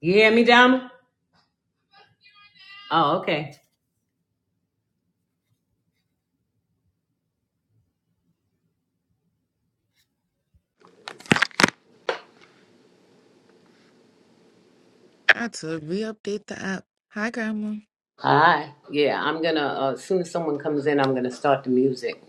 You hear me, Donna? Oh, okay. I had to re-update the app. Hi, Grandma. Hi. Yeah, I'm gonna. Uh, as soon as someone comes in, I'm gonna start the music.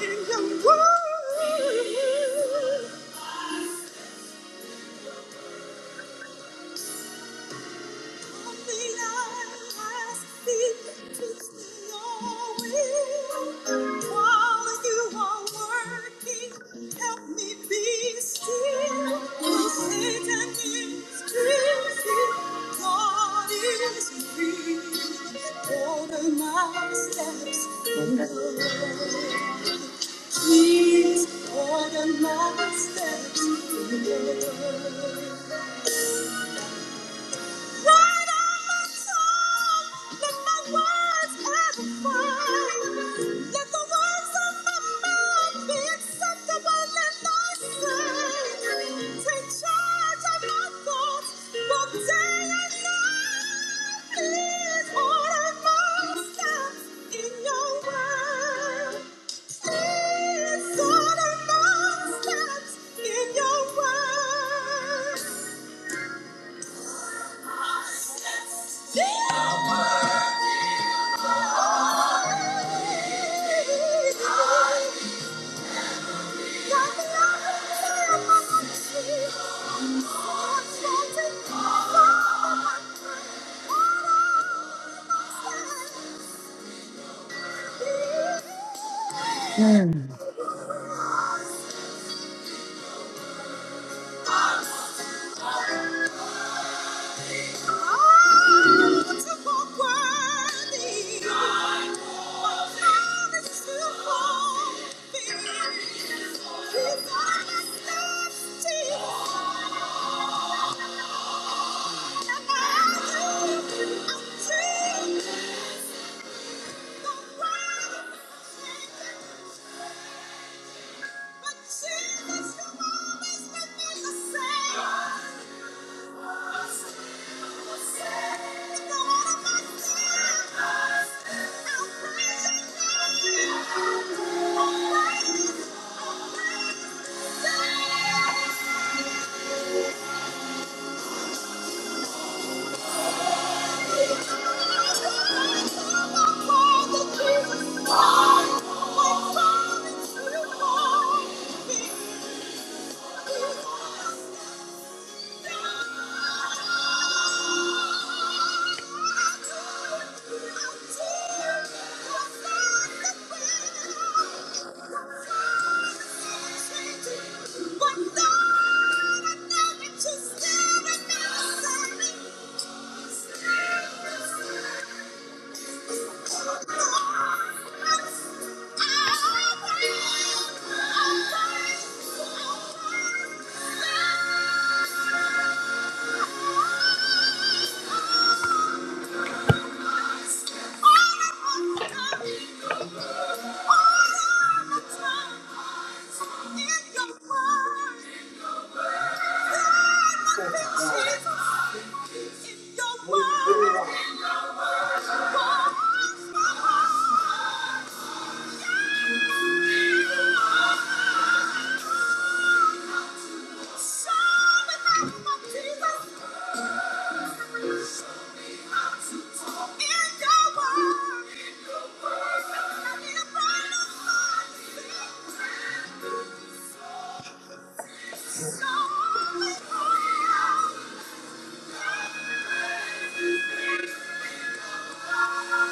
In your word. Please order my steps in your word. Please order my steps in your word. Mm. Thank you. Thank you. But Jesus, you've always been the same. With the word of my mouth, I'll praise your name. Jesus, my Father, you are. Thank you. In your you. Thank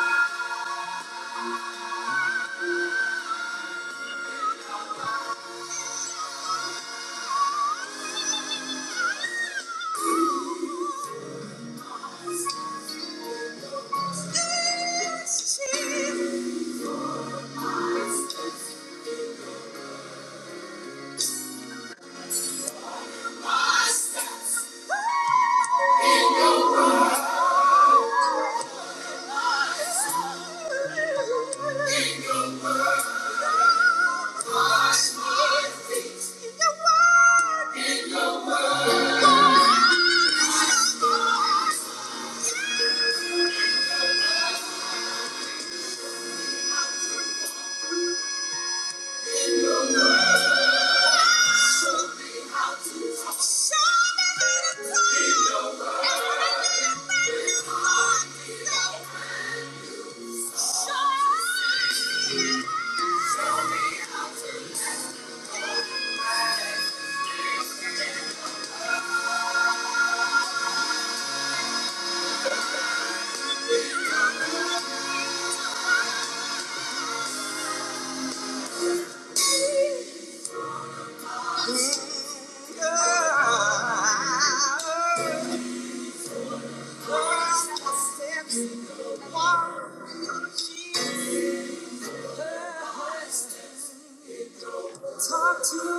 you. Thank you. Thank you. Talk to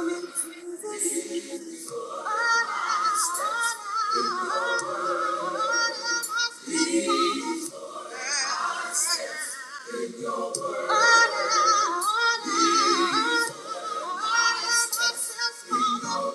me, Jesus. Oh, oh, oh,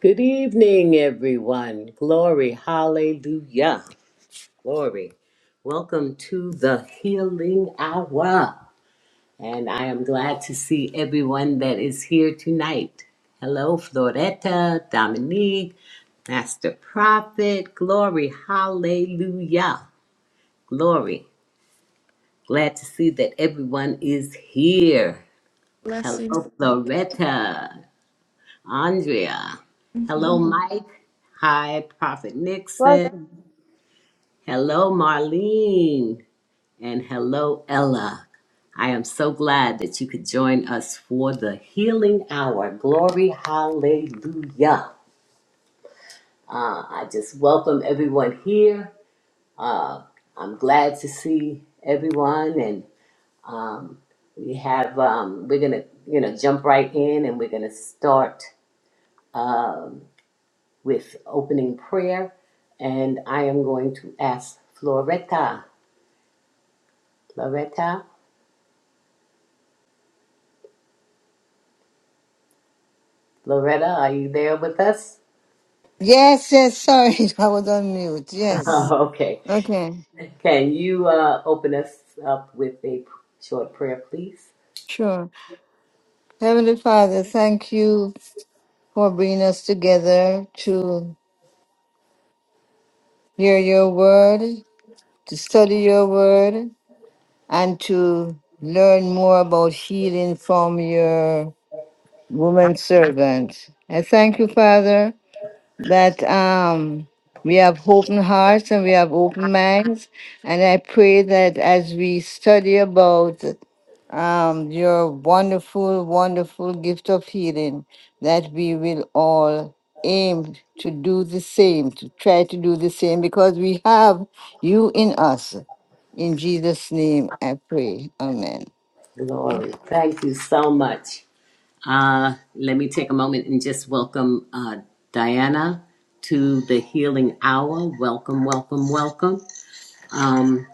Good evening, everyone. Glory, hallelujah, glory. Welcome to the Healing Hour. And I am glad to see everyone that is here tonight. Hello, Floretta, Dominique, Master Prophet, glory, hallelujah, glory. Glad to see that everyone is here. Blessings. Hello, Floretta, Andrea. Hello, Mm-hmm. Mike. Hi, Prophet Nixon. Blessings. Hello, Marlene. And hello, Ella. I am so glad that you could join us for the healing hour. Glory, hallelujah. Uh, I just welcome everyone here. Uh, I'm glad to see everyone, and um, we have um, we're gonna you know jump right in, and we're gonna start um, with opening prayer, and I am going to ask Floretta, Floretta, Floretta, are you there with us? Yes, yes, sorry, I was on mute. Yes. okay. Okay, Can you uh, open us up with a short prayer, please? sure. Heavenly Father, thank you for bringing us together to hear your word, to study your word, and to learn more about healing from your woman servant. I thank you, Father, that um, we have open hearts and we have open minds. And I pray that as we study about um, your wonderful, wonderful gift of healing, that we will all aim to do the same, to try to do the same, because we have you in us. In Jesus' name I pray. Amen. Glory. Thank you so much. Uh, let me take a moment and just welcome uh, Diana to the Healing Hour. Welcome, welcome, welcome. Um,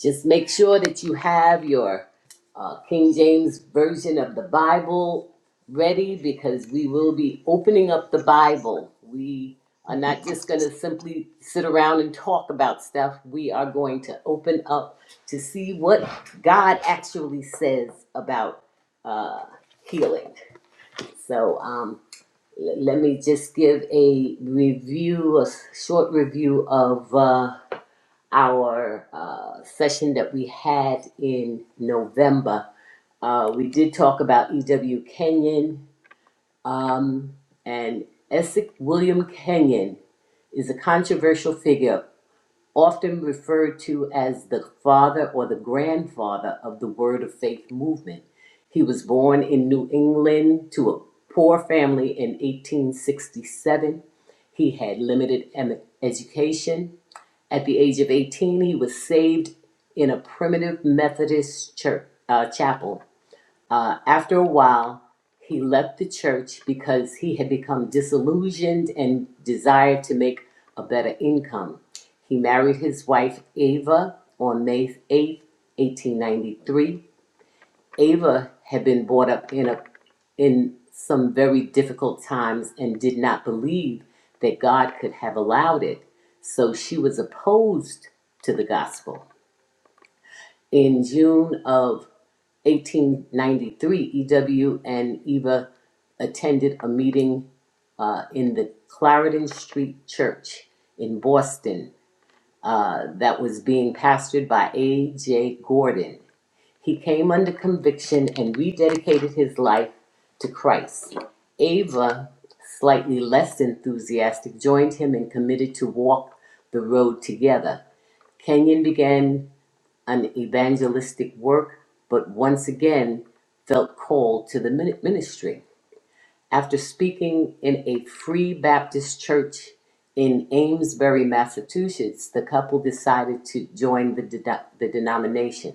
just make sure that you have your uh, King James version of the Bible ready because we will be opening up the Bible. We are not just going to simply sit around and talk about stuff. We are going to open up to see what God actually says about uh, healing. So um, l- let me just give a review, a s- short review of. Uh, our uh, session that we had in November, uh, we did talk about E.W. Kenyon. Um, and Essex William Kenyon is a controversial figure, often referred to as the father or the grandfather of the Word of Faith movement. He was born in New England to a poor family in 1867. He had limited em- education at the age of 18, he was saved in a primitive Methodist church uh, chapel. Uh, after a while, he left the church because he had become disillusioned and desired to make a better income. He married his wife Ava on May eighth, eighteen 1893. Ava had been brought up in a in some very difficult times and did not believe that God could have allowed it. So she was opposed to the gospel. In June of 1893, E.W. and Eva attended a meeting uh, in the Clarendon Street Church in Boston uh, that was being pastored by A.J. Gordon. He came under conviction and rededicated his life to Christ. Ava, slightly less enthusiastic, joined him and committed to walk the road together. Kenyon began an evangelistic work, but once again felt called to the ministry. After speaking in a free Baptist church in Amesbury, Massachusetts, the couple decided to join the, de- the denomination.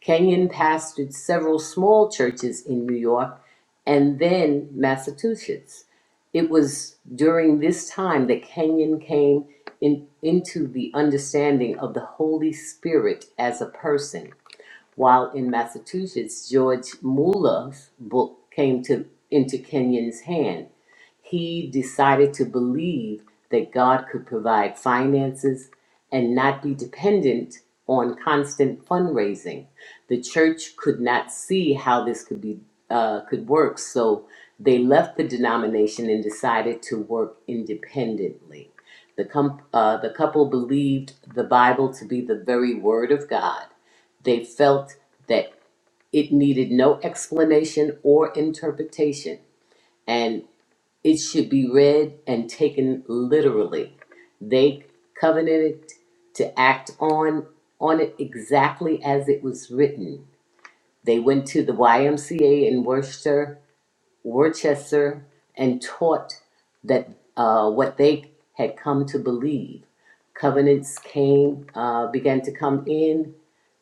Kenyon pastored several small churches in New York and then Massachusetts. It was during this time that Kenyon came in, into the understanding of the Holy Spirit as a person. While in Massachusetts, George Muller's book came to, into Kenyon's hands. He decided to believe that God could provide finances and not be dependent on constant fundraising. The church could not see how this could be uh, could work, so they left the denomination and decided to work independently. The, com- uh, the couple believed the Bible to be the very Word of God. They felt that it needed no explanation or interpretation. and. It should be read and taken literally. They covenanted to act on on it exactly as it was written. They went to the YMCA in Worcester Worcester and taught that uh, what they had come to believe. Covenants came, uh, began to come in.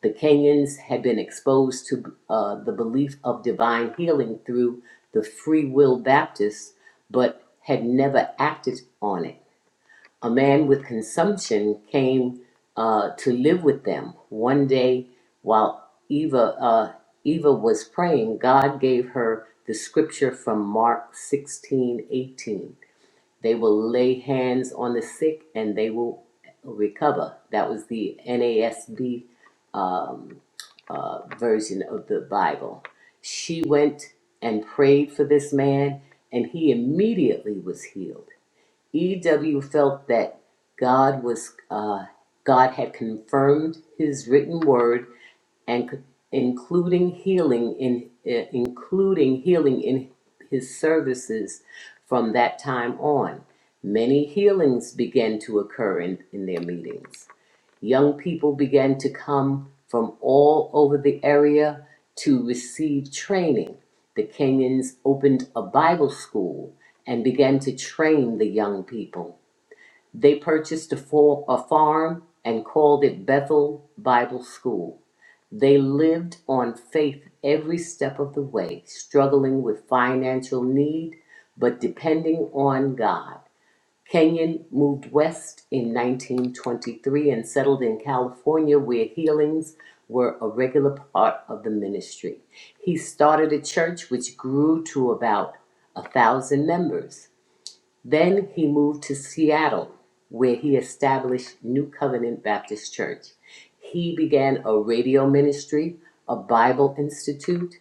The Kenyans had been exposed to uh, the belief of divine healing through the Free Will Baptists, but had never acted on it a man with consumption came uh, to live with them. One day, while Eva uh, Eva was praying, God gave her the scripture from Mark 16 18. They will lay hands on the sick and they will recover. That was the NASB um, uh, version of the Bible. She went and prayed for this man, and he immediately was healed. EW felt that God was uh, God had confirmed His written word and including healing in eh, including healing in His services from that time on. Many healings began to occur in, in their meetings. Young people began to come from all over the area to receive training. The Kenyans opened a Bible school and began to train the young people they purchased a, for, a farm and called it Bethel Bible School. They lived on faith every step of the way, struggling with financial need, but depending on God. Kenyon moved west in 1923 and settled in California, where healings were a regular part of the ministry. He started a church which grew to about a thousand members. Then he moved to Seattle, where he established New Covenant Baptist Church. He began a radio ministry, a Bible Institute,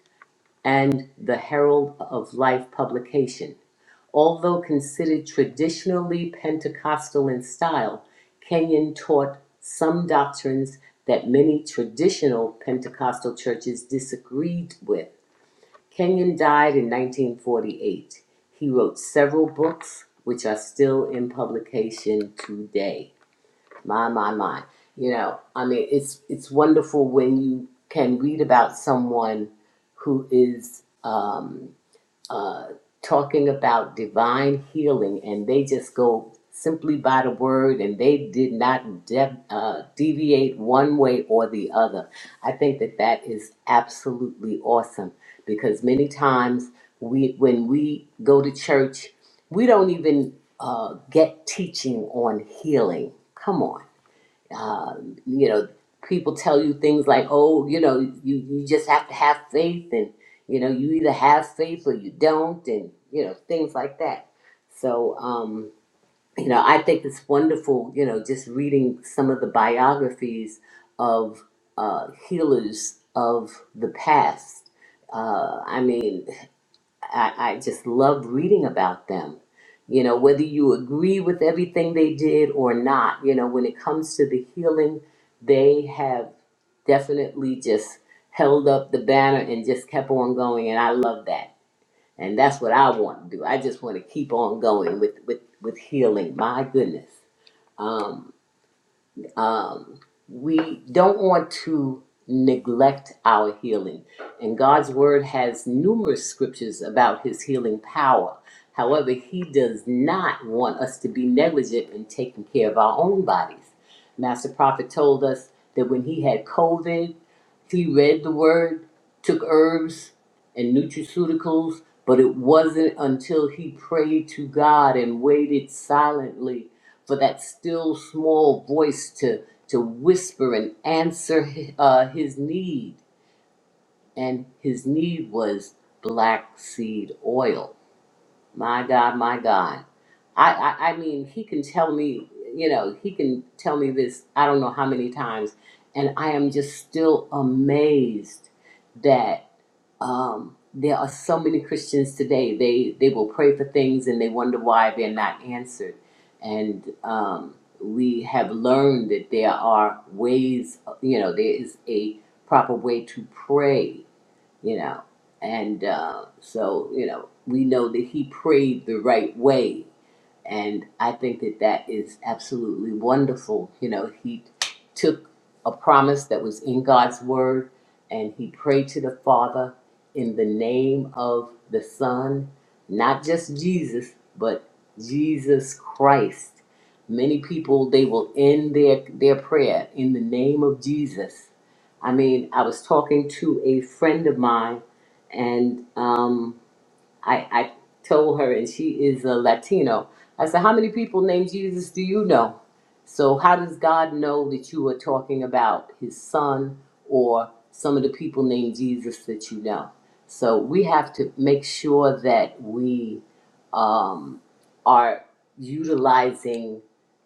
and the Herald of Life publication. Although considered traditionally Pentecostal in style, Kenyon taught some doctrines that many traditional Pentecostal churches disagreed with Kenyon died in 1948. He wrote several books, which are still in publication today. My, my, my. You know, I mean, it's it's wonderful when you can read about someone who is um, uh, talking about divine healing, and they just go simply by the word, and they did not de- uh, deviate one way or the other. I think that that is absolutely awesome because many times we, when we go to church, we don't even uh, get teaching on healing. Come on uh, you know, people tell you things like, oh, you know, you, you just have to have faith and, you know, you either have faith or you don't and, you know, things like that. So, um, you know, I think it's wonderful, you know, just reading some of the biographies of uh, healers of the past. Uh, I mean, I, I just love reading about them. You know, whether you agree with everything they did or not, you know, when it comes to the healing, they have definitely just held up the banner and just kept on going. And I love that. And that's what I want to do. I just want to keep on going with, with, with healing. My goodness. Um, um, we don't want to neglect our healing. And God's word has numerous scriptures about his healing power. However, he does not want us to be negligent in taking care of our own bodies. Master Prophet told us that when he had COVID, he read the word, took herbs and nutraceuticals, but it wasn't until he prayed to God and waited silently for that still small voice to to whisper and answer uh, his need and his need was black seed oil my god my god I, I i mean he can tell me you know he can tell me this i don't know how many times and i am just still amazed that um, there are so many Christians today. They they will pray for things and they wonder why they're not answered. And um, we have learned that there are ways. You know, there is a proper way to pray. You know, and uh, so you know we know that he prayed the right way and I think that that is absolutely wonderful. You know, he took a promise that was in God's word and he prayed to the Father in the name of the Son, not just Jesus, but Jesus Christ. Many people they will end their their prayer in the name of Jesus. I mean, I was talking to a friend of mine and um I, I told her, and she is a Latino. I said, How many people named Jesus do you know? So, how does God know that you are talking about his son or some of the people named Jesus that you know? So, we have to make sure that we um, are utilizing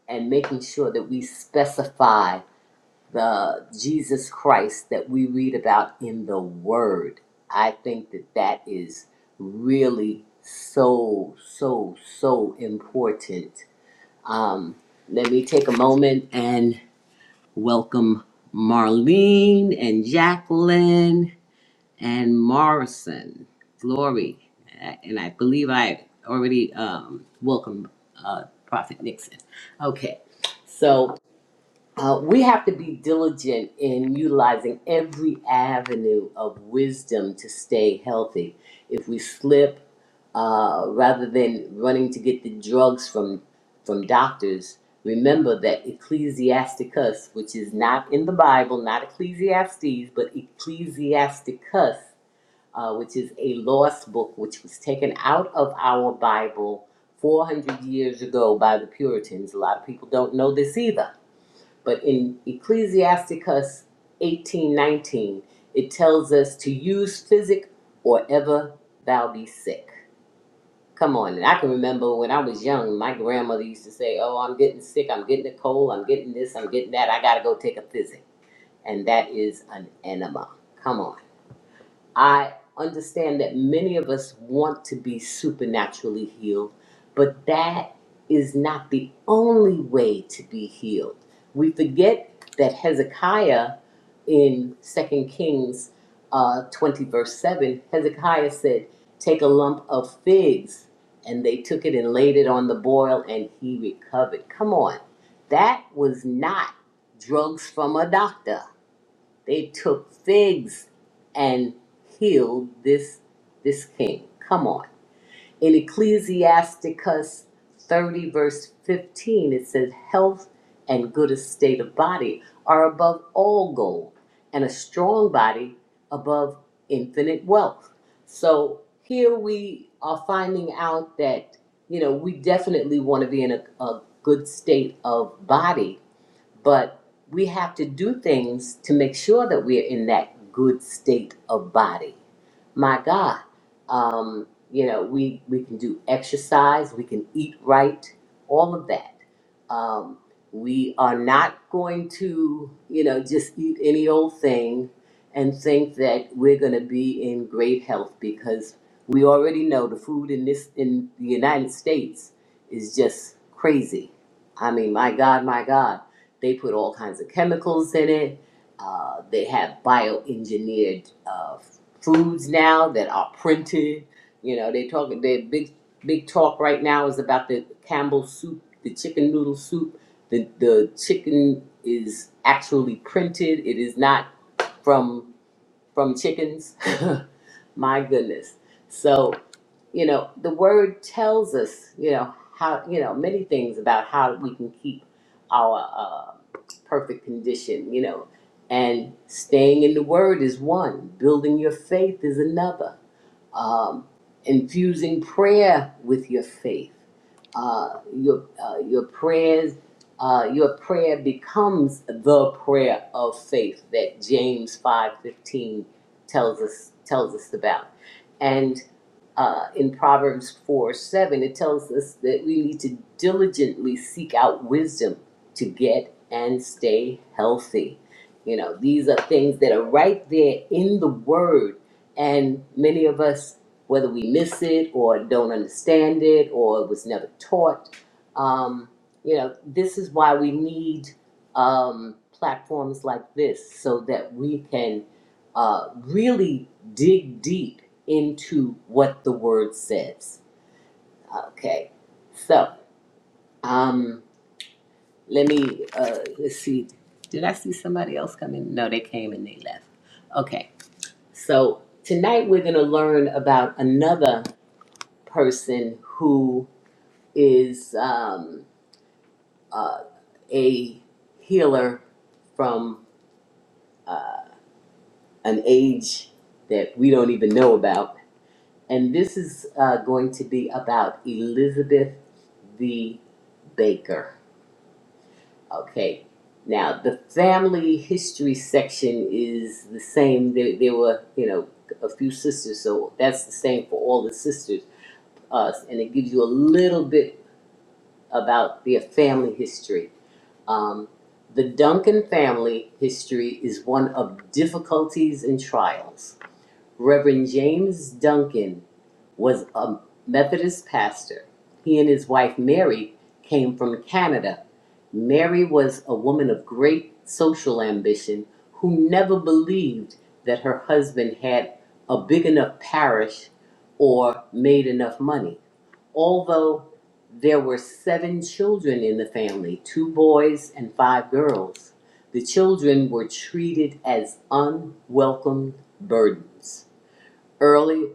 and making sure that we specify the Jesus Christ that we read about in the Word. I think that that is really so, so, so important. Um, let me take a moment and welcome Marlene and Jacqueline and Morrison. Glory. And I believe I already um, welcomed uh, Prophet Nixon. Okay. so. Uh, we have to be diligent in utilizing every avenue of wisdom to stay healthy. If we slip, uh, rather than running to get the drugs from from doctors, remember that Ecclesiasticus, which is not in the Bible, not Ecclesiastes, but Ecclesiasticus, uh, which is a lost book which was taken out of our Bible 400 years ago by the Puritans. A lot of people don't know this either but in Ecclesiasticus 18:19, it tells us to use physic or ever thou be sick. Come on, and I can remember when I was young, my grandmother used to say, "Oh, I'm getting sick. I'm getting a cold. I'm getting this. I'm getting that. I gotta go take a physic." And that is an enema. Come on. I understand that many of us want to be supernaturally healed, but that is not the only way to be healed. We forget that Hezekiah in Second Kings uh, 20, verse 7, Hezekiah said, Take a lump of figs. And they took it and laid it on the boil, and he recovered. Come on. That was not drugs from a doctor they took figs and healed this this king. Come on. In Ecclesiasticus 30 verse 15 it says health and good estate of body are above all gold and a strong body above infinite wealth. So here we are finding out that you know we definitely want to be in a, a good state of body but we have to do things to make sure that we're in that good state of body. My God, um, you know, we, we can do exercise, we can eat right, all of that. Um, we are not going to, you know, just eat any old thing and think that we're going to be in great health because we already know the food in this in the United States is just crazy. I mean, my God, my God they put all kinds of chemicals in it. Uh, they have bioengineered uh, foods now that are printed. You know, they talk. Their big big talk right now is about the Campbell soup, the chicken noodle soup. The the chicken is actually printed. It is not from from chickens. My goodness. So, you know, the word tells us, you know, how, you know, many things about how we can keep our uh, perfect condition, you know, and staying in the word is one, building your faith is another um, infusing prayer with your faith. Uh, your uh, your prayers, uh, your prayer becomes the prayer of faith that James five fifteen tells us tells us about. and uh, in Proverbs 4 7, it tells us that we need to diligently seek out wisdom to get and stay healthy. You know, these are things that are right there in the Word, and many of us, whether we miss it or don't understand it or it was never taught, um, you know, this is why we need um, platforms like this so that we can uh, really dig deep into what the word says. Okay, so um, let me uh, let's see. Did I see somebody else come in? No, they came and they left. Okay, so tonight we're going to learn about another person who is um, uh, a healer from uh, an age that we don't even know about And this is uh, going to be about Elizabeth the Baker. Okay. Now, the family history section is the same. There, there were, you know, a few sisters, so that's the same for all the sisters. Us, and it gives you a little bit about their family history. Um, the Duncan family history is one of difficulties and trials. Reverend James Duncan was a Methodist pastor. He and his wife Mary came from Canada. Mary was a woman of great social ambition who never believed that her husband had a big enough parish or made enough money. Although there were seven children in the family two boys and five girls, the children were treated as unwelcome burdens early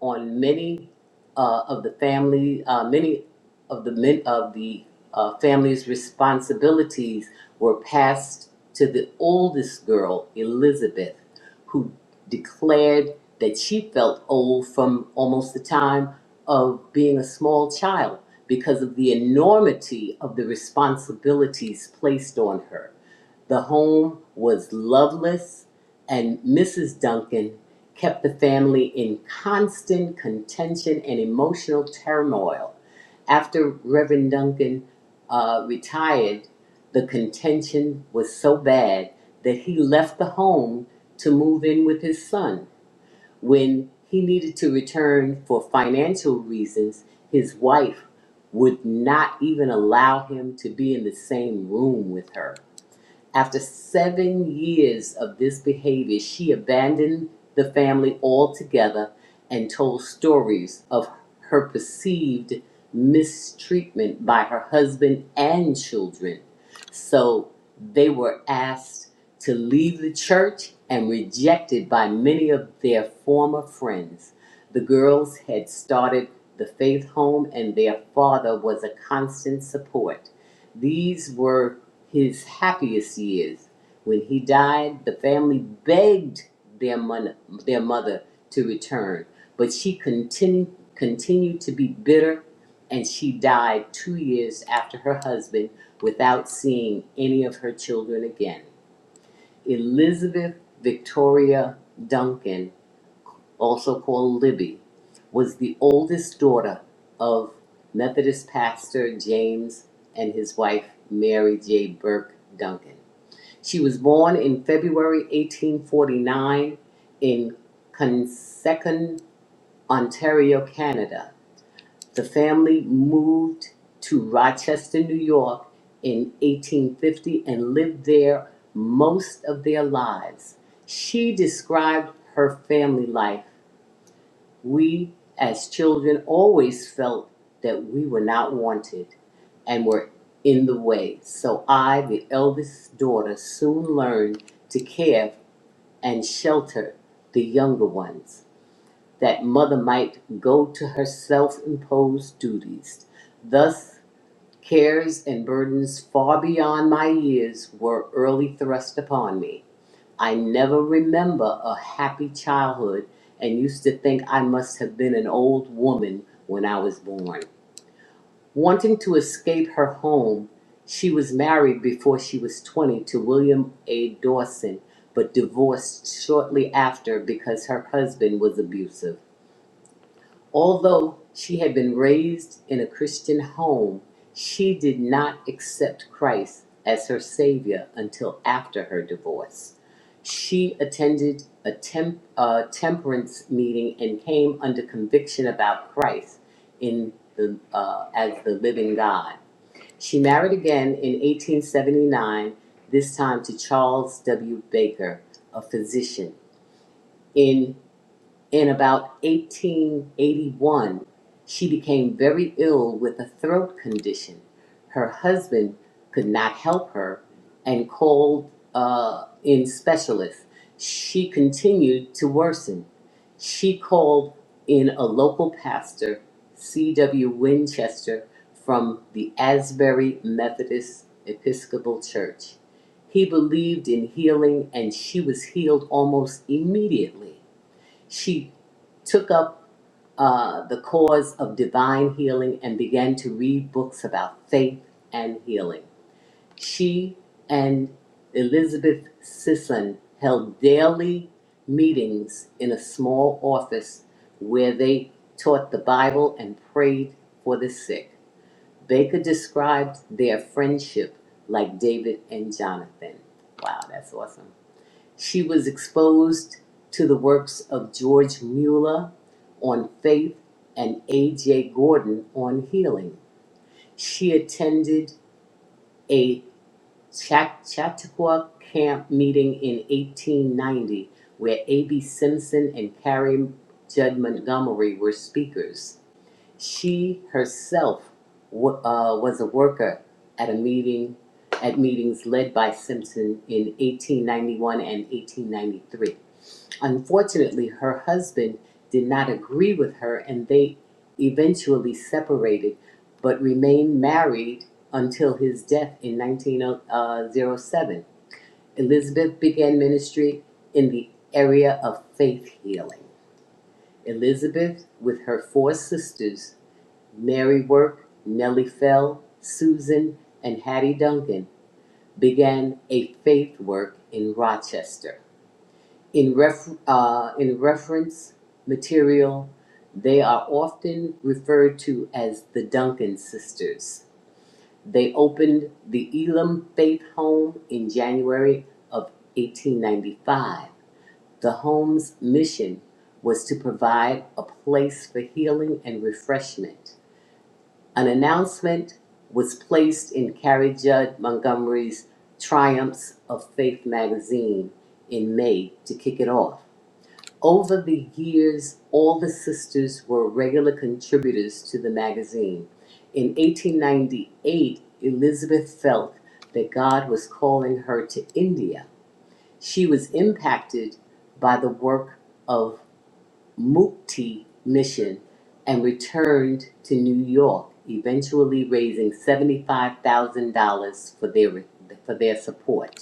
on many uh, of the family, uh, many of the men of the uh, family's responsibilities were passed to the oldest girl, Elizabeth, who declared that she felt old from almost the time of being a small child because of the enormity of the responsibilities placed on her. The home was loveless, and Mrs. Duncan kept the family in constant contention and emotional turmoil. After Reverend Duncan uh, retired, the contention was so bad that he left the home to move in with his son. When he needed to return for financial reasons, his wife would not even allow him to be in the same room with her. After seven years of this behavior, she abandoned the family altogether and told stories of her perceived mistreatment by her husband and children. So they were asked to leave the church and rejected by many of their former friends. The girls had started the faith home, and their father was a constant support. These were his happiest years. When he died, the family begged their, mon- their mother to return, but she continued, continued to be bitter and she died two years after her husband without seeing any of her children again. Elizabeth Victoria Duncan, also called Libby, was the oldest daughter of Methodist pastor James and his wife Mary J. Burke Duncan. She was born in February 1849 in Consecon, Ontario, Canada. The family moved to Rochester, New York in 1850 and lived there most of their lives. She described her family life we, as children, always felt that we were not wanted and were in the way. So I, the eldest daughter, soon learned to care and shelter the younger ones, that mother might go to her self imposed duties. Thus, cares and burdens far beyond my years were early thrust upon me. I never remember a happy childhood and used to think I must have been an old woman when I was born. Wanting to escape her home, she was married before she was 20 to William A. Dawson, but divorced shortly after because her husband was abusive. Although she had been raised in a Christian home, she did not accept Christ as her Savior until after her divorce. She attended a, temp, a temperance meeting and came under conviction about Christ in the, uh, as the living God. She married again in 1879, this time to Charles W. Baker, a physician. in. In about 1881, she became very ill with a throat condition. Her husband could not help her and called uh, in specialists. She continued to worsen. She called in a local pastor, C.W. Winchester, from the Asbury Methodist Episcopal Church. He believed in healing and she was healed almost immediately. She took up uh, the cause of divine healing and began to read books about faith and healing. She and Elizabeth Sisson held daily meetings in a small office where they taught the Bible and prayed for the sick. Baker described their friendship like David and Jonathan. Wow, that's awesome. She was exposed to the works of George Mueller on faith and A.J. Gordon on healing. She attended a Chautauqua camp meeting in 1890 where A.B. Simpson and Carrie Judd Montgomery were speakers. She herself wa- uh, was a worker at a meeting at meetings led by Simpson in 1891 and 1893. Unfortunately, her husband did not agree with her and they eventually separated but remained married until his death in 1907. Elizabeth began ministry in the area of faith healing. Elizabeth, with her four sisters, Mary Work, Nellie Fell, Susan, and Hattie Duncan, began a faith work in Rochester. In, ref, uh, in reference material, they are often referred to as the Duncan sisters. They opened the Elam Faith Home in January of 1895. The home's mission was to provide a place for healing and refreshment. An announcement was placed in Carrie Judd Montgomery's Triumphs of Faith magazine in May to kick it off. Over the years, all the sisters were regular contributors to the magazine. In 1898, Elizabeth felt that God was calling her to India. She was impacted by the work of Mukti Mission and returned to New York, eventually raising $75,000 for their, for their support.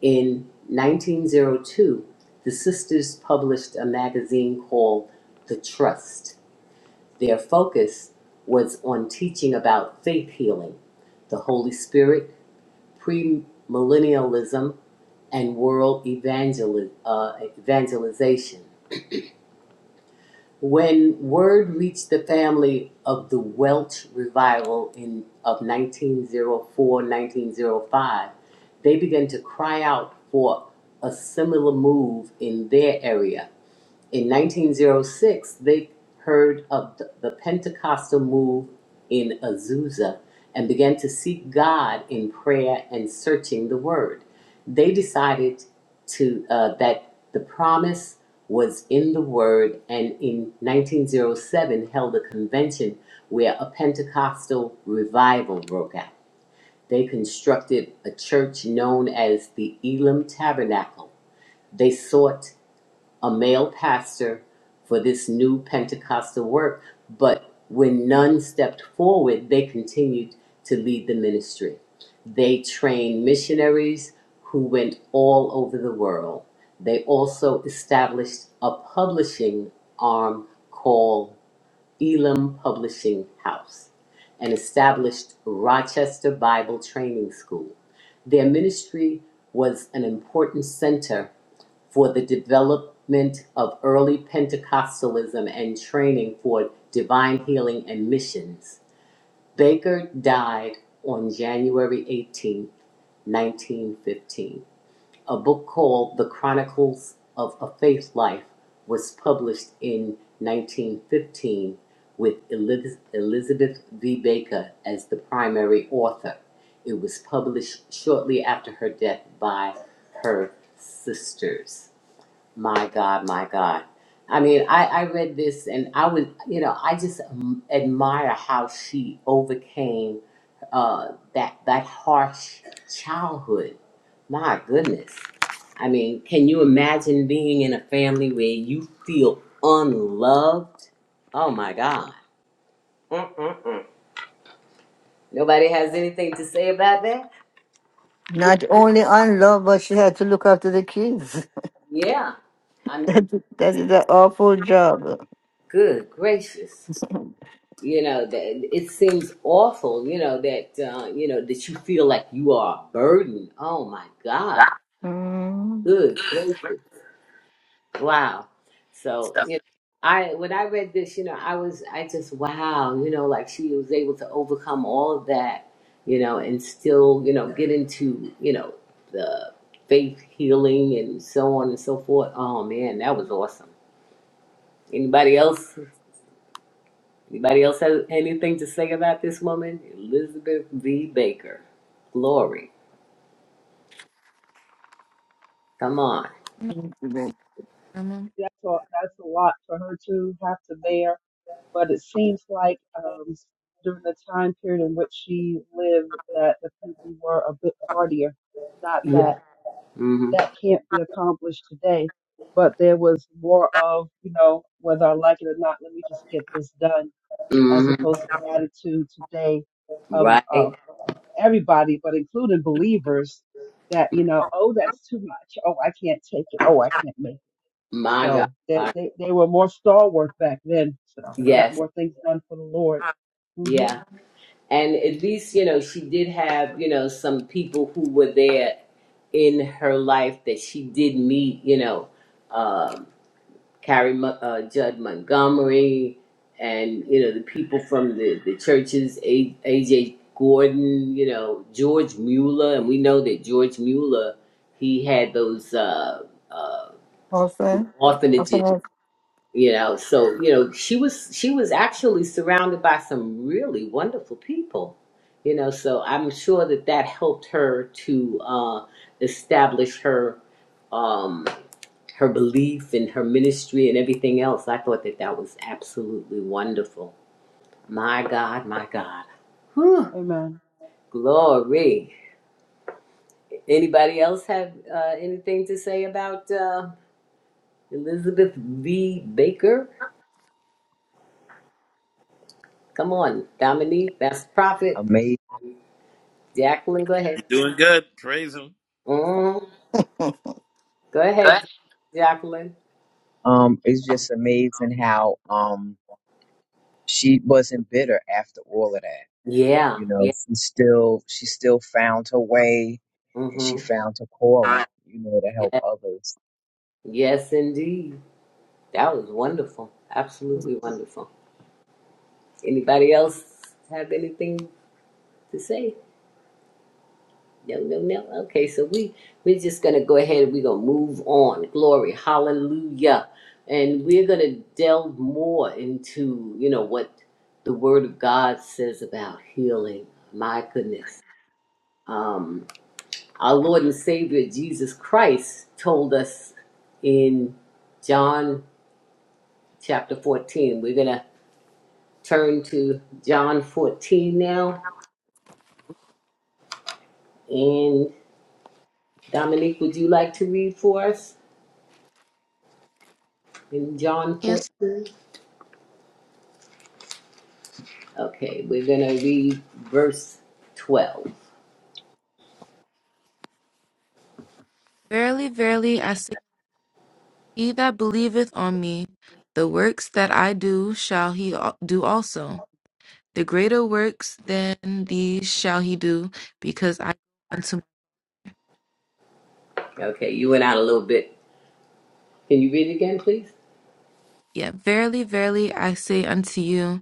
In 1902, the sisters published a magazine called The Trust. Their focus was on teaching about faith healing, the Holy Spirit, premillennialism, and world evangeli- uh, evangelization. When word reached the family of the Welch revival in, of nineteen zero four nineteen zero five, they began to cry out for a similar move in their area in 1906, they heard of th- the Pentecostal move in Azusa and began to seek God in prayer and searching the Word. They decided to uh, that the promise was in the Word, and in 1907 held a convention where a Pentecostal revival broke out. They constructed a church known as the Elam Tabernacle. They sought a male pastor for this new Pentecostal work, but when none stepped forward, they continued to lead the ministry. They trained missionaries who went all over the world. They also established a publishing arm called Elam Publishing House and established Rochester Bible Training School. Their ministry was an important center for the development of early Pentecostalism and training for divine healing and missions. Baker died on January 18, 1915. A book called The Chronicles of a Faith Life was published in 1915 with Elizabeth V. Baker as the primary author. It was published shortly after her death by her sisters. My God, my God. I mean, I, I read this and I was, you know, I just um, admire how she overcame uh, that that harsh childhood. My goodness. I mean, can you imagine being in a family where you feel unloved? Oh my God. Nobody has anything to say about that? Good- Not only on love, but she had to look after the kids. Yeah. I mean, that, that is an awful job. good gracious. you know that it seems awful you know that uh, you know that you feel like you are a burden oh my god Mm, good gracious wow so So you know i when i read this you know i was i just wow you know like she was able to overcome all of that you know and still you know get into you know the faith healing and so on and so forth oh man that was awesome anybody else Anybody else have anything to say about this woman? Elizabeth V. Baker. Glory. Come on. good. Grandma. That's a, that's a lot for her to have to bear. But it seems like um, during the time period in which she lived, that the people were a bit hardier. Not that Yeah. hmm that can't be accomplished today, but there was more of you know whether I like it or not. Let me just get this done, as hmm opposed to the attitude today of, Right? of everybody, but including believers, that you know, oh, that's too much. Oh, I can't take it. Oh, I can't make. it My God. So they, My- they, they were more stalwart back then. So we got Yes. more things done for the Lord. hmm Yeah. And at least, you know, she did have, you know, some people who were there in her life that she did meet, you know. um, Carrie Mo- uh, Judd Montgomery, and you know the people from the the churches, A- AJ Gordon, you know George Mueller, and we know that George Mueller he had those uh, uh, Also, also, orphanages, mm, you know. So you know she was she was actually surrounded by some really wonderful people, you know. So I'm sure that that helped her to uh, establish her. Um, her belief and her ministry and everything else. I thought that that was absolutely wonderful. My God, my God. Whew, Amen. glory. Anybody else have uh, anything to say about uh, Elizabeth V. Baker? Come on, Dominique, that's the prophet. amazing. Jacqueline, go I'm ahead. doing good. Praise him. Mm, go go ahead. ahead, Jacqueline. Um, it's just amazing how um she wasn't bitter after all of that. Yeah, You know, yeah. she still she still found her way, and she Mm-hmm. found her calling. You know, to help Yeah. others. Yes, indeed. That was wonderful. Absolutely wonderful. Anybody else have anything to say? No, no, no. Okay, so we we're just gonna go ahead and we're gonna move on. Glory, hallelujah. And we're gonna delve more into, you know, what the word of God says about healing. My goodness. Um our Lord and Savior Jesus Christ told us in John chapter 14. We're gonna turn to John 14 now. And Dominique, would you like to read for us? In John Yes. 14? Okay, we're going to read verse 12. Verily, verily, I say, he that believeth on me, the works that I do shall he al- do also. The greater works than these shall he do, because I go unto my. Okay, you went out a little bit. Can you read it again, please? Yeah. Verily, verily, I say unto you,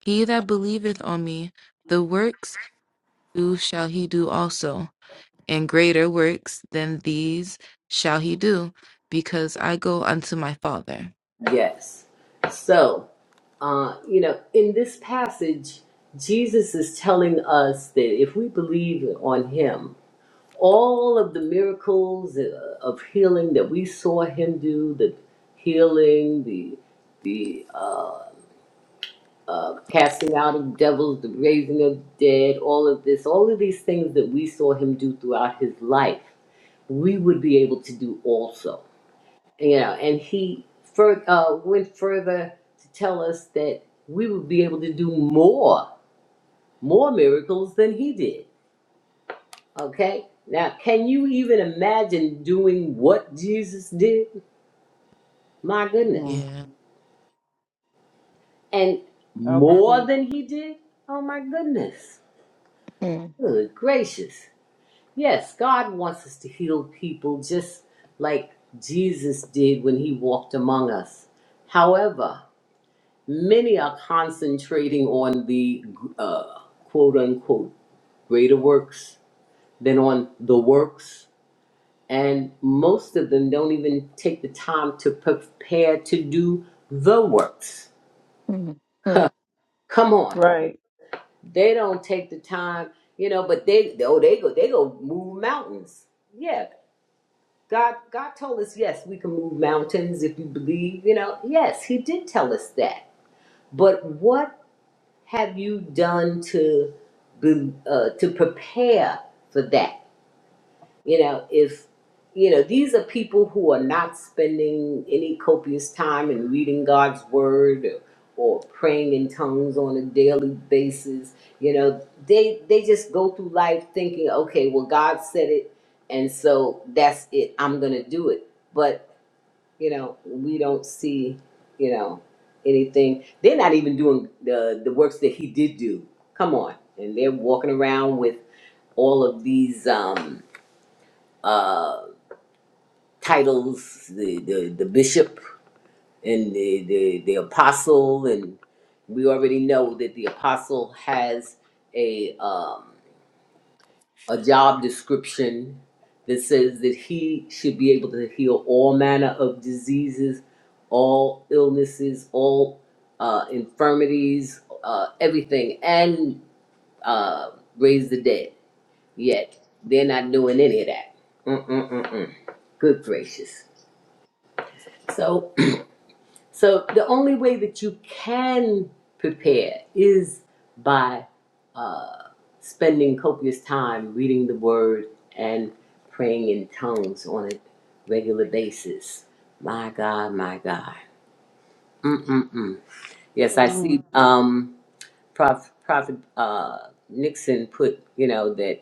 he that believeth on me, the works do shall he do also. and greater works than these shall he do, because I go unto my Father. Yes. So, uh, you know, in this passage, Jesus is telling us that if we believe on him, all of the miracles uh, of healing that we saw him do, the healing, the the uh, uh, casting out of devils, the raising of dead, all of this, all of these things that we saw him do throughout his life, we would be able to do also. You know, and he fur- uh, went further to tell us that we would be able to do more, more miracles than he did. Okay? Now, can you even imagine doing what Jesus did? My Mm. goodness. Yeah. And That'll be more deep. than he did? Oh my goodness. mm, Good gracious. Yes, God wants us to heal people just like Jesus did when he walked among us. However, many are concentrating on the uh, quote unquote greater works than on the works. And most of them don't even take the time to prepare to do the works. mm, mm, Come on. Right. They don't take the time, you know, but they oh they go they go move mountains. Yeah. God, God told us, yes, we can move mountains if you believe, you know. Yes, He did tell us that. But what have you done to be, uh, to prepare for that? You know, if you know these are people who are not spending any copious time in reading God's word or, or praying in tongues on a daily basis. You know, they they just go through life thinking, okay, well, God said it, and so that's it. I'm gonna do it, but you know, we don't see, you know, anything. They're not even doing the the works that he did do. Come on, and they're walking around with all of these um uh titles, the the, the bishop and the, the the apostle, and we already know that the apostle has a um a job description that says that he should be able to heal all manner of diseases, all illnesses, all uh, infirmities, uh, everything, and uh, raise the dead. Yet they're not doing any of that. Mm-mm-mm-mm. Good gracious. So. So the only way that you can prepare is by uh, spending copious time reading the Word and praying in tongues on a regular basis. My God, my God. Mm-mm-mm. Yes, I Amen. see. Um, Prof, Prophet uh, Nixon put, you know, that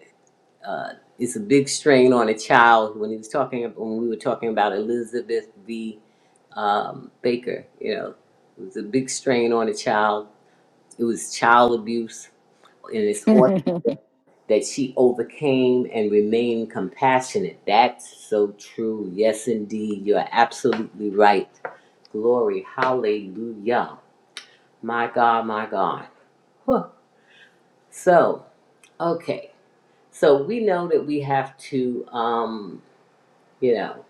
uh, it's a big strain on a child when he was talking when we were talking about Elizabeth B um, Baker. You know, it was a big strain on a child. It was child abuse, and it's awesome that, that she overcame and remained compassionate. That's so true. Yes, indeed, you're absolutely right. Glory, hallelujah. My God, my God. Whew. So, okay. So we know that we have to, um, you know,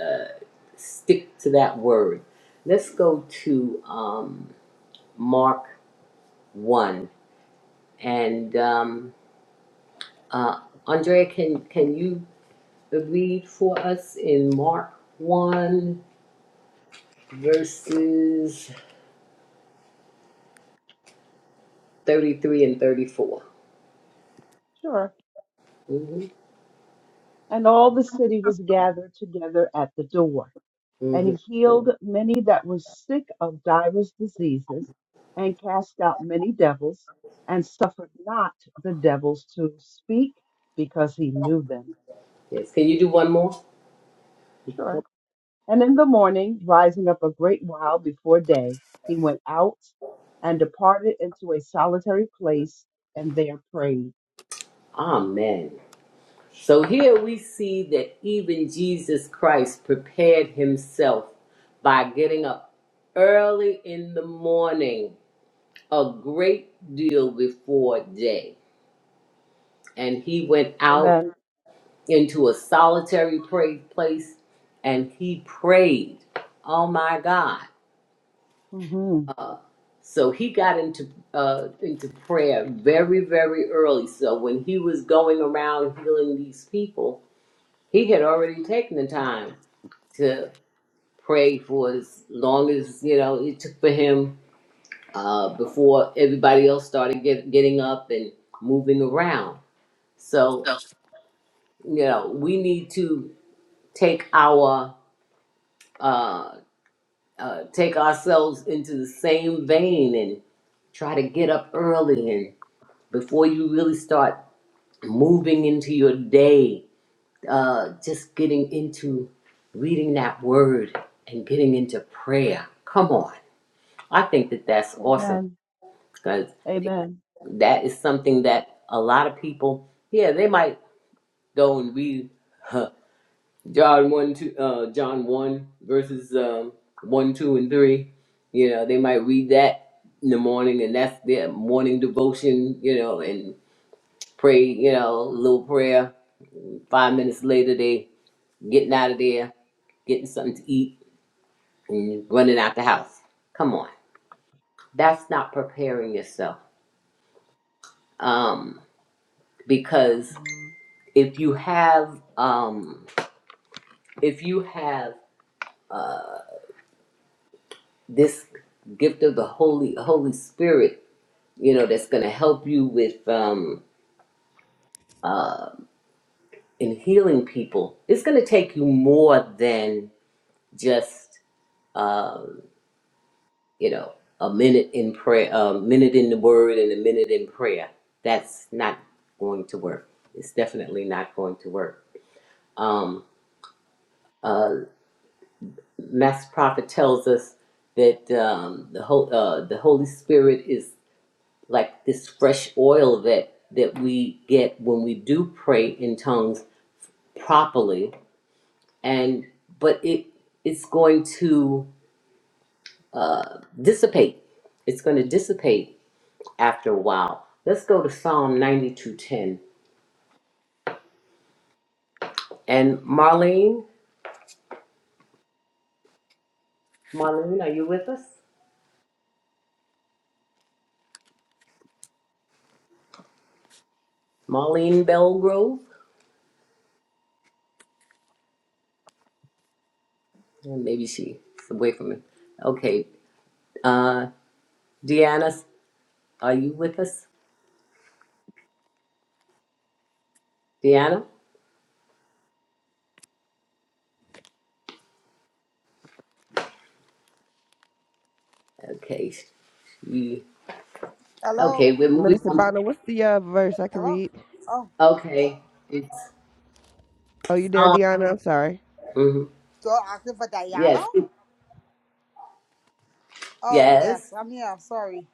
uh, stick to that word. Let's go to um, Mark 1 And um, uh, Andrea, can can you read for us in Mark one verses thirty three and thirty four? Sure. mm And all the city was gathered together at the door. And Mm-hmm. he hmm healed many that were sick of divers diseases, and cast out many devils, and suffered not the devils to speak, because he knew them. Yes. Can you do one more? Sure. And in the morning, rising up a great while before day, he went out and departed into a solitary place and there prayed. Amen. So here we see that even Jesus Christ prepared himself by getting up early in the morning, a great deal before day, and he went out Amen. into a solitary pray- place and he prayed. Oh my God. hmm So he got into uh, into prayer very, very early. So when he was going around healing these people, he had already taken the time to pray for as long as, you know, it took for him uh, before everybody else started get, getting up and moving around. So, So you know, we need to take our uh, uh, take ourselves into the same vein and try to get up early and before you really start moving into your day, uh, just getting into reading that word and getting into prayer. Come on. I think that that's awesome Amen. because Amen. that is something that a lot of people, yeah, they might go and read. John one two uh John one verses um one, two and three. You know, they might read that in the morning and that's their morning devotion, you know, and pray, you know, a little prayer. Five minutes later they getting out of there, getting something to eat and running out the house. Come on. That's not preparing yourself. Um because if you have um if you have uh this gift of the Holy Holy Spirit you know, that's going to help you with um, uh, in healing people, it's going to take you more than just um, you know a minute in prayer, a minute in the Word, and a minute in prayer. That's not going to work. It's definitely not going to work. Um, uh, Mass Prophet tells us that um, the whole uh, the Holy Spirit is like this fresh oil that that we get when we do pray in tongues properly and but it it's going to uh, dissipate. It's going to dissipate after a while. Let's go to Psalm ninety two ten. And Marlene, Marlene, are you with us? Marlene Belgrove, Or maybe she's away from it. Okay, uh, Deanna, are you with us? Deanna, okay, we, Hello? okay, we're moving Minister on. Bonner, what's the uh, verse I can Hello? read? Oh, Okay, it's Oh, you there, Psalm. Deanna? I'm sorry. mhm. so asking for Diana? Yes, Oh, yes. yes, I'm here. Sorry.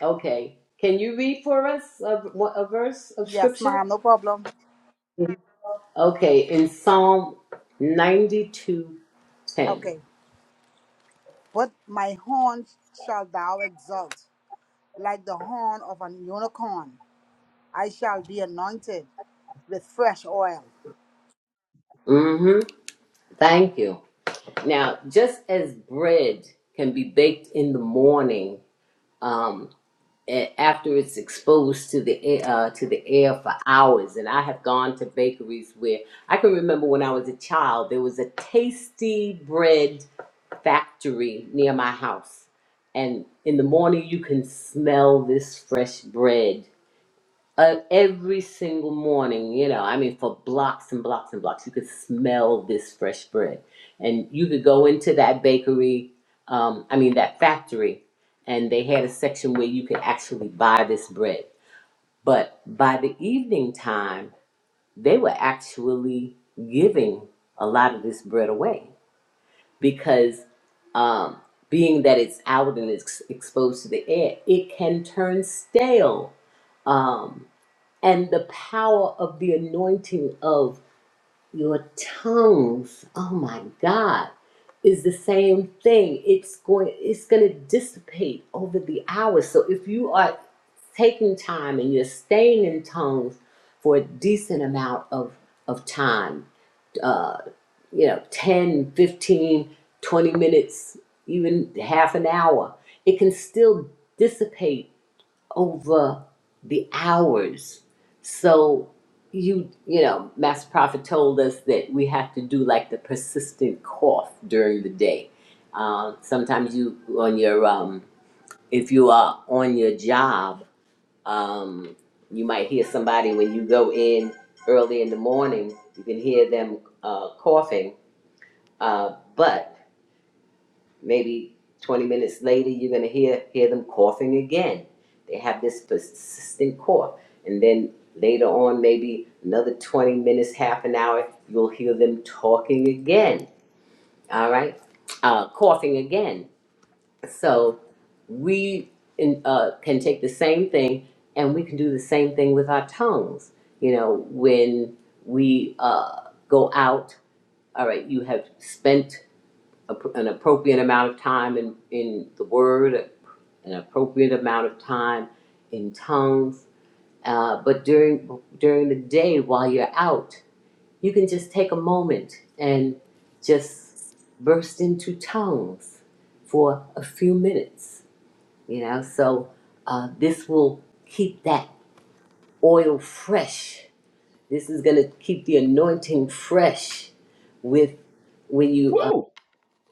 Okay. Can you read for us a, a verse of Yes, scripture? ma'am, no problem. Okay, in Psalm ninety two, ten. Okay. But my horn shall thou exalt, like the horn of an unicorn. I shall be anointed with fresh oil. 10. Mm-hmm. Thank you. Now, just as bread can be baked in the morning, um, a- after it's exposed to the air, uh, to the air for hours, and I have gone to bakeries where I can remember when I was a child, there was a tasty bread factory near my house. And in the morning, you can smell this fresh bread. Uh, every single morning, you know, I mean, for blocks and blocks and blocks, you could smell this fresh bread. And you could go into that bakery, um, I mean, that factory, and they had a section where you could actually buy this bread. But by the evening time, they were actually giving a lot of this bread away because um, being that it's out and it's exposed to the air, it can turn stale. Um, and the power of the anointing of your tongues, oh my God, is the same thing. It's going it's gonna dissipate over the hours. So if you are taking time and you're staying in tongues for a decent amount of of time, uh, you know 10, 15, 20 minutes even half an hour it can still dissipate over the hours so you you know master prophet told us that we have to do like the persistent cough during the day uh, sometimes you on your um if you are on your job um you might hear somebody when you go in early in the morning you can hear them uh, coughing uh, but maybe 20 minutes later, you're going to hear, hear them coughing again. They have this persistent cough. And then later on, maybe another 20 minutes, half an hour, you'll hear them talking again. All right? Uh, coughing again. So we in, uh, can take the same thing and we can do the same thing with our tongues. You know, when we uh, go out, all right, you have spent an appropriate amount of time in, in the word, an appropriate amount of time in tongues. Uh, but during during the day while you're out, you can just take a moment and just burst into tongues for a few minutes. You know, so uh, this will keep that oil fresh. This is going to keep the anointing fresh with when you uh, Woo!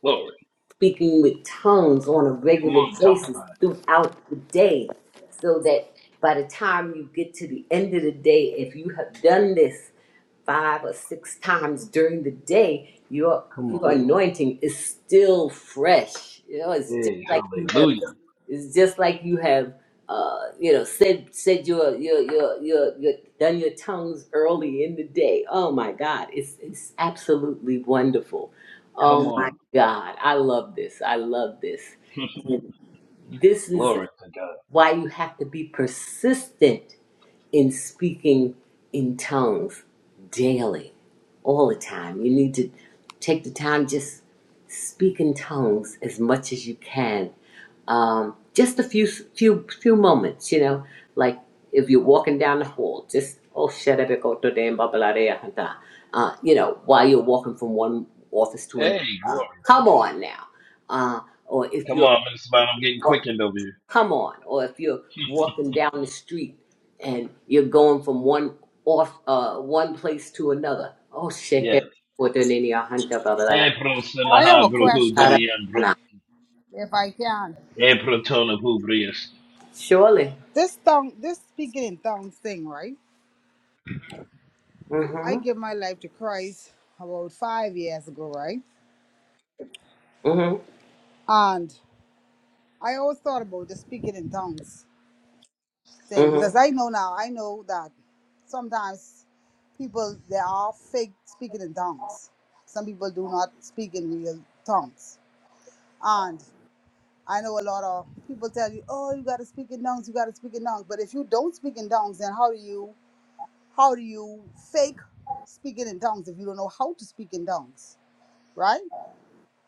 Glory. speaking with tongues on a Come regular on, talk basis about it. throughout the day so that by the time you get to the end of the day if you have done this five or six times during the day your Come on. your anointing is still fresh you know it's just Hey, like you have hallelujah. it's just like you have, uh, you know, said said your your your your your done your tongues early in the day. Oh my God, it's it's absolutely wonderful. Come Oh my on. God. I love this. I love this. This is Glory to God. why you have to be persistent in speaking in tongues daily, all the time. You need to take the time, just speak in tongues as much as you can. Um, just a few, few, few moments, you know, like if you're walking down the hall, just, oh, shut up, uh, you know, while you're walking from one office to another Hey, glory to come God. on now. Uh, or if Come you're on, Minister Bond, I'm getting quickened over here. come on, or if you're walking down the street and you're going from one off uh, one place to another. Oh shit, get- Yes. what the nini- ah, hunta, blah, blah, Hey, pro I have a sinaha bro blah. ku Ah, question, durian da, bro. nah. if I can. Hey, pro tona hu brias. Surely. This tongue, this speaking in tongues thing, right? I Mm-hmm. gave my life to Christ about five years ago, right? Mm-hmm. And I always thought about the speaking in tongues. thing Mm-hmm. because I know now, I know that sometimes people they are fake speaking in tongues. Some people do not speak in real tongues. And I know a lot of people tell you, Oh, you gotta speak in tongues, you gotta speak in tongues. But if you don't speak in tongues, then how do you how do you fake speaking in tongues if you don't know how to speak in tongues? Right?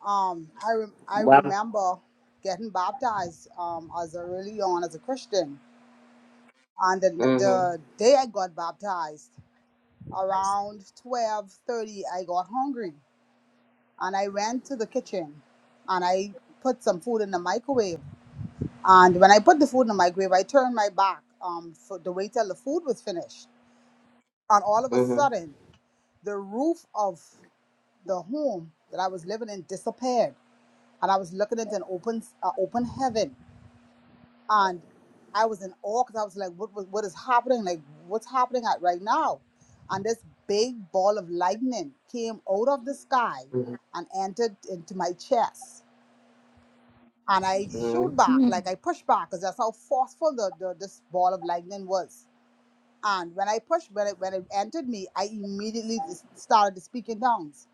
Um I rem I Well remember getting baptized um as a really young as a Christian. And the, mm-hmm. the day I got baptized, around 12:30 I got hungry and I went to the kitchen and I put some food in the microwave and when I put the food in the microwave I turned my back um for the way till the food was finished and all of a Mm-hmm. sudden the roof of the home that I was living in disappeared and I was looking into an open uh, open heaven and I was in awe because I was like, what, what, what is happening? Like, what's happening at right now? And this big ball of lightning came out of the sky Mm-hmm. and entered into my chest. And I Mm-hmm. shoot back, mm. like I pushed back because that's how forceful the, the, this ball of lightning was. And when I pushed, when it, when it entered me, I immediately just started to speak in tongues.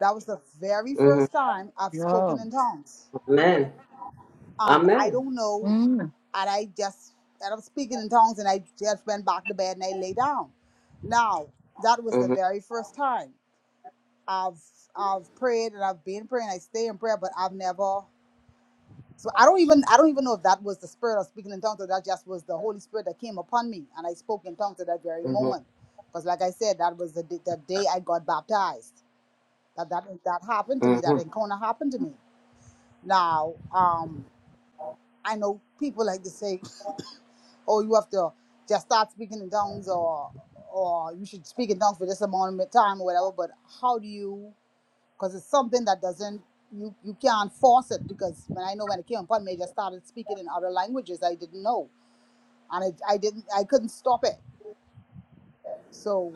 That was the very Mm-hmm. first time I've spoken No. in tongues. Amen. And I Amen. don't know. Mm, and I just and I'm speaking in tongues and I just went back to bed and I lay down. Now that was the Mm-hmm. very first time I've I've prayed and I've been praying. I stay in prayer, but I've never. So I don't even I don't even know if that was the spirit of speaking in tongues or that just was the Holy Spirit that came upon me and I spoke in tongues at that very Mm-hmm. moment. Because like I said, that was the day, the day I got baptized. That that that happened to me. That Mm-hmm. encounter happened to me. Now um I know people like to say oh, you have to just start speaking in tongues or or you should speak in tongues for this amount of time or whatever. But how do you? Because it's something that doesn't you you can't force it. Because when I know when it came upon me, I just started speaking in other languages I didn't know, and I I didn't I couldn't stop it. So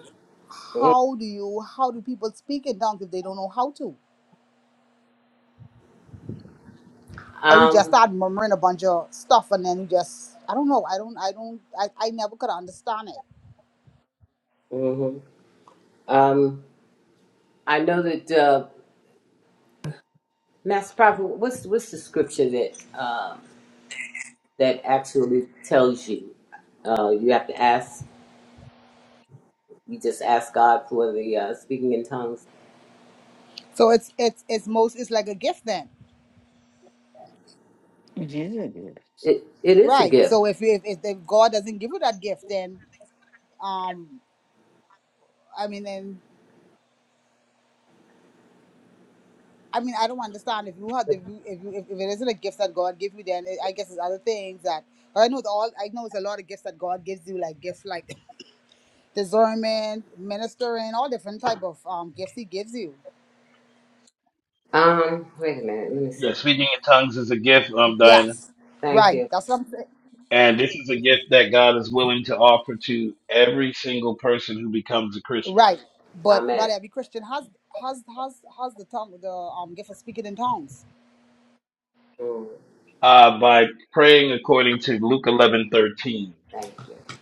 Mm-hmm. how do you how do people speak in tongues if they don't know how to? Or you just Um start murmuring a bunch of stuff and then you just I don't know I don't I don't I, I never could understand it. mm-hmm. um I know that uh, Master Prophet, what's what's the scripture that um, that actually tells you? Uh, you have to ask. You just ask God for the uh, speaking in tongues. So it's it's it's most it's like a gift then Jesus. It it is a Right. So gift. if if if the God doesn't give you that gift, then um, I mean, then I mean, I don't understand if you have the if you, if, if it isn't a gift that God gave you, then it, I guess it's other things that I know. It's all I know is a lot of gifts that God gives you, like gifts like discernment, ministering, all different type of um gifts He gives you. Um, wait a minute. Let me Yeah, see. speaking in tongues is a gift, um, Diana. Yes. Thank Right. you. That's what I'm saying. And this is a gift that God is willing to offer to every single person who becomes a Christian. Right. But Amen. not every Christian has has has has the tongue the um gift of speaking in tongues. Mm, Uh, by praying according to Luke eleven thirteen. thank you.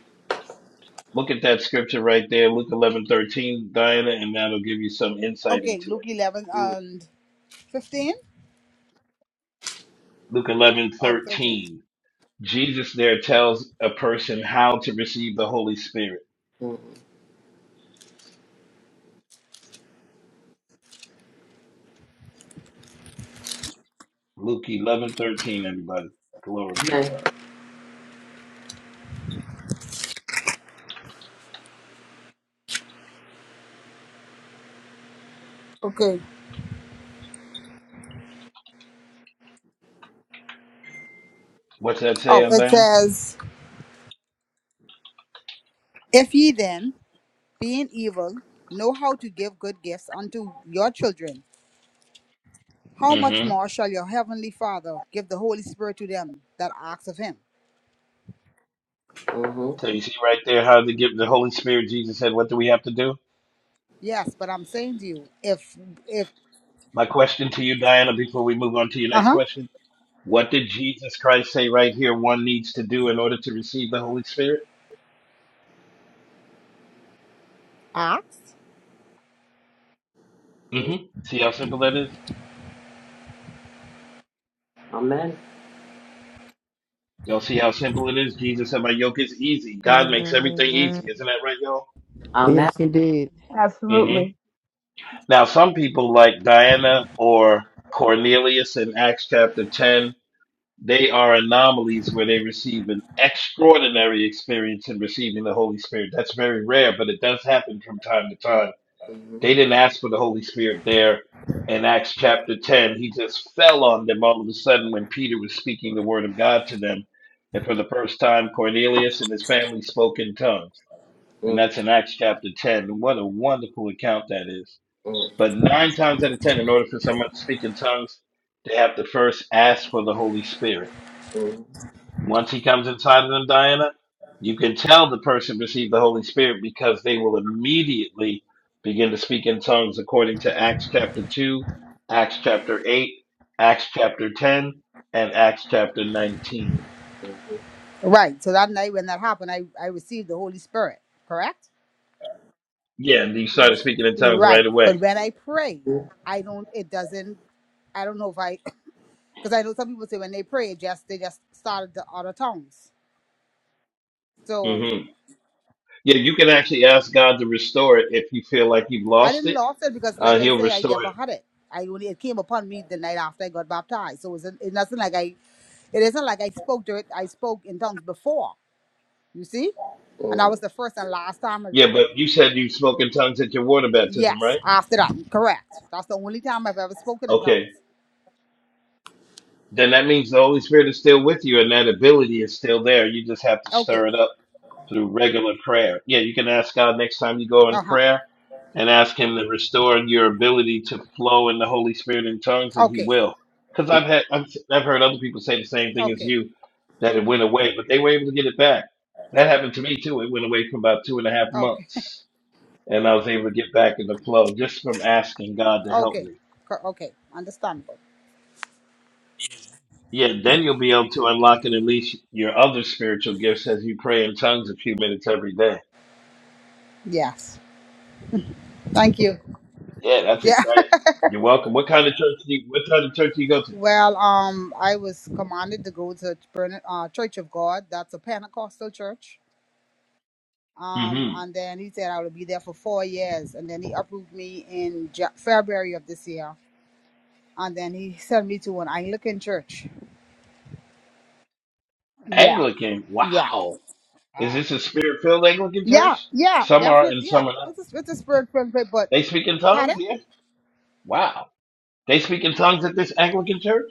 Look at that scripture right there, Luke eleven thirteen, Diana, and that'll give you some insight Okay, into it. Luke eleven Mm, and fifteen. Luke eleven Oh, 13. thirteen. Jesus there tells a person how to receive the Holy Spirit. mm, mm. Luke eleven thirteen. everybody. Glory to Amen. God. Okay. What's that say Oh, on it Diana? says, If ye then, being evil, know how to give good gifts unto your children, how much hmm more shall your heavenly Father give the Holy Spirit to them that ask of him? hmm So you see right there how to give the Holy Spirit. Jesus said, what do we have to do? Yes, but I'm saying to you, if, if, My question to you, Diana, before we move on to your uh next huh, question. What did Jesus Christ say right here one needs to do in order to receive the Holy Spirit? Acts? hmm See how simple that is? Amen. Y'all see how simple it is? Jesus said, My yoke is easy. God Amen. makes everything easy. Amen. Isn't that right, y'all? Amen. Yes, indeed. hmm Absolutely. Now, some people like Diana or Cornelius in Acts chapter 10, they are anomalies where they receive an extraordinary experience in receiving the Holy Spirit. That's very rare, but it does happen from time to time. hmm They didn't ask for the Holy Spirit there in Acts chapter 10. He just fell on them all of a sudden when Peter was speaking the word of God to them. And for the first time, Cornelius and his family spoke in tongues. And that's in Acts chapter 10. What a wonderful account that is. hmm But nine times out of 10, in order for someone to speak in tongues, they have to first ask for the Holy Spirit. hmm Once he comes inside of them, Diana, you can tell the person received the Holy Spirit because they will immediately begin to speak in tongues according to Acts chapter 2, Acts chapter 8, Acts chapter 10, and Acts chapter 19. hmm right. So that night when that happened, I, I received the Holy Spirit, correct? Yeah, and you started speaking in tongues right Right. away. But when I pray, I don't, it doesn't, I don't know if I, because I know some people say when they pray, it just, they just started the other tongues. So hmm Yeah, you can actually ask God to restore it if you feel like you've I lost didn't it. lose it because, Uh, like I he'll say, I restore never it. had it. I only it came upon me the night after I got baptized. So it's, it's nothing like I. It isn't like I spoke to it. I spoke in tongues before. You see, and hmm that was the first and last time. of- Yeah, but you said you spoke in tongues at your water baptism, Yes, right? after that, correct. That's the only time I've ever spoken in Okay. tongues. then that means the Holy Spirit is still with you and that ability is still there. You just have to Okay. stir it up through regular prayer. Yeah, you can ask God next time you go in Uh huh. prayer and ask Him to restore your ability to flow in the Holy Spirit in tongues, and He Okay. will. Because I've had I've, I've heard other people say the same thing as Okay. you that it went away, but they were able to get it back. That happened to me too. It went away for about two and a half Okay. months, and I was able to get back in the flow just from asking God to help Okay. me. Co- Okay. Understandable. Yeah, then you'll be able to unlock and unleash your other spiritual gifts as you pray in tongues a few minutes every day. Yes. Thank you. Yeah, that's Yeah. exciting. You're welcome. What kind of church do you, what kind of church do you go to? Well, um, I was commanded to go to Bern- uh, Church of God. That's a Pentecostal church. Um, Mm-hmm. and then he said I would be there for four years, and then he approved me in Ja- February of this year, and then he sent me to an Anglican church. Yeah, Anglican. yeah, Wow. Is this a spirit filled Anglican yeah, church? yeah, Some are and definitely, yeah. some are not. It's a, it's a spirit place, but They speak in tongues pardon? here. Wow. They speak in tongues at this Anglican church?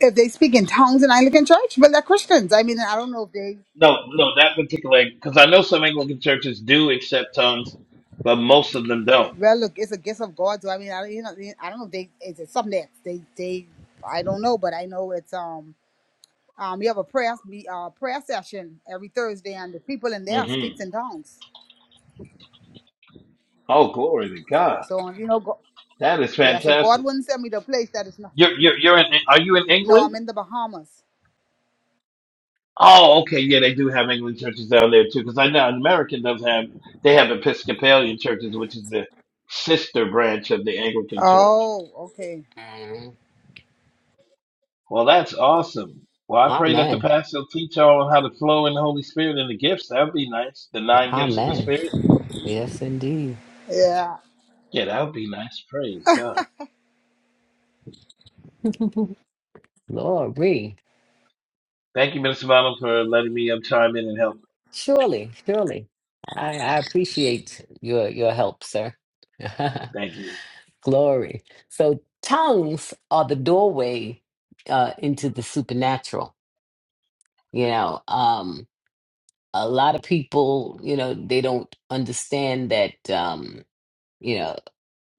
If they speak in tongues in Anglican church, well, they're Christians. I mean, I don't know if they. No, no, that particular because I know some Anglican churches do accept tongues, but most of them don't. Well, look, it's a gift of God. So I mean, I, you know, I don't know. If they it's it's something that they they I don't know, but I know it's um um we have a prayer we uh prayer session every Thursday, and the people in there speaks hmm in tongues. Oh, glory to God. So you know, go, That is yeah. So fantastic. God wouldn't send me to a place that is not. You're, you're, you're in, are you in No, I'm England? in the Bahamas. Oh, okay. Yeah, they do have England churches down there too, because I know an American does have, they have Episcopalian churches, which is the sister branch of the Anglican church. Oh, okay. Amen. Well, that's awesome. Well, I pray that the Amen. pastor will teach y'all how to flow in the Holy Spirit and the gifts. That would be nice. The nine gifts of the Amen. Spirit. Yes, indeed. Yeah. Yeah, that would be nice. Praise God. Glory. Thank you, Minister Bonham, for letting me um, chime in and help. Surely, surely. I, I appreciate your your help, sir. Thank you. Glory. So tongues are the doorway uh into the supernatural. You know, um a lot of people, you know, they don't understand that um, you know.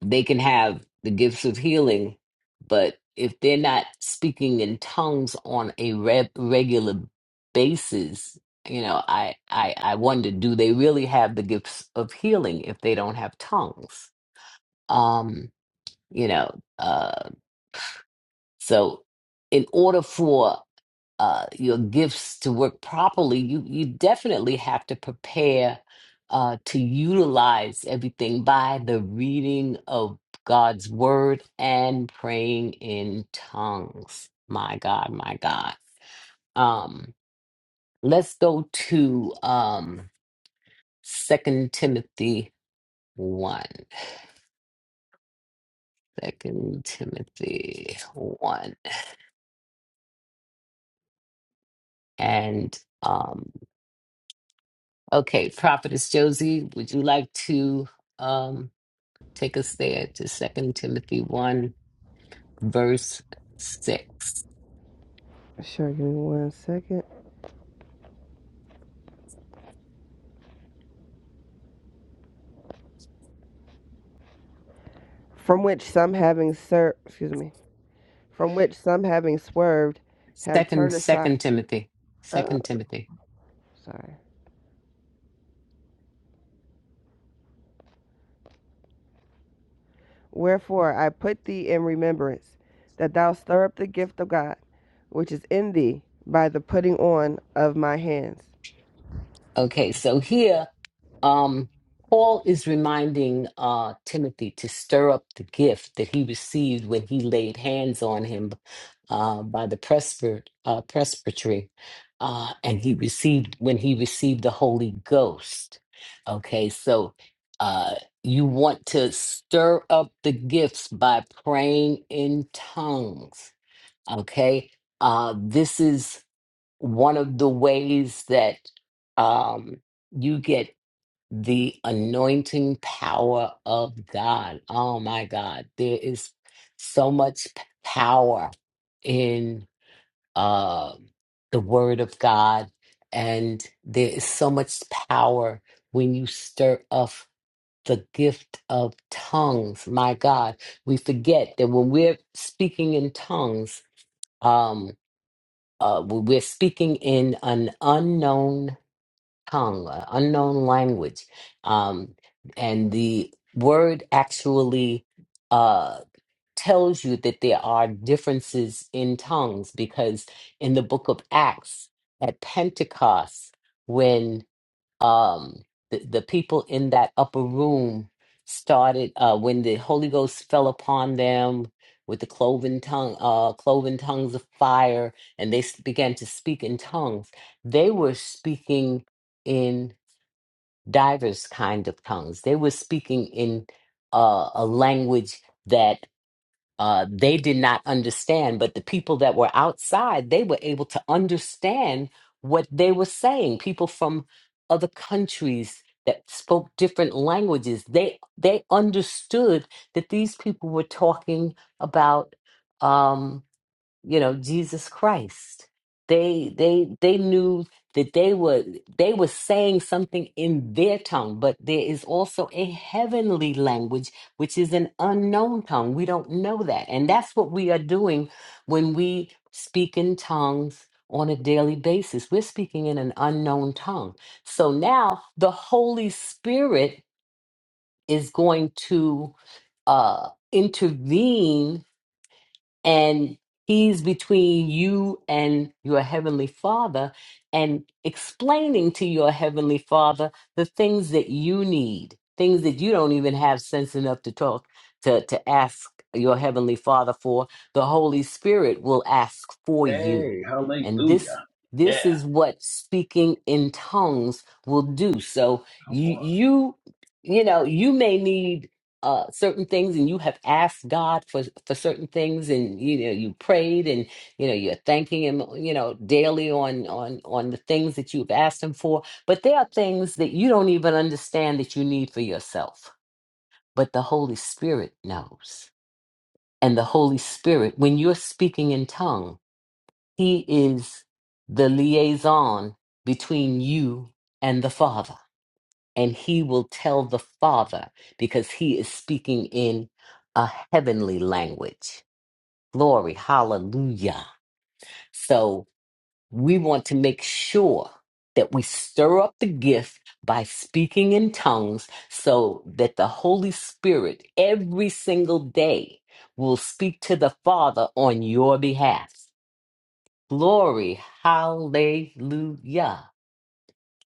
They can have the gifts of healing, but if they're not speaking in tongues on a re- regular basis, you know, I, I I wonder, do they really have the gifts of healing if they don't have tongues? Um, you know, uh, so in order for uh, your gifts to work properly, you you definitely have to prepare uh, to utilize everything by the reading of God's word and praying in tongues. My God, my God. Um, let's go to um, Second Timothy one. Second Timothy one and um, okay, Prophetess Josie, would you like to? Um, Take us there to Second Timothy 1, verse 6. Sure, give me one second. From which some having ser- excuse me, from which some having swerved, have Second, turned aside. Second Timothy. Oh, Second Timothy. sorry. Wherefore I put thee in remembrance, that thou stir up the gift of God, which is in thee by the putting on of my hands. Okay, so here um, Paul is reminding uh, Timothy to stir up the gift that he received when he laid hands on him uh, by the presbyter, uh, presbytery, uh, and he received when he received the Holy Ghost. Okay, so uh, you want to stir up the gifts by praying in tongues. Okay, uh, this is one of the ways that um, you get the anointing power of God. Oh my God, there is so much p- power in uh, the Word of God, and there is so much power when you stir up the gift of tongues. My God, we forget that when we're speaking in tongues, um, uh, we're speaking in an unknown tongue, an unknown language. Um, and the word actually uh, tells you that there are differences in tongues because in the book of Acts at Pentecost, um the, the people in that upper room started uh when the holy ghost fell upon them with the cloven tongue uh cloven tongues of fire and they s- began to speak in tongues they were speaking in divers kind of tongues they were speaking in uh, a language that uh, they did not understand, but the people that were outside, they were able to understand what they were saying. People from other countries that spoke different languages, they they understood that these people were talking about. um, you know Jesus Christ. They they they knew that they were they were saying something in their tongue, but there is also a heavenly language which is an unknown tongue. We don't know that, and that's what we are doing when we speak in tongues on a daily basis. We're speaking in an unknown tongue. So now the Holy Spirit is going to uh, intervene and he's between you and your heavenly father and explaining to your heavenly father the things that you need things that you don't even have sense enough to talk to to ask your heavenly father for the holy spirit will ask for you Hey, and this hallelujah. Yeah, this is what speaking in tongues will do so come you on. you you know you may need uh, certain things and you have asked God for for certain things and you know you prayed and you know you're thanking him you know daily on on on the things that you've asked him for but there are things that you don't even understand that you need for yourself but the Holy Spirit knows and the Holy Spirit when you're speaking in tongue he is the liaison between you and the Father and he will tell the Father because he is speaking in a heavenly language. Glory, hallelujah. So we want to make sure that we stir up the gift by speaking in tongues so that the Holy Spirit every single day will speak to the Father on your behalf. Glory, hallelujah.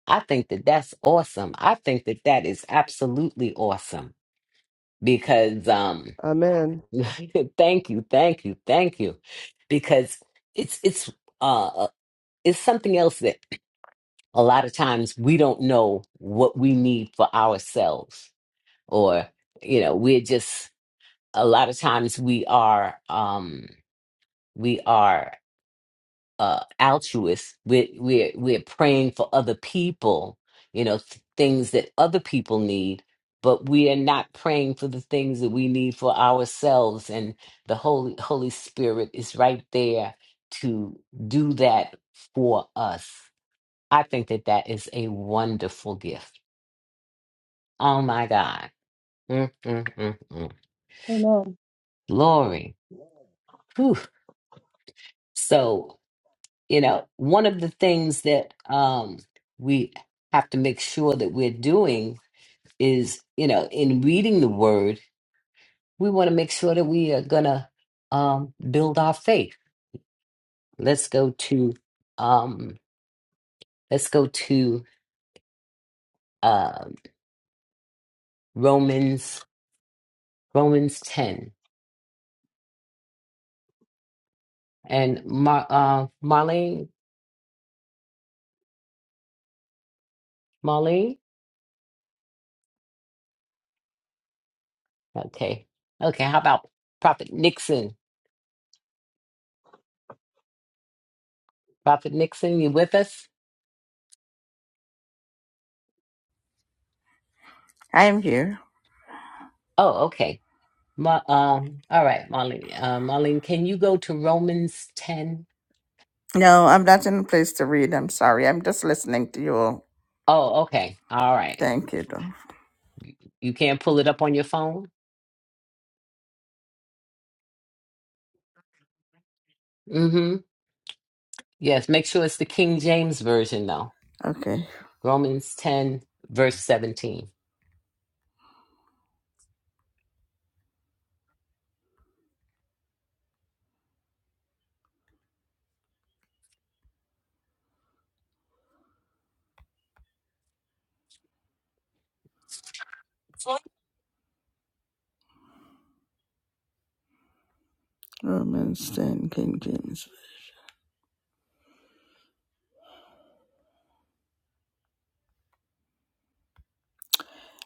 I think that that's awesome. I think that that is absolutely awesome. because um Amen. thank you thank you thank you because it's it's uh it's something else that a lot of times we don't know what we need for ourselves or you know we're just a lot of times we are um we are uh altruists we're we're we're praying for other people you know th- things that other people need but we are not praying for the things that we need for ourselves and the holy holy spirit is right there to do that for us i think that that is a wonderful gift oh my god mm, mm, mm, mm. Amen. glory Whew. so you know, one of the things that um, we have to make sure that we're doing is, you know, in reading the word, we want to make sure that we are gonna um, build our faith. Let's go to um, let's go to uh, Romans Romans ten and Mar- uh, Marlene Marlene. Okay, okay. How about Prophet Nixon? Prophet Nixon, you with us? I'm here. Oh, okay. Ma, um, all right, Marlene. Uh, Marlene, can you go to Romans 10? No, I'm not in a place to read. I'm sorry. I'm just listening to you all. Oh, okay. All right. Thank you, though. You can't pull it up on your phone? Mm-hmm. Yes, make sure it's the King James Version, though. Okay. Romans 10, verse 17. Romans 10, King James.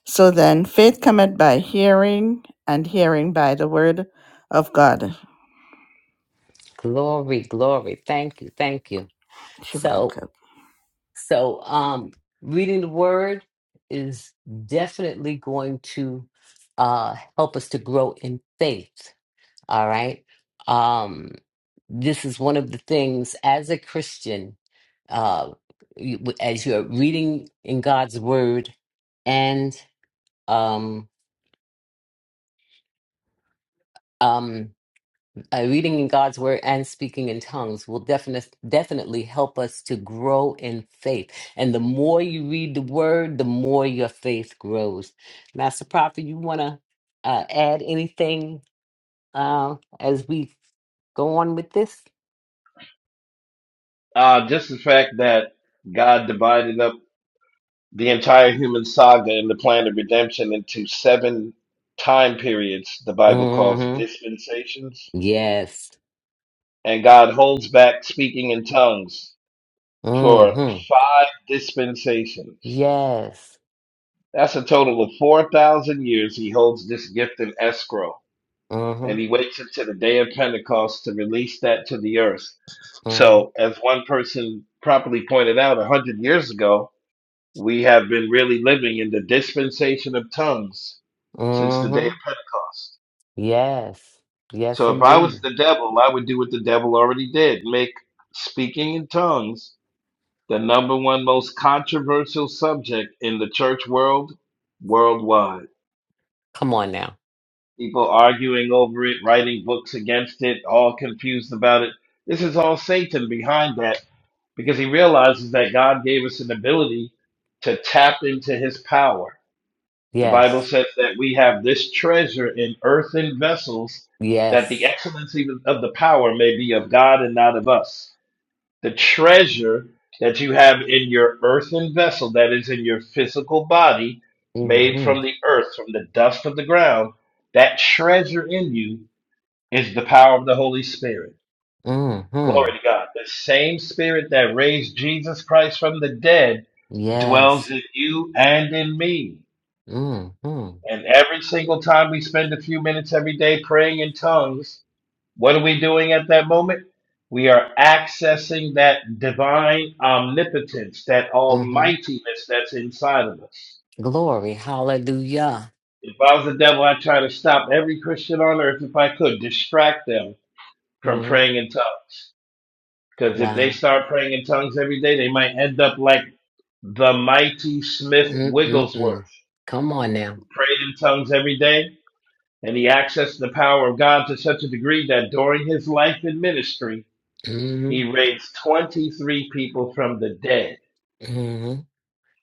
So then, faith cometh by hearing, and hearing by the word of God. Glory, glory. Thank you, thank you. Shiva, okay. So, so, um, reading the word is definitely going to, uh, help us to grow in faith. All right. um. this is one of the things as a Christian, uh, you- as you're reading in God's word and um, um, uh, reading in God's word and speaking in tongues will definitely definitely help us to grow in faith. And the more you read the word, the more your faith grows. Master Prophet, you want to uh, add anything uh, as we go on with this? Uh, just the fact that God divided up the entire human saga and the plan of redemption into seven time periods the Bible calls hmm dispensations. Yes. And God holds back speaking in tongues for hmm five dispensations. Yes. That's a total of 4,000 years he holds this gift in escrow. Mm-hmm. And he waits until the day of Pentecost to release that to the earth. Mm-hmm. So, as one person properly pointed out 100 years ago, We have been really living in the dispensation of tongues since the day Mm-hmm. of Pentecost. Yes. Yes, So if I was indeed. the devil, I would do what the devil already did make speaking in tongues the number one most controversial subject in the church world worldwide. Come on now. People arguing over it, writing books against it, all confused about it. This is all Satan behind that because he realizes that God gave us an ability to tap into his power The Bible Yes. says that we have this treasure in earthen vessels, that the Yes. excellency of the power may be of God and not of us. The treasure that you have in your earthen vessel, that is in your physical body, made Mm-hmm. from the earth, from the dust of the ground, that treasure in you is the power of the Holy Spirit. Mm-hmm. Glory to God. The same Spirit that raised Jesus Christ from the dead Yes. dwells in you and in me. Mm-hmm. And every single time we spend a few minutes every day praying in tongues, what are we doing at that moment? We are accessing that divine omnipotence, that Mm-hmm. almightiness that's inside of us. Glory. Hallelujah. If I was the devil, I'd try to stop every Christian on earth if I could, distract them from Mm-hmm. praying in tongues. Because if they Wow. start praying in tongues every day, they might end up like the mighty Smith Wigglesworth, Mm-mm-mm. Come on now. who prayed in tongues every day and he accessed the power of God to such a degree that during his life and ministry, Mm-hmm. he raised 23 people from the dead. Mm-hmm.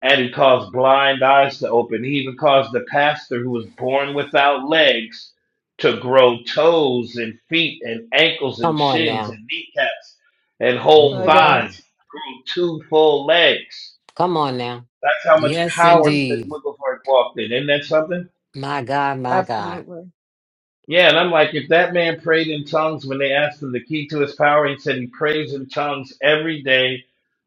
And he caused blind eyes to open. He even caused the pastor who was born without legs to grow toes and feet and ankles and Come on shins now. and kneecaps and whole My God. Mm-hmm. thighs, grew two full legs. Come on now. That's how much Yes, power hmm Smith indeed. Wigglesworth walked in. Isn't that something? My God, my God. Absolutely. Yeah, and I'm like, if that man prayed in tongues when they asked him the key to his power, he said he prays in tongues every day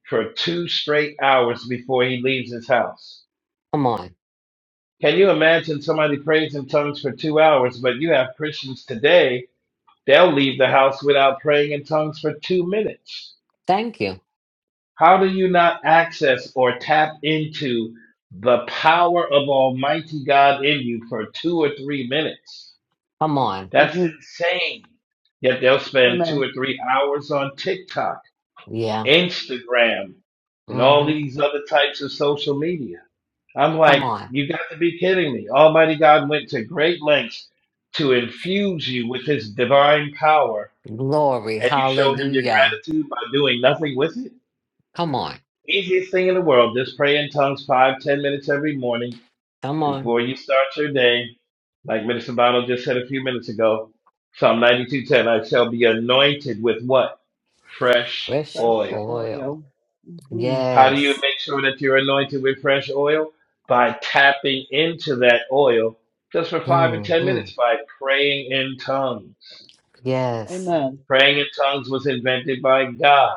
for two straight hours before he leaves his house. Come on. Can you imagine somebody prays in tongues for two hours, but you have Christians today, they'll leave the house without praying in tongues for two minutes. Thank you. How do you not access or tap into the power of Almighty God in you for two or three minutes? Come on. That's hmm insane. Yet they'll spend two Amen. or three hours on TikTok, Yeah. Instagram, and all these other types of social media. I'm like, Come on. you got to be kidding me. Almighty God went to great lengths to infuse you with his divine power, Glory. and you show him your Hallelujah. gratitude by doing nothing with it? Come on. Easiest thing in the world, just pray in tongues five, ten minutes every morning Come on. Before you start your day, like Minister Bono just said a few minutes ago, Psalm 92:10, I shall be anointed with what? Fresh Fresh Fresh oil. oil. oil. hmm How do you Yes. make sure that you're anointed with fresh oil? By tapping into that oil just for five and ten Mm-hmm. minutes by praying in tongues. Yes. Amen. Praying in tongues was invented by God.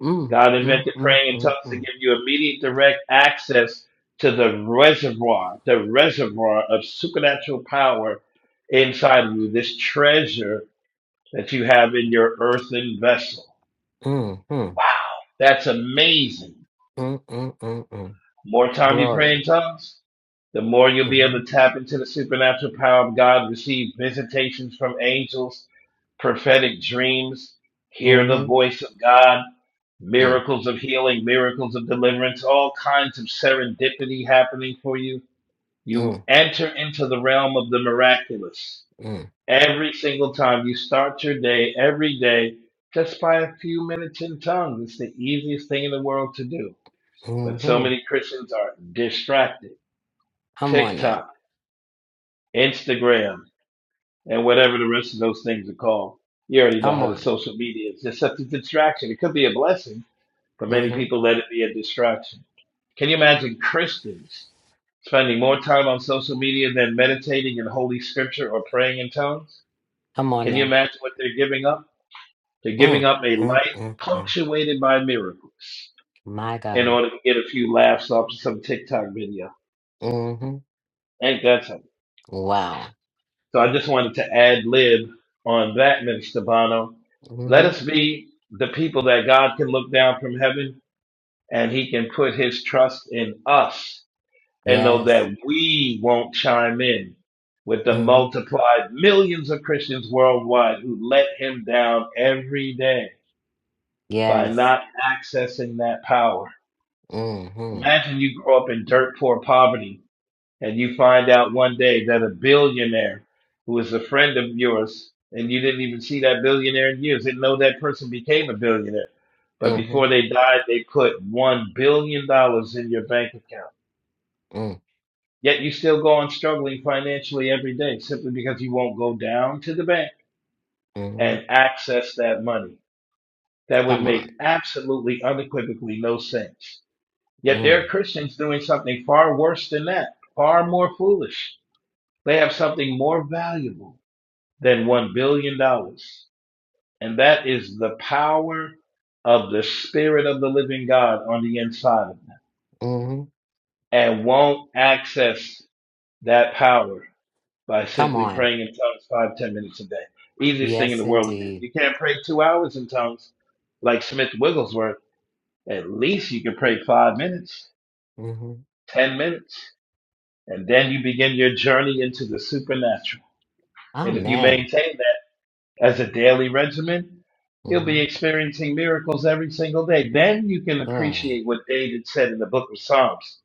Mm. God Mm, invented mm, praying in mm, tongues to mm. give you immediate direct access to the reservoir, the reservoir of supernatural power inside of you, this treasure that you have in your earthen vessel. Mm, mm, That's amazing. mm, mm, mm, mm. More time you pray in Glory. tongues, the more you'll be Mm-hmm. able to tap into the supernatural power of God, receive visitations from angels, prophetic dreams, hear the Mm-hmm. voice of God, Mm, miracles of healing, miracles of deliverance, all kinds of serendipity happening for you. You mm, enter into the realm of the miraculous mm, every single time you start your day, every day, just by a few minutes in tongues. It's the easiest thing in the world to do. But so mm-hmm. many Christians are distracted. Come on now. TikTok, Instagram, and whatever the rest of those things are called. You already know Come how the on. social media is. It's such a distraction. It could be a blessing, but many Mm-hmm. people let it be a distraction. Can you imagine Christians spending more time on social media than meditating in Holy Scripture or praying in tongues? Come on Can you now. imagine what they're giving up? They're giving Mm, up a mm, life mm, mm. punctuated by miracles My in God. order to get a few laughs off some TikTok video. Mm-hmm. Ain't that something? Wow. So I just wanted to ad lib on that, Minister Bono. Let Mm-hmm. us be the people that God can look down from heaven and he can put his trust in us and know Yes. that we won't chime in with the Mm-hmm. multiplied millions of Christians worldwide who let him down every day by Yes. not accessing that power. Mm-hmm. Imagine you grow up in dirt poor poverty and you find out one day that a billionaire who is a friend of yours and you didn't even see that billionaire in years, didn't know that person became a billionaire. But Mm-hmm. before they died, they put one billion dollars in your bank account. Mm. Yet you still go on struggling financially every day simply because you won't go down to the bank Mm-hmm. and access that money. That would Come make on. absolutely unequivocally no sense. Yet there are Mm. Christians doing something far worse than that, far more foolish. They have something more valuable than $1 billion. dollars. And that is the power of the Spirit of the living God on the inside of them. Mm-hmm. And won't access that power by Come simply on. praying in tongues five, ten minutes a day. Easiest thing in Yes, the world to do. indeed. You can't pray two hours in tongues like Smith Wigglesworth. At least you can pray five minutes, Mm-hmm. ten minutes, and then you begin your journey into the supernatural. And if you Amen. maintain that, as a daily regimen, you'll be Mm-hmm. experiencing miracles every single day. Then you can Glory. appreciate what David said in the book of Psalms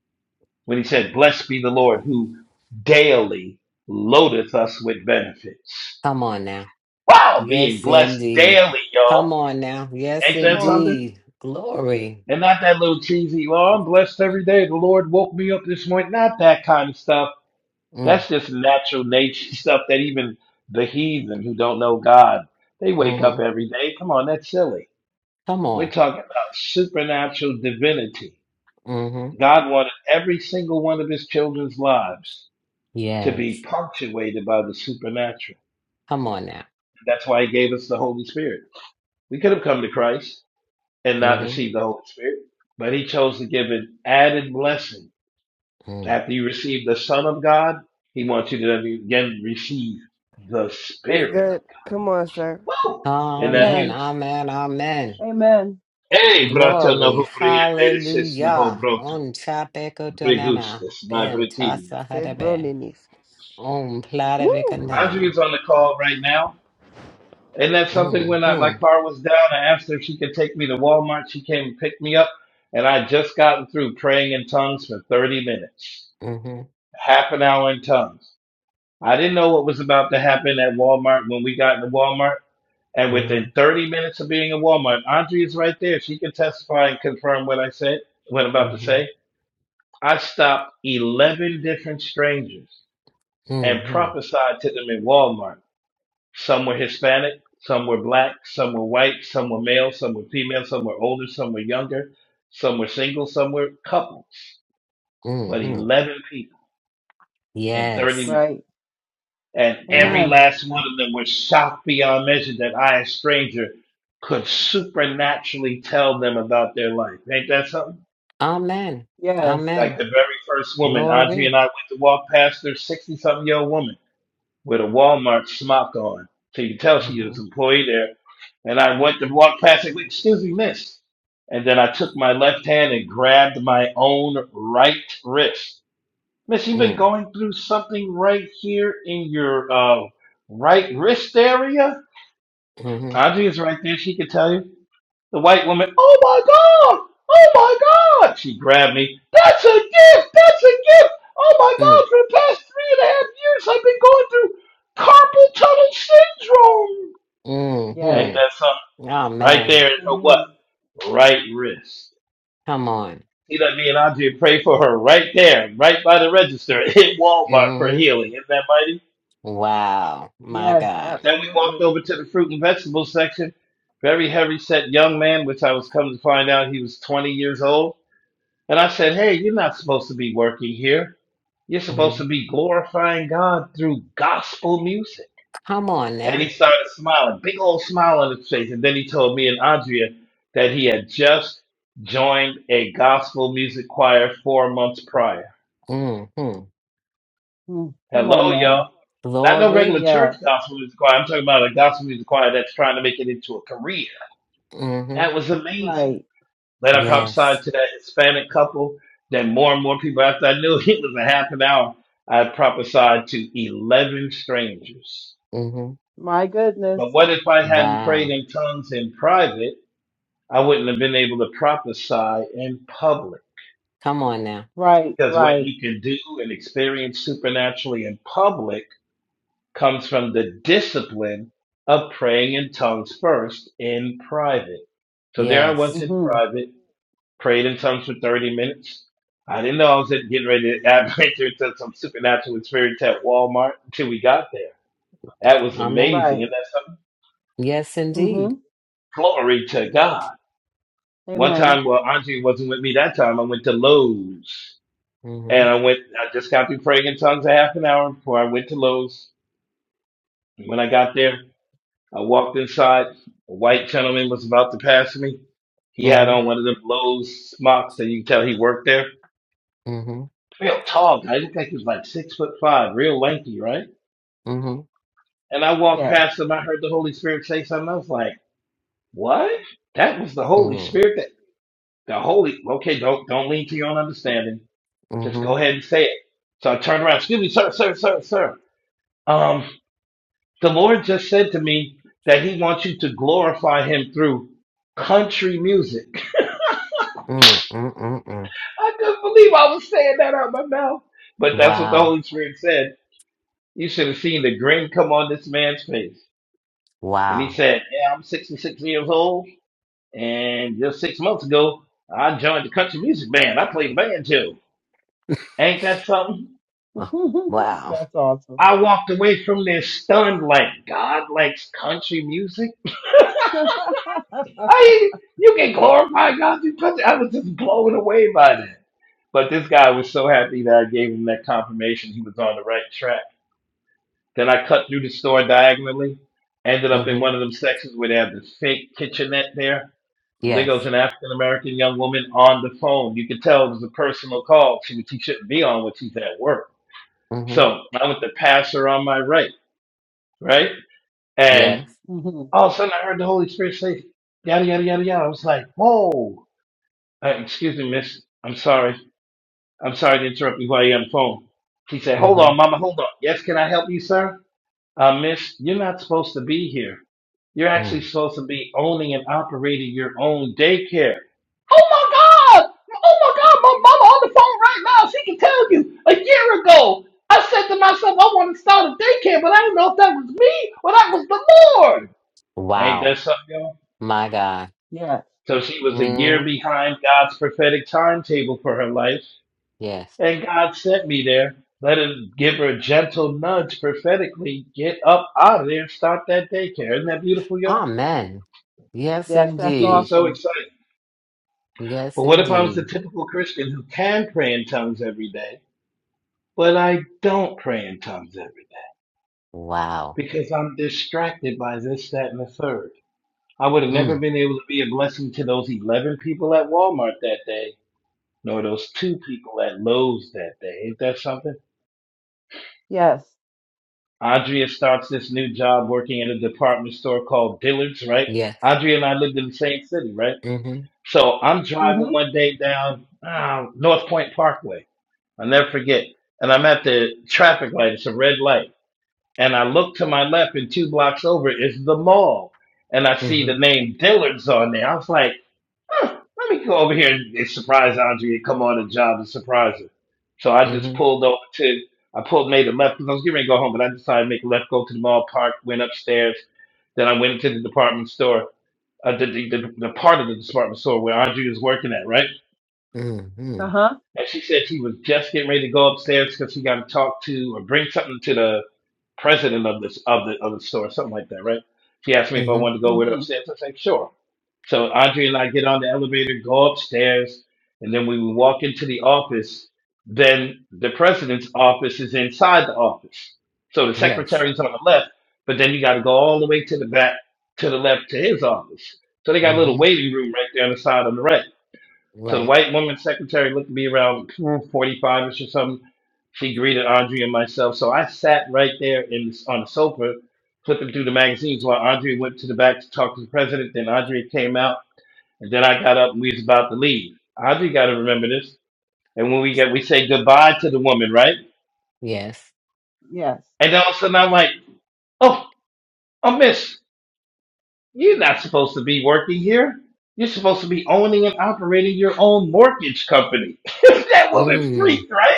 when he said, Blessed be the Lord who daily loadeth us with benefits. Come on now. Wow, being Yes, blessed indeed. daily, Come y'all. on now. Yes, Ain't Come that on. something? indeed. Glory. And not that little cheesy, well, I'm blessed every day. The Lord woke me up this morning. Not that kind of stuff. Mm. That's just natural nature stuff that even the heathen who don't know God, they wake up Mm-hmm. every day. Come on, that's silly. Come We're on. talking about supernatural divinity. Mm-hmm. God wanted every single one of his children's lives to be Yes. punctuated by the supernatural. Come on now. That's why he gave us the Holy Spirit. We could have come to Christ and not Mm-hmm. received the Holy Spirit, but he chose to give an added blessing. Mm. After you receive the Son of God, he wants you to then again receive the That's Spirit good. of Come on, sir. God. Woo! Isn't that Amen. Amen. huge? Amen. Amen. Amen. Hey, brato Glory, novo briete, sis novo hallelujah. broto, On chapeko tanana, brigustus, my ben bretini, tasa Say hadabe. broninis. On plata Woo! bekandana. Andrea's on the call right now. And that's something when I, my Mm-hmm. car was down, I asked her if she could take me to Walmart. She came and picked me up. And I had just gotten through praying in tongues for 30 minutes, Mm-hmm. half an hour in tongues. I didn't know what was about to happen at Walmart when we got into Walmart. And Mm-hmm. within 30 minutes of being in Walmart, Andrea's right there. She can testify and confirm what I said, what I'm about to Mm-hmm. say. I stopped 11 different strangers and Mm-hmm. prophesied to them in Walmart Some were Hispanic, some were black, some were white, some were male, some were female, some were older, some were younger, some were single, some were couples. But Mm-hmm. 11 people in 30 Yes. minutes. Right. And every Wow. Amen. last one of them was shocked beyond measure that I, a stranger, could supernaturally tell them about their life. Ain't that something? Amen. Yes. Like Amen. the very first woman, Audrey and Glory. I went to walk past her, 60 something year old woman. with a Walmart smock on. So you can tell she was Mm-hmm. an employee there. And I went to walk past it, excuse me, miss. And then I took my left hand and grabbed my own right wrist. Miss, you've been Mm-hmm. going through something right here in your uh, right wrist area. Mm-hmm. Audrey is right there. She can tell you. The white woman, oh my God, oh my God. She grabbed me. That's a gift, that's a gift. Oh my God, for the past three and a half years, I've been going through carpal tunnel syndrome. Yes. Ain't Mm-hmm. that something? Right Amen. there is her what? hmm Right wrist. Come on. See that me and Andre pray for her right there, right by the register at Walmart for Mm-hmm. healing. Isn't that mighty? Wow. My Yes. God. Then we walked Absolutely. over to the fruit and vegetable section. Very heavy set young man, which I was coming to find out he was 20 years old And I said, Hey, you're not supposed to be working here. You're supposed Mm-hmm. to be glorifying God through gospel music. Come on And now. he started smiling, big old smile on his face. And then he told me and Andrea that he had just joined a gospel music choir four months prior. Hmm. Mm, Come on Hello, now. y'all. Not no regular Glory. church Yes. gospel music choir. I'm talking about a gospel music choir that's trying to make it into a career. hmm That was amazing. Right. Then I prophesied Yes. to that Hispanic couple. Then more and more people, after I knew it was a half an hour, I prophesied to 11 strangers. hmm My goodness. But what if I hadn't prayed Wow. in tongues in private? I wouldn't have been able to prophesy in public. Come on now. Right. Because what Right. you can do and experience supernaturally in public comes from the discipline of praying in tongues first in private. So there I was Yes. in Mm-hmm. private prayed in tongues for 30 minutes. I didn't know I was getting ready to adventure into some supernatural experience at Walmart until we got there. That was Amen. amazing. Right. And that's something. Yes, indeed. Mm-hmm. Glory to God. One Amen. time, well, Andre wasn't with me that time. I went to Lowe's hmm and I went, I just got through praying in tongues a half an hour before I went to Lowe's. When I got there, I walked inside. A white gentleman was about to pass me. He had hmm on one of the Lowe's smocks, and you can tell he worked there hmm hmm real tall guy. I looked like he was like six foot five, real lanky, right? Mm-hmm. And I walked Yes. past him. I heard the Holy Spirit say something. I was like, "What? That was the Holy Mm. Spirit that the Holy." Okay, don't don't lean to your own understanding. Just go Mm-hmm. ahead and say it. So I turned around. Excuse me, sir, sir, sir, sir. Um, the Lord just said to me that He wants you to glorify Him through country music. Mm-mm-mm. I couldn't believe I was saying that out of my mouth, but that's what the Wow. Holy Spirit said. You should have seen the grin come on this man's face. And he Wow. said, Yeah, I'm 66 years old. And just six months ago, I joined the country music band. I played band too. Ain't that something? Oh, Wow. that's awesome. I walked away from there stunned like God likes country music. I you can glorify God through country. I was just blown away by that. But this guy was so happy that I gave him that confirmation he was on the right track. Then I cut through the store diagonally, ended up in hmm one of them sections where they have the fake kitchenette there Lego's Yes. an African American young woman on the phone. You could tell it was a personal call. She, she shouldn't be on when she's at work. hmm So I went to pass her on my right, right? And Yes. hmm all of a sudden I heard the Holy Spirit say, yada, yada, yada, yada. I was like, whoa. Uh, excuse me, miss. I'm sorry. I'm sorry to interrupt you while you're on the phone. She said, hold hmm on, mama, hold on. Yes, can I help you, sir? Uh, miss, you're not supposed to be here. You're actually Mm. supposed to be owning and operating your own daycare. Oh my God! Oh my God! My mama on the phone right now. She can tell you. A year ago, I said to myself, I want to start a daycare, but I didn't know if that was me or that was the Lord. Ain't Wow. that something, y'all? My God. Yes. So she was a year Mm. behind God's prophetic timetable for her life. Yes. And God sent me there. Let him give her a gentle nudge prophetically. Get up out of there and start that daycare. Isn't that beautiful, y'all? Amen. Yes, Yes. That's She was indeed. so awesome. excited. Yes, But what if I was the indeed. typical Christian who can pray in tongues every day, but I don't pray in tongues every day Wow. because I'm distracted by this, that, and the third? I would have never Mm, been able to be a blessing to those 11 people at Walmart that day, nor those two people at Lowe's that day. Ain't that something? Yes. Andrea starts this new job working at a department store called Dillard's, right? yes. Andrea and I lived in the same city, right? Mm-hmm. So I'm driving Mm-hmm. one day down uh, North Point Parkway. I'll never forget. And I'm at the traffic light. It's a red light. And I look to my left and two blocks over is the mall. And I see Mm-hmm. the name Dillard's on there. I was like, huh, let me go over here and, and surprise Andrea and come on the job and surprise her. So I just Mm-hmm. pulled over to, I pulled, made a left because I was getting ready to go home, but I decided to make a left, go to the mall, park, went upstairs. Then I went into the department store, uh, the, the, the, the part of the department store where Andrea is working at, right? Mm-hmm. Uh-huh. And she said she was just getting ready to go upstairs because she got to talk to or bring something to the president of this of the of the store, something like that, right? She asked me if I Mm-hmm. wanted to go with her Mm-hmm. upstairs. I said, sure. So Andre and I get on the elevator, go upstairs, and then when we walk into the office, then the president's office is inside the office. So the Yes. secretary's on the left, but then you got to go all the way to the back, to the left, to his office. So they got a little Mm-hmm. waiting room right there on the side on the right. So the Right. white woman secretary looked to be around 45 ish or something. She greeted Andre and myself. So I sat right there in this, on the sofa, flipping through the magazines while Andre went to the back to talk to the president. Then Andre came out and then I got up and we was about to leave. Audrey got to remember this. And when we get, we say goodbye to the woman, right? Yes. Yes. And all of a sudden I'm like, oh, oh, miss, you're not supposed to be working here. You're supposed to be owning and operating your own mortgage company. that woman Mm. freaked, right?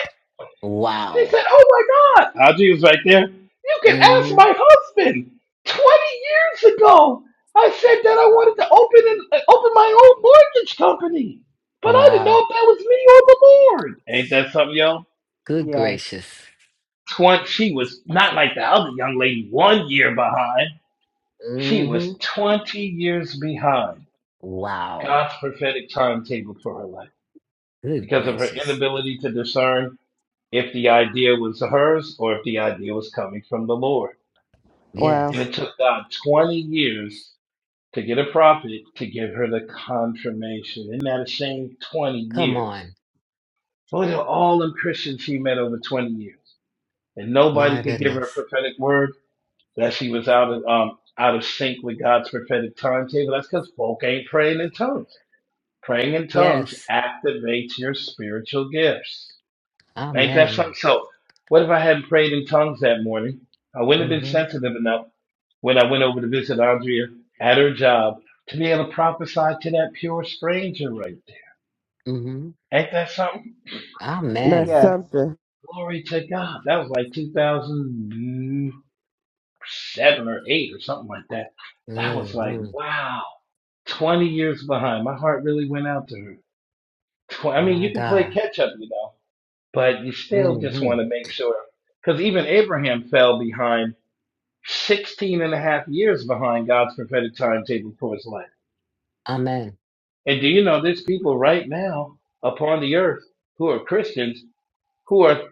They Wow. said, "Oh my God, Audrey was right there. you can ask Mm-hmm. my husband. Twenty years ago, I said that I wanted to open an, uh, open my own mortgage company, but I didn't know Wow. if that was me or the Lord. Ain't that something, yo? Good Yes. gracious. Twenty. She was not like the other young lady, one year behind. She Mm-hmm. was twenty years behind Wow. God's prophetic timetable for her life Good because of her gracious. inability to discern if the idea was hers or if the idea was coming from the Lord. Wow, And Yes. it took God 20 years to get a prophet to give her the confirmation. Isn't that a shame? 20 Come years. on. Look at all the Christians she met over 20 years. And nobody My could give her a goodness. prophetic word that she was out of, um, out of sync with God's prophetic timetable. That's because folk ain't praying in tongues. Praying in tongues Yes. activates your spiritual gifts. Ain't that Amen. something? So, what if I hadn't prayed in tongues that morning? I wouldn't have been Mm-hmm. sensitive enough when I went over to visit Andrea at her job to be able to prophesy to that pure stranger right there. Mm-hmm. Ain't that something? that's Amen. Yes. something. Glory to God. That was like 2007 or 8 or something like that. That was like, Mm-hmm. wow, 20 years behind. My heart really went out to her. Tw- I mean, My you can play God. catch up, you know, but you still just Mm-hmm. want to make sure. Because even Abraham fell behind 16 and a half years behind God's prophetic timetable for his life. Amen. And do you know there's people right now upon the earth who are Christians who are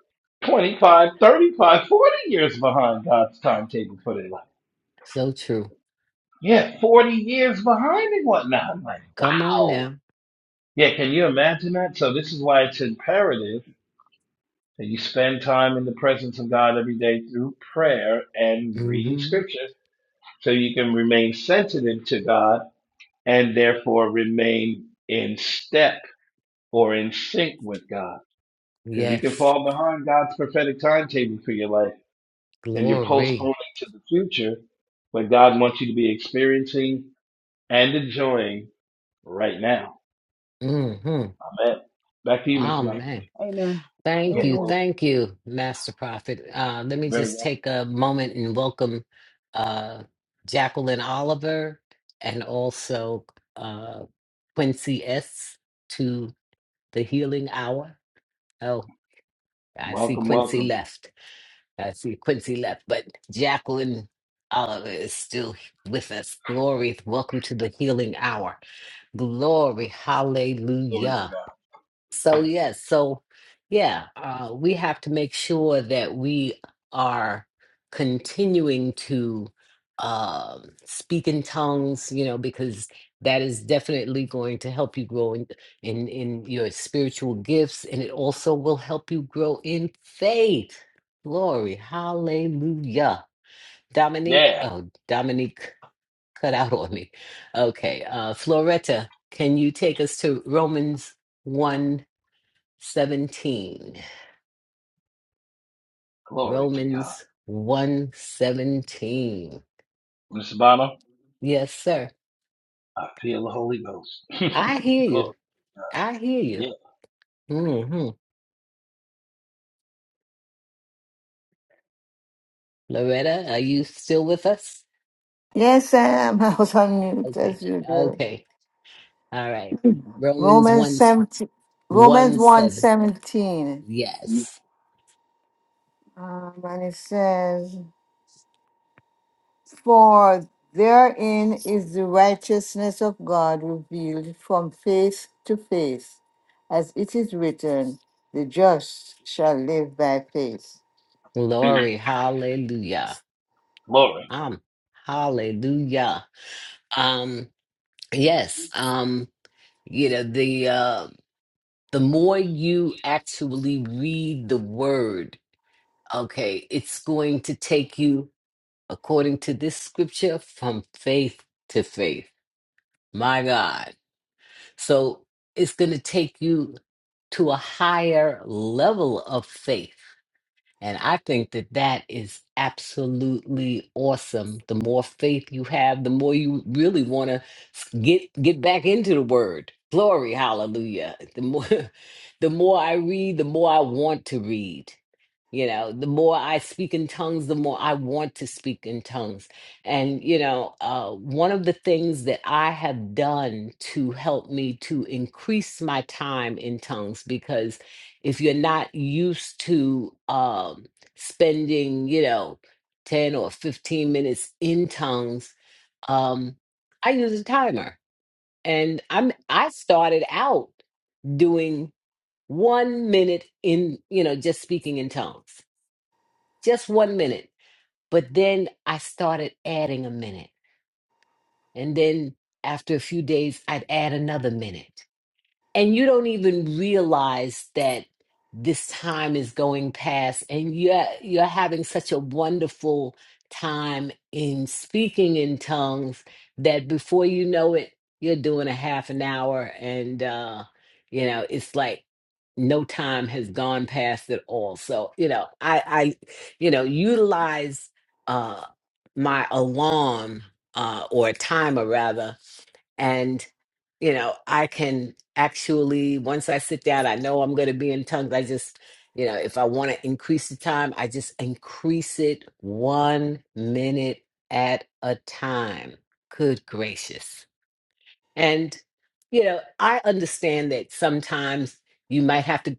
25, 35, 40 years behind God's timetable for their life? So true. Yeah, 40 years behind and whatnot. I'm like, Come on wow. now. Yeah, can you imagine that? So, this is why it's imperative that you spend time in the presence of God every day through prayer and reading Mm-hmm. scripture so you can remain sensitive to God and therefore remain in step or in sync with God. Because you can Yes, fall behind God's prophetic timetable for your life and you're postponing glory. to the future what God wants you to be experiencing and enjoying right now. hmm Amen. Back to you, Mr. Mike. Amen. Amen. Thank Yeah, you. Amen. well, Thank you, Master Prophet. Uh, let me very just welcome. take a moment and welcome uh, Jacqueline Oliver and also uh, Quincy S. to the Healing Hour. Oh, I see Welcome, Quincy welcome. left. I see Quincy left, but Jacqueline Oliver is still with us. Glory. Welcome to the Healing Hour. Glory. Glory Hallelujah. to God. So yes, so yeah, uh, we have to make sure that we are continuing to uh, speak in tongues, you know, because that is definitely going to help you grow in, in in your spiritual gifts, and it also will help you grow in faith. Glory, hallelujah. Dominique, Yeah, oh, Dominique cut out on me. Okay, uh, Floretta, can you take us to Romans 1? 17. glory to God. Romans one 17. Mr. Bonner, Yes, sir. I feel the Holy Ghost. I hear you. glory. I hear you. Yeah, hmm Loretta, are you still with us? Yes, Sam. I was on mute. That's Okay. you, girl. Okay. All right. Romans Romans one 17, Romans one seven. 1 17. Um, Yes. and it says, For therein is the righteousness of God revealed from faith to faith, as it is written, the just shall live by faith. Yes. Glory. Hallelujah. glory. Um, hallelujah. Um, yes. Um, you know, the uh the more you actually read the word Okay, it's going to take you, according to this scripture, from faith to faith. My God. So it's going to take you to a higher level of faith. And I think that that is absolutely awesome. The more faith you have, the more you really want to get get back into the word. Glory, hallelujah. The more the more I read, the more I want to read. You know, the more I speak in tongues, the more I want to speak in tongues. And, you know, uh, one of the things that I have done to help me to increase my time in tongues, because if you're not used to um, spending, you know, 10 or 15 minutes in tongues, um, I use a timer. And I'm I started out doing one minute in, you know, just speaking in tongues. Just one minute. But then I started adding a minute. And then after a few days, I'd add another minute. and you don't even realize that this time is going past and you're you're having such a wonderful time in speaking in tongues that before you know it you're doing a half an hour and uh you know it's like no time has gone past at all so you know i i you know utilize uh my alarm uh or timer rather and you know i can actually once i sit down i know i'm going to be in tongues i just you know if i want to increase the time i just increase it one minute at a time good gracious and, you know, I understand that sometimes you might have to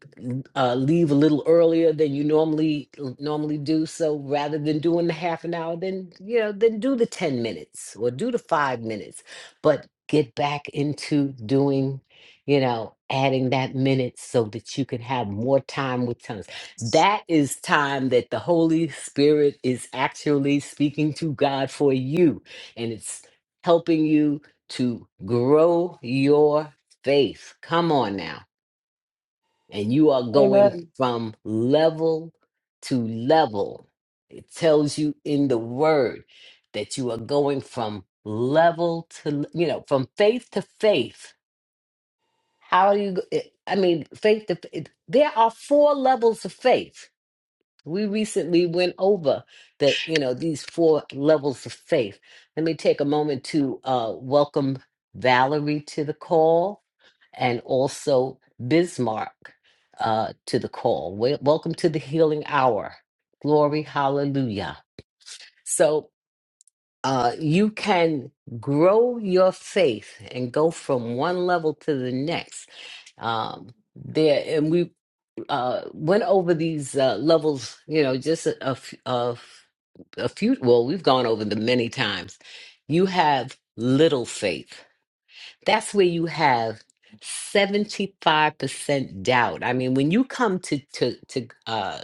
uh, leave a little earlier than you normally normally do. So rather than doing the half an hour, then you know, then do the 10 minutes or do the five minutes, but get back into doing, you know, adding that minute so that you can have more time with tongues. That is time that the Holy Spirit is actually speaking to God for you. And it's helping you to grow your faith. Come on now. And you are going Amen. from level to level. It tells you in the word that you are going from level to, you know, from faith to faith. How do you, go- eh, I mean, faith to, faith. there are four levels of faith. We recently went over that, you know, these four levels of faith. Let me take a moment to uh, welcome Valerie to the call and also Bismarck uh, to the call. Wel- welcome to the Healing Hour. Glory, hallelujah. So uh, you can grow your faith and go from one level to the next. Um, there, and we uh went over these uh levels you know just a, a, f- a f- a few well we've gone over them many times you have little faith that's where you have 75% doubt i mean when you come to to to uh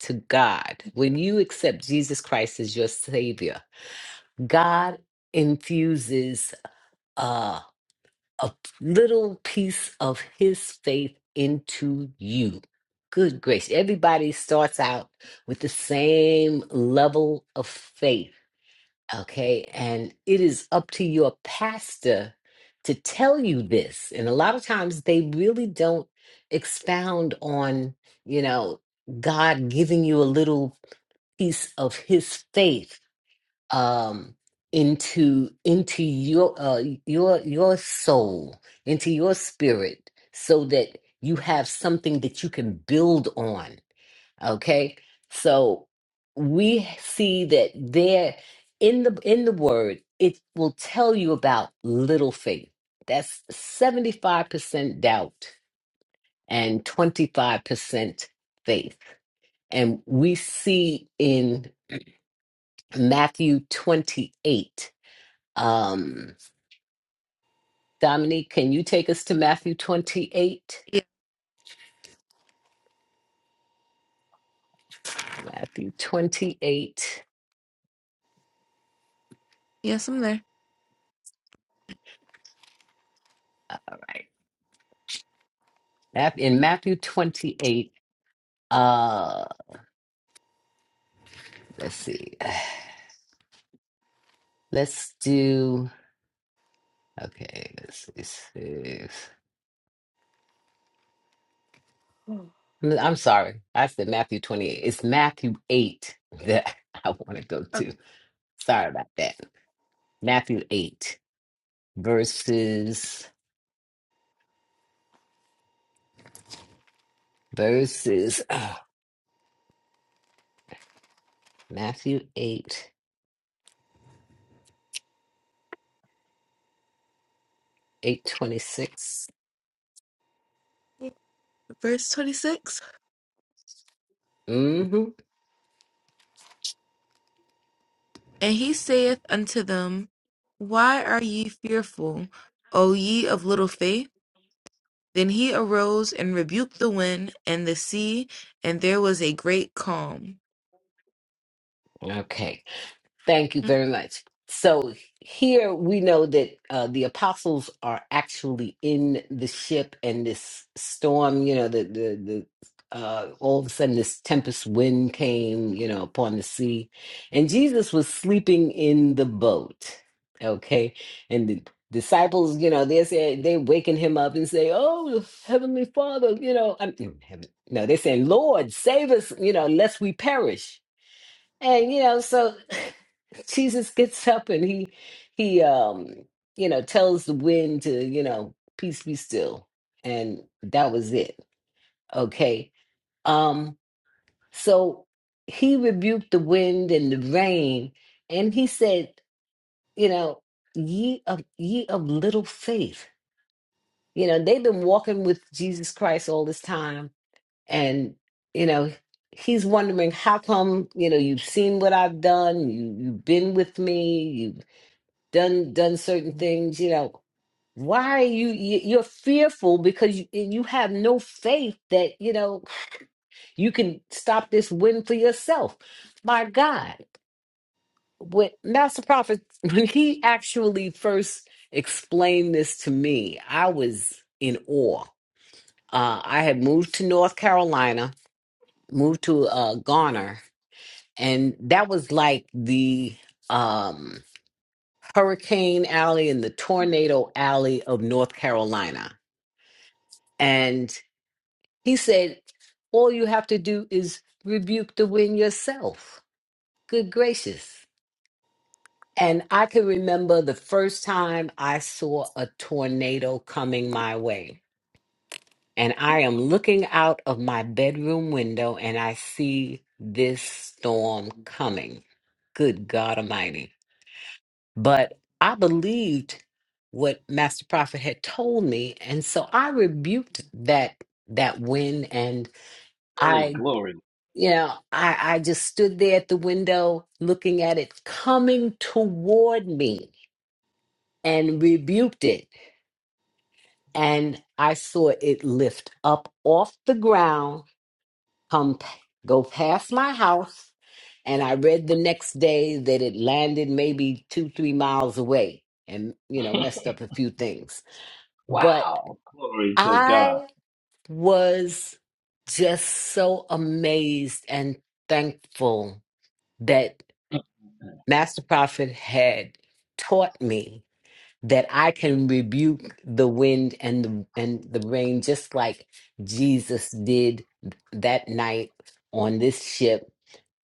to god when you accept jesus christ as your savior god infuses uh, a little piece of his faith into you. Good grace. Everybody starts out with the same level of faith, okay? And it is up to your pastor to tell you this. And a lot of times they really don't expound on, you know, God giving you a little piece of his faith um into into your uh your your soul into your spirit so that you have something that you can build on okay so we see that there in the in the word it will tell you about little faith that's 75% doubt and 25% faith and we see in Matthew 28 um, Dominique, can you take us to Matthew 28? Yeah. Matthew 28. Yes, I'm there. All right. Mat- In Matthew 28, uh, let's see. Let's do, okay, let's see. Six. I'm I'm sorry. I said Matthew 28. It's Matthew 8 that I want to go Okay. to. Sorry about that. Matthew 8 verses, verses, uh, Matthew 8, 826. Verse 26. And he saith unto them, Why are ye fearful, O ye of little faith? Then he arose and rebuked the wind and the sea, and there was a great calm. Okay, thank you very much. So here we know that uh, the apostles are actually in the ship, and this storm, you know, the the the uh, all of a sudden this tempest wind came, you know, upon the sea, and Jesus was sleeping in the boat. Okay, and the disciples, you know, they said they waking him up and say, "Oh, heavenly Father, you know, I'm heaven." No, they're saying, "Lord, save us, you know, lest we perish." And you know, so Jesus gets up and he he um you know tells the wind to, you know, peace be still. And that was it. Okay. Um so he rebuked the wind and the rain and he said, you know, ye of ye of little faith. You know, they've been walking with Jesus Christ all this time and you know he's wondering how come you know you've seen what i've done you you've been with me you've done done certain things you know why are you you- you're fearful because you, you have no faith that you know you can stop this win for yourself my god when master prophet when he actually first explained this to me i was in awe uh, i had moved to north carolina moved to uh, garner and that was like the um hurricane alley and the tornado alley of North Carolina. And he said, All you have to do is rebuke the wind yourself. Good gracious. And I can remember the first time I saw a tornado coming my way. And I am looking out of my bedroom window and I see this storm coming. Good God Almighty. But I believed what Master Prophet had told me. And so I rebuked that that wind and Hey, I, glory. you know, I, I just stood there at the window looking at it coming toward me and rebuked it. And I saw it lift up off the ground, come p- go past my house. And I read the next day that it landed maybe two, three miles away and, you know, messed up a few things. but Wow. Glory to God. I was just so amazed and thankful that Master Prophet had taught me that I can rebuke the wind and the and the rain just like Jesus did that night on this ship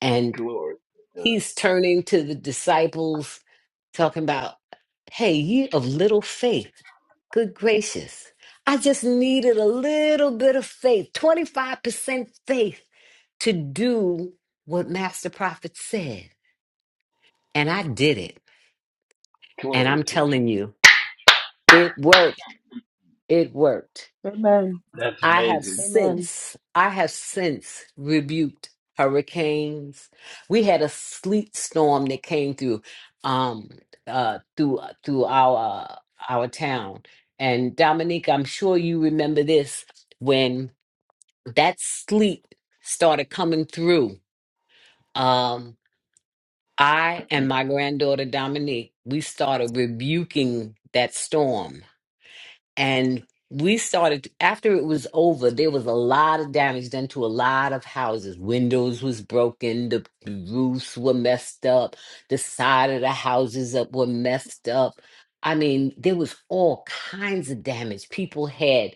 and Glory to God. he's turning to the disciples talking about hey ye of little faith Good gracious. I just needed a little bit of faith, 25% faith to do what Master Prophet said. And I did it. And Glory I'm to Jesus. telling you, it worked. It worked. Amen. That's I have amazing. Amen. since, I have since rebuked hurricanes. We had a sleet storm that came through, um, uh, through, uh, through our, uh, our town. And Dominique, I'm sure you remember this when that sleep started coming through. Um, I and my granddaughter Dominique, we started rebuking that storm and we started after it was over there was a lot of damage done to a lot of houses windows was broken the roofs were messed up the side of the houses up were messed up i mean there was all kinds of damage people had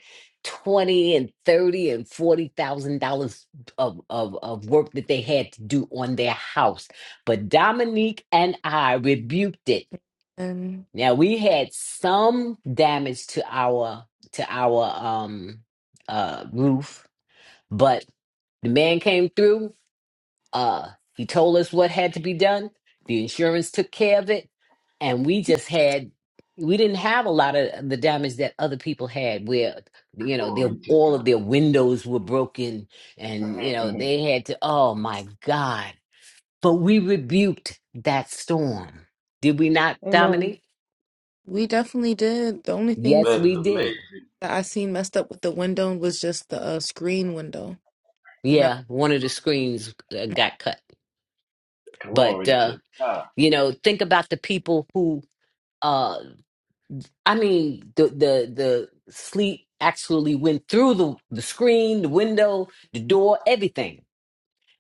20 and 30 and 40 thousand dollars of, of of work that they had to do on their house but dominique and i rebuked it And now we had some damage to our to our um uh roof, but the man came through. Uh he told us what had to be done. The insurance took care of it, and we just had we didn't have a lot of the damage that other people had where you know their Glory to all of their windows were broken and you God. know they had to oh my god. But we rebuked that storm. Did we not, Amen. Dominique? we definitely did. The only thing Yes, That is we amazing. did. that I seen messed up with the window was just the uh, screen window Yeah, one of the screens uh, got cut. But Glory uh, to God. you know, think about the people who uh I mean the the the sleet actually went through the the screen, the window, the door, everything.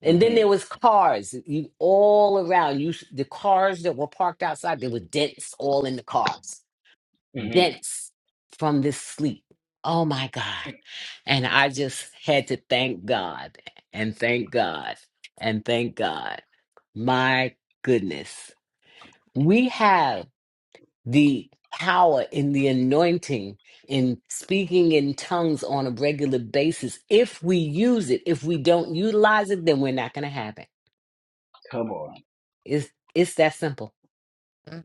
And then there Mm-hmm. was cars you, all around you the cars that were parked outside, they were dents all in the cars. Mm-hmm. dense from this sleep. Oh Mm. my God. And I just had to thank God and thank God and thank God. My goodness. We have the power in the anointing in speaking in tongues on a regular basis. If we use it, if we don't utilize it, then we're not going to have it. Come on. It's, it's that simple.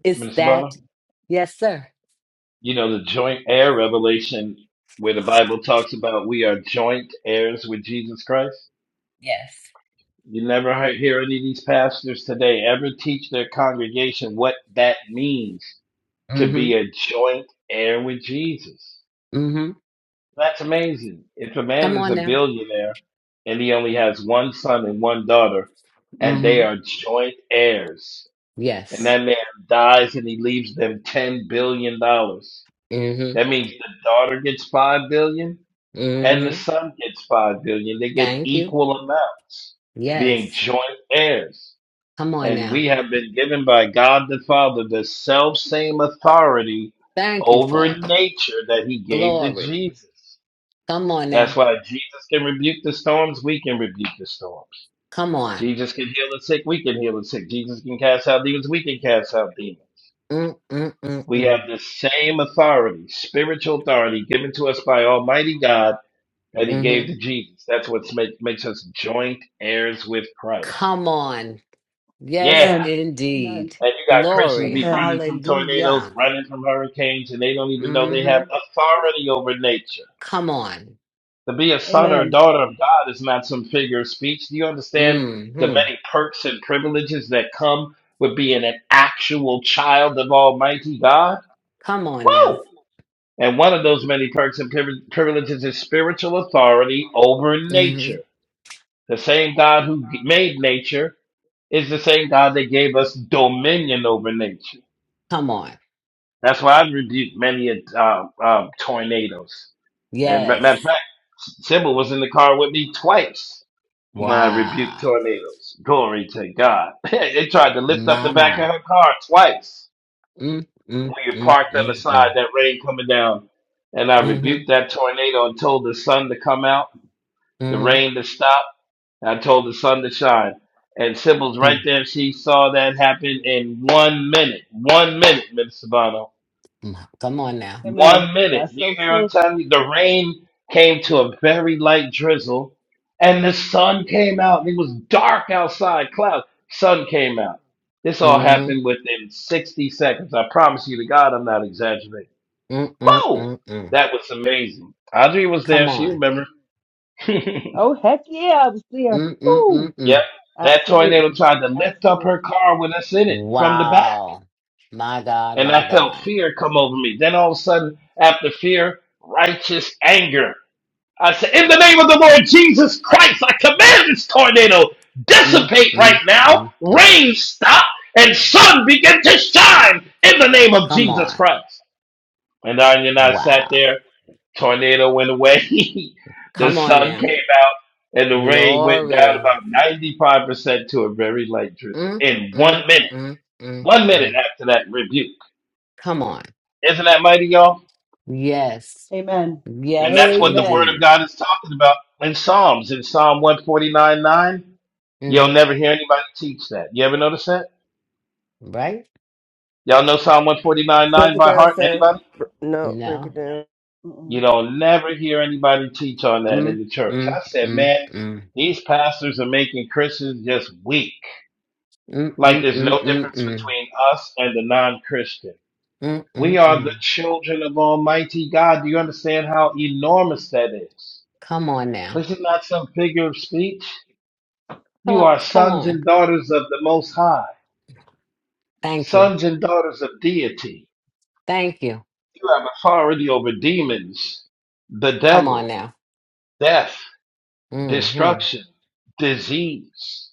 It's Minister that. Bonham, Yes, sir. you know, the joint heir revelation where the Bible talks about we are joint heirs with Jesus Christ. Yes. You never he- hear any of these pastors today ever teach their congregation what that means Mm to be hmm. a joint heir with Jesus. Mm hmm. That's amazing. If a man Come is on a now. billionaire and he only has one son and one daughter, and they Mm-hmm. are joint heirs. and Yes. that man dies and he leaves them ten billion dollars. Mm-hmm. That means the daughter gets five billion and the Mm-hmm. son gets five billion. They get Thank you. equal amounts, being Yes. joint heirs. Come on And now. we have been given by God the Father the self same authority Thank you, over Father. nature that he gave to Glory. Jesus. Come on That's now. why Jesus can rebuke the storms, we can rebuke the storms. Come on. Jesus can heal the sick, we can heal the sick. Jesus can cast out demons, we can cast out demons. We Mm-mm-mm-mm. have the same authority, spiritual authority given to us by Almighty God that He gave Mm-hmm. to Jesus. That's what make, makes us joint heirs with Christ. Come on. Yes, Yeah. Amen. Amen. indeed. And you got Christians Glory. be Amen. running from tornadoes, Hallelujah. running from hurricanes, and they don't even know they have Mm-hmm. authority over nature. Come on. To be a son or a Amen. daughter of God is not some figure of speech. Do you understand the Mm-hmm. many perks and privileges that come with being an actual child of Almighty God? Come on Woo! now. And one of those many perks and privi- privileges is spiritual authority over Mm-hmm. nature. The same God who g- made nature is the same God that gave us dominion over nature. Come on. That's why I've rebuked many a, uh, uh, tornadoes. And ma- matter of Yes. fact, Sybil was in the car with me twice when I rebuked Wow. tornadoes. Glory to God. they tried to lift up the back of Mama. her car twice. We had parked on the side, Mm-mm-mm-mm-mm. that rain coming down. And I rebuked that tornado and told the sun to come out, the Mm-hmm. rain to stop, and I told the sun to shine. And Sybil's right Mm. there. She saw that happen in one minute. One minute, Mr. Sabano. Mm. Come on now. Amen. One minute. That's You so hear what I'm true. telling you? The rain came to a very light drizzle, and the sun came out, and it was dark outside, clouds. Sun came out. This all Mm-hmm. happened within 60 seconds. I promise you to God, I'm not exaggerating. Whoa! Mm-mm-mm-mm. That was amazing. Audrey was Come there. She on. remember. yep. Oh, heck yeah, I was there. Ooh, Mm-mm-mm-mm. That tornado absolutely. tried to lift up her Absolutely. car with us in it from the back. Wow. My God, And my I felt God. fear come over me. Then all of a sudden, after fear, righteous anger. I said, In the name of the Lord Jesus Christ, I command this tornado dissipate right now. Mm-mm-mm-mm. Rain stop and sun begin to shine in the name of Come Jesus on. Christ. And I and I sat Wow. there tornado went away, the Come on sun came now. out, and the rain went down Glory. about 95% to a very light drizzle in one minute. One Mm-mm-mm-mm-mm. minute after that rebuke. Come on. Isn't that mighty, y'all? Yes. Amen. And Yes, that's what the Amen. Word of indeed. God is talking about in Psalms, in Psalm 149 9. You'll Mm-hmm. never hear anybody teach that. You ever notice that? Right? Y'all know Psalm 149 Break 9 it by down, heart? sir. Anybody? Br- No, break it No. down. You Mm-mm. don't never hear anybody teach on that in the church. I said, Mm-mm-mm-mm. man, these pastors are making Christians just weak. Like there's no difference Mm-mm-mm-mm-mm. between us and the non Christian. We are the Mm-mm-mm. children of Almighty God. Do you understand how enormous that is? Come on now. This is not some figure of speech. You Huh, are come sons on. and daughters of the Most High, Thank you. sons and daughters of deity. Thank you. You have authority over demons, the Come on devil, now. death, Mm-hmm. destruction, disease.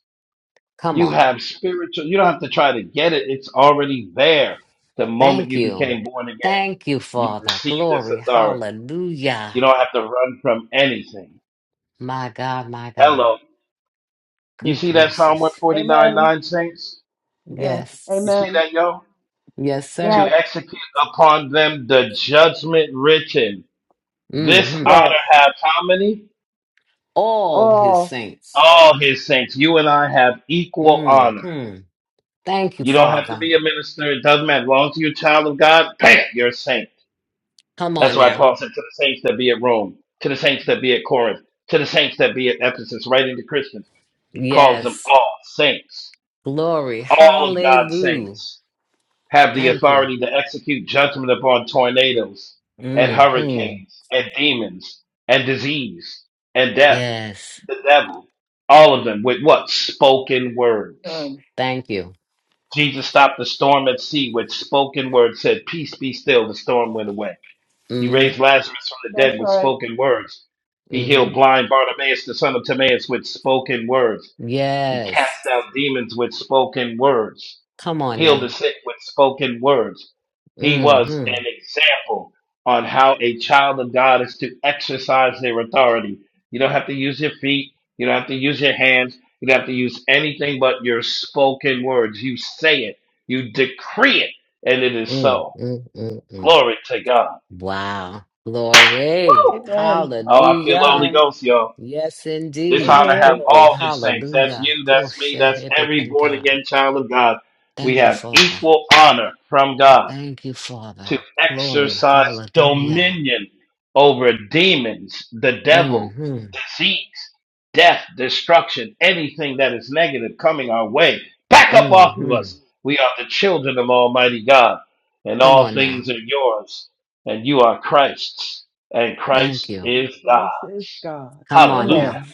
Come You on. have spiritual, you don't have to try to get it, it's already there the moment Thank you you. became born again. Thank you, You Father. receive this Glory. authority. You Hallelujah. don't have to run from anything. My God, my God. Hello. You Good see that Psalm gracious. 149 Amen. 9 saints? Yes. You see Amen. that, yo? Yes, sir. To Yes. execute upon them the judgment written. This Mm-hmm. honor Yes. have how many? All his All. saints. All his saints. You and I have equal honor. Mm-hmm. Thank you, You don't have to Father. be a minister. It doesn't matter. As long as you're a child of God, bam, you're a saint. Come That's on why now. Paul said to the saints that be at Rome, to the saints that be at Corinth, to the saints that be at Ephesus, writing to Christians. He calls them Yes. all saints. Glory. All of God's Hallelujah. saints have the Thank you. authority to execute judgment upon tornadoes and Mm-hmm. hurricanes and demons and disease and death, Yes. the devil. All of them with what? Spoken words. um, Thank you. Jesus stopped the storm at sea with spoken words, said, Peace be still. The storm went away. He hmm raised Lazarus from the That's dead with right. spoken words. He hmm healed blind Bartimaeus, the son of Timaeus, with spoken words. He Yes. cast out demons with spoken words. Come on Healed the now. sick with spoken words. He was an Mm-hmm. example on how a child of God is to exercise their authority. You don't have to use your feet. You don't have to use your hands. You don't have to use anything but your spoken words. You say it. You decree it. And it is Mm, so. mm, mm, mm. Glory to God. Wow. Woo! Glory. Amen. Oh, I feel the Holy Hallelujah. Amen. Ghost, y'all. Yes, This how indeed. to have Amen. Glory. all his saints. That's Hallelujah. you, that's me, that's every born Koshehebekanta. again child of God. We Thank you, have Father. equal honor from God Thank you, Father. to Glory. exercise Hallelujah. dominion over demons, the devil, hmm disease, death, destruction, anything that is negative coming our way. Back up off of hmm us. We are the children of Almighty God, and Come all on now. things are yours, and you are Christ's, and Thank Christ you. And is God. Christ is God's. Come Come on now. Hallelujah. on.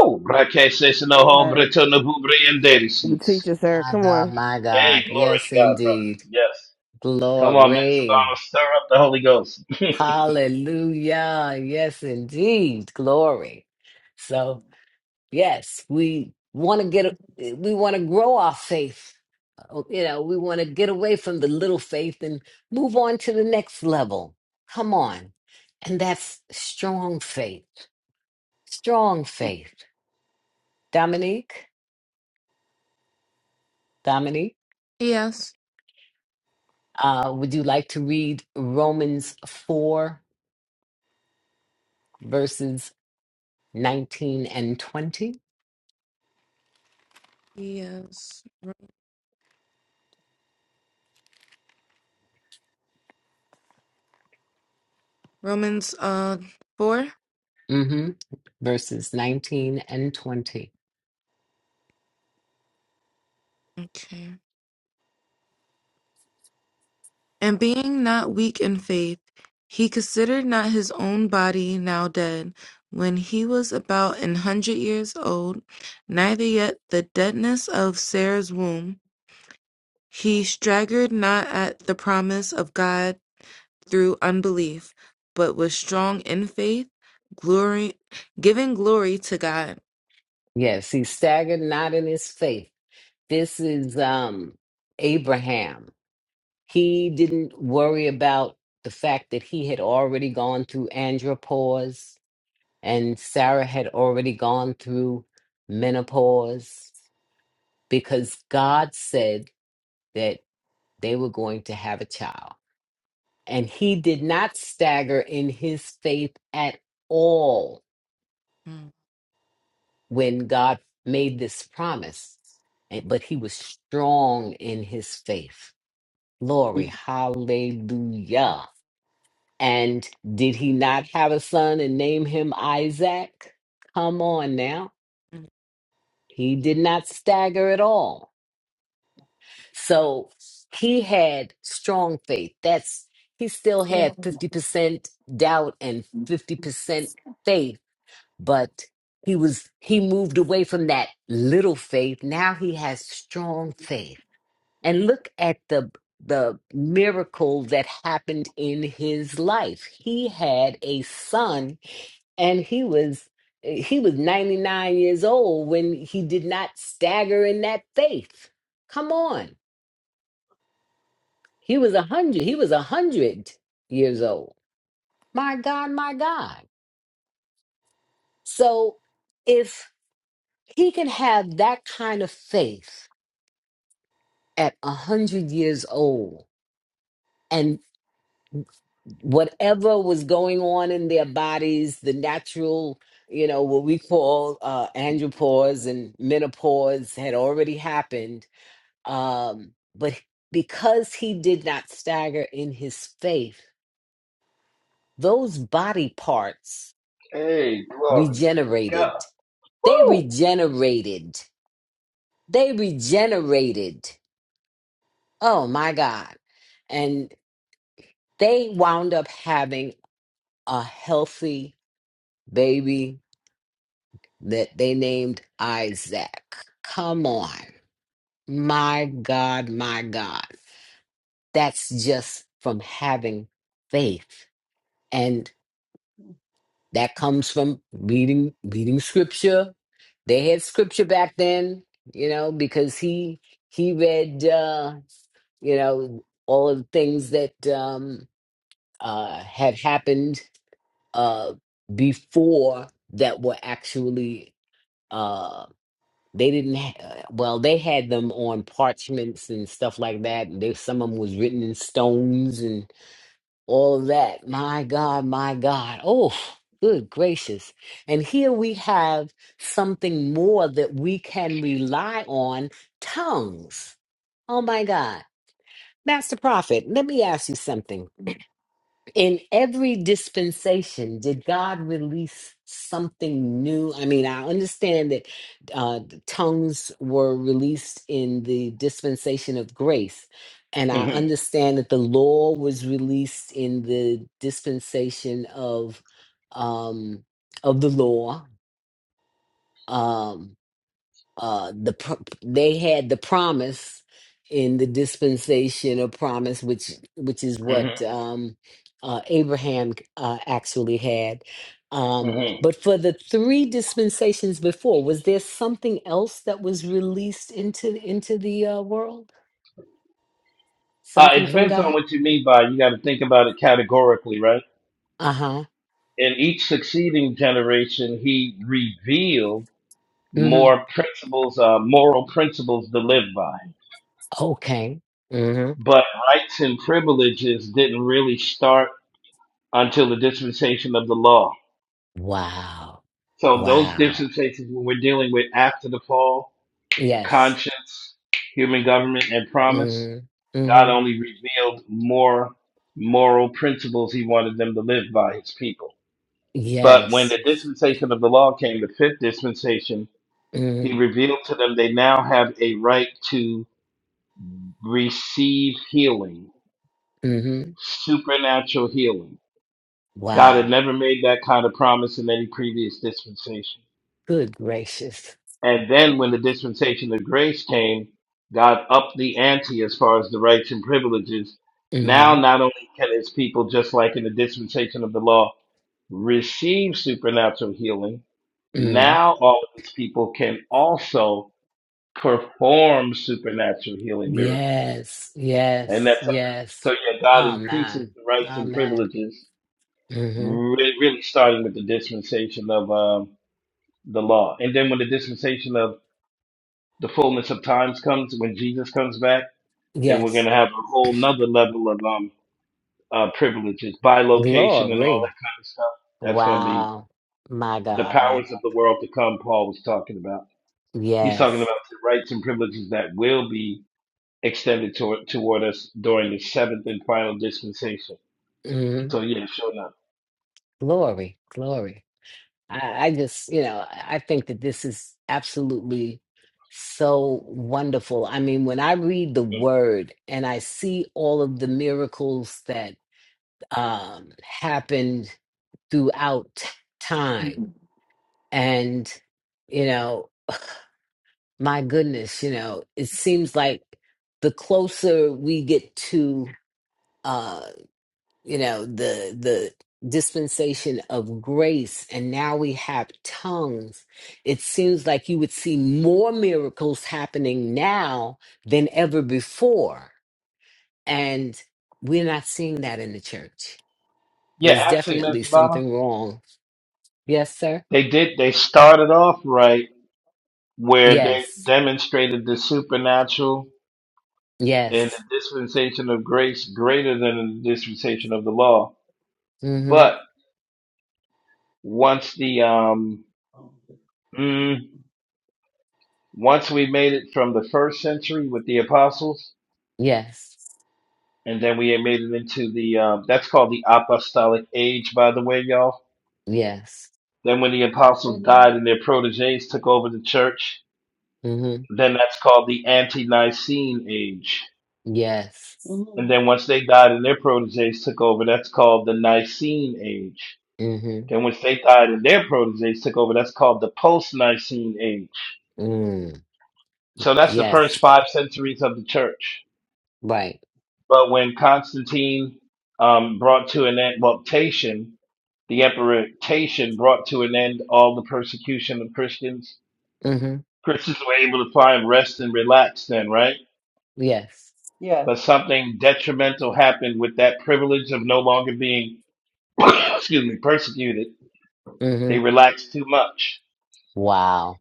Woo! Brake says no home, Amen. Breto no bubre and You teach it, sir. My Come God, on. my Hey, God. glory Yes, to God, indeed. brothers! Yes. Come on, Mr. Glory. Donald, stir up the Holy Ghost. Hallelujah. Yes, indeed. Glory. So, yes, we want to get, we want to grow our faith. Uh, You know, we want to get away from the little faith and move on to the next level. Come on. And that's strong faith. Strong faith. Dominique, Dominique, Yes. uh, would you like to read Romans 4, verses 19 and 20? Yes. Romans uh four. hmm Verses 19 and 20. Okay. And being not weak in faith, he considered not his own body now dead, when he was about an hundred years old, neither yet the deadness of Sarah's womb. He staggered not at the promise of God through unbelief, but was strong in faith, glory giving glory to God. Yes, he staggered not in his faith. This is um Abraham. He didn't worry about the fact that he had already gone through andropause and Sarah had already gone through menopause because God said that they were going to have a child. And he did not stagger in his faith at all Hmm, when God made this promise, and- but he was strong in his faith. Glory, hallelujah. And did he not have a son and name him Isaac? Come on now. hmm. He did not stagger at all. So he had strong faith. That's he still had 50% doubt and 50% faith but he was he moved away from that little faith now he has strong faith and look at the the miracle that happened in his life he had a son and he was he was 99 years old when he did not stagger in that faith come on he was 100 he was 100 years old my god my god so if he can have that kind of faith at a hundred years old, and whatever was going on in their bodies, the natural, you know, what we call uh, andropause and menopause had already happened. Um, but because he did not stagger in his faith, those body parts hey, glory to regenerated. God. They Woo! regenerated. They regenerated. Oh my God. And they wound up having a healthy baby that they named Isaac. Come on. My God, my God. That's just from having faith. And that comes from reading reading scripture. They had scripture back then, you know, because he he read uh, you know, all of the things that um uh had happened uh before that were actually uh, They didn't ha well, they had them on parchments and stuff like that, and there some of them was written in stones and all of that. My God, my God. Oh, good gracious. And here we have something more that we can rely on, tongues. Oh my God. Master Prophet, let me ask you something in every dispensation did god release something new i mean i understand that uh, the tongues were released in the dispensation of grace and i Mm-hmm, understand that the law was released in the dispensation of um of the law Um, uh the pro- they had the promise in the dispensation of promise which which is what mm-hmm, um uh Abraham uh, actually had um mm-hmm. but for the three dispensations before was there something else that was released into into the uh, world Uh, it something from depends on God what you mean by you got to think about it categorically, right? uh-huh In each succeeding generation, he revealed mhm more principles, uh, moral principles to live by. okay mhm But rights and privileges didn't really start. until the dispensation of the law. wow So those wow dispensations, when we're dealing with after the fall, yes conscience, human government, and promise, mhm God mhm only revealed more moral principles He wanted them to live by His people. But when the yes dispensation of the law came, the fifth dispensation, He mhm revealed to them they now have a right to receive healing, mhm supernatural healing. God had Wow. never made that kind of promise in any previous dispensation. Good gracious. And then when the dispensation of grace came, God upped the ante as far as the rights and privileges. Now, hmm not only can his people, just like in the dispensation of the law, receive supernatural healing, mm now all of his people can also perform supernatural healing miracles. Yes. And Yes. that's something, so Yes. yeah, God increases Amen. the rights and Amen. privileges, hmm really, really starting with the dispensation of um, the law. And then when the dispensation of the fullness of times comes, when Jesus comes back, then we're going Yes. to have a whole nother level of um, uh, privileges by location and all that Glory. kind of stuff. That's going to be Wow. My the God. My powers of God. the world to come, Paul was talking about. He's talking Yes. about the rights and privileges that will be extended toward toward us during the seventh and final dispensation. hmm So, yeah, sure enough. Glory. Glory. I, I just, you know, I I think that this is absolutely so wonderful. I mean, when I read the word and I see all of the miracles that um happened throughout time. And, you know, my goodness, you know, it seems like the closer we get to uh, you know, the the dispensation of grace and now we have tongues, it seems like you would see more miracles happening now than ever before. And we're not seeing that in the church. Yeah, There's actually, definitely Miss Savannah, something wrong. Yes, sir. they did, they started off right where they Yes. demonstrated the supernatural in Yes. the dispensation of grace greater than in the dispensation of the law. hmm But once the um mm, once we made it from the first century with the apostles, Yes. and then we had made it into the um, that's called the apostolic age, by the way, y'all. Yes. Then when the apostles Amen. died and their proteges took over the church, hmm then that's called the anti-Nicene age. Yes. hmm And then once they died and their proteges took over, that's called the Nicene age. hmm Then when Sathai and their proteges took over, that's called the post-Nicene age. Mm. So that's the first Yes. five centuries of the church. Right. But when Constantine um, brought to an end, well, Tatian, the emperor Tatian brought to an end all the persecution of Christians. hmm Christians were able to find rest and relax then, right? Yes. Yes. But something detrimental happened with that privilege of no longer being, excuse me, persecuted. hmm They relaxed too much Wow.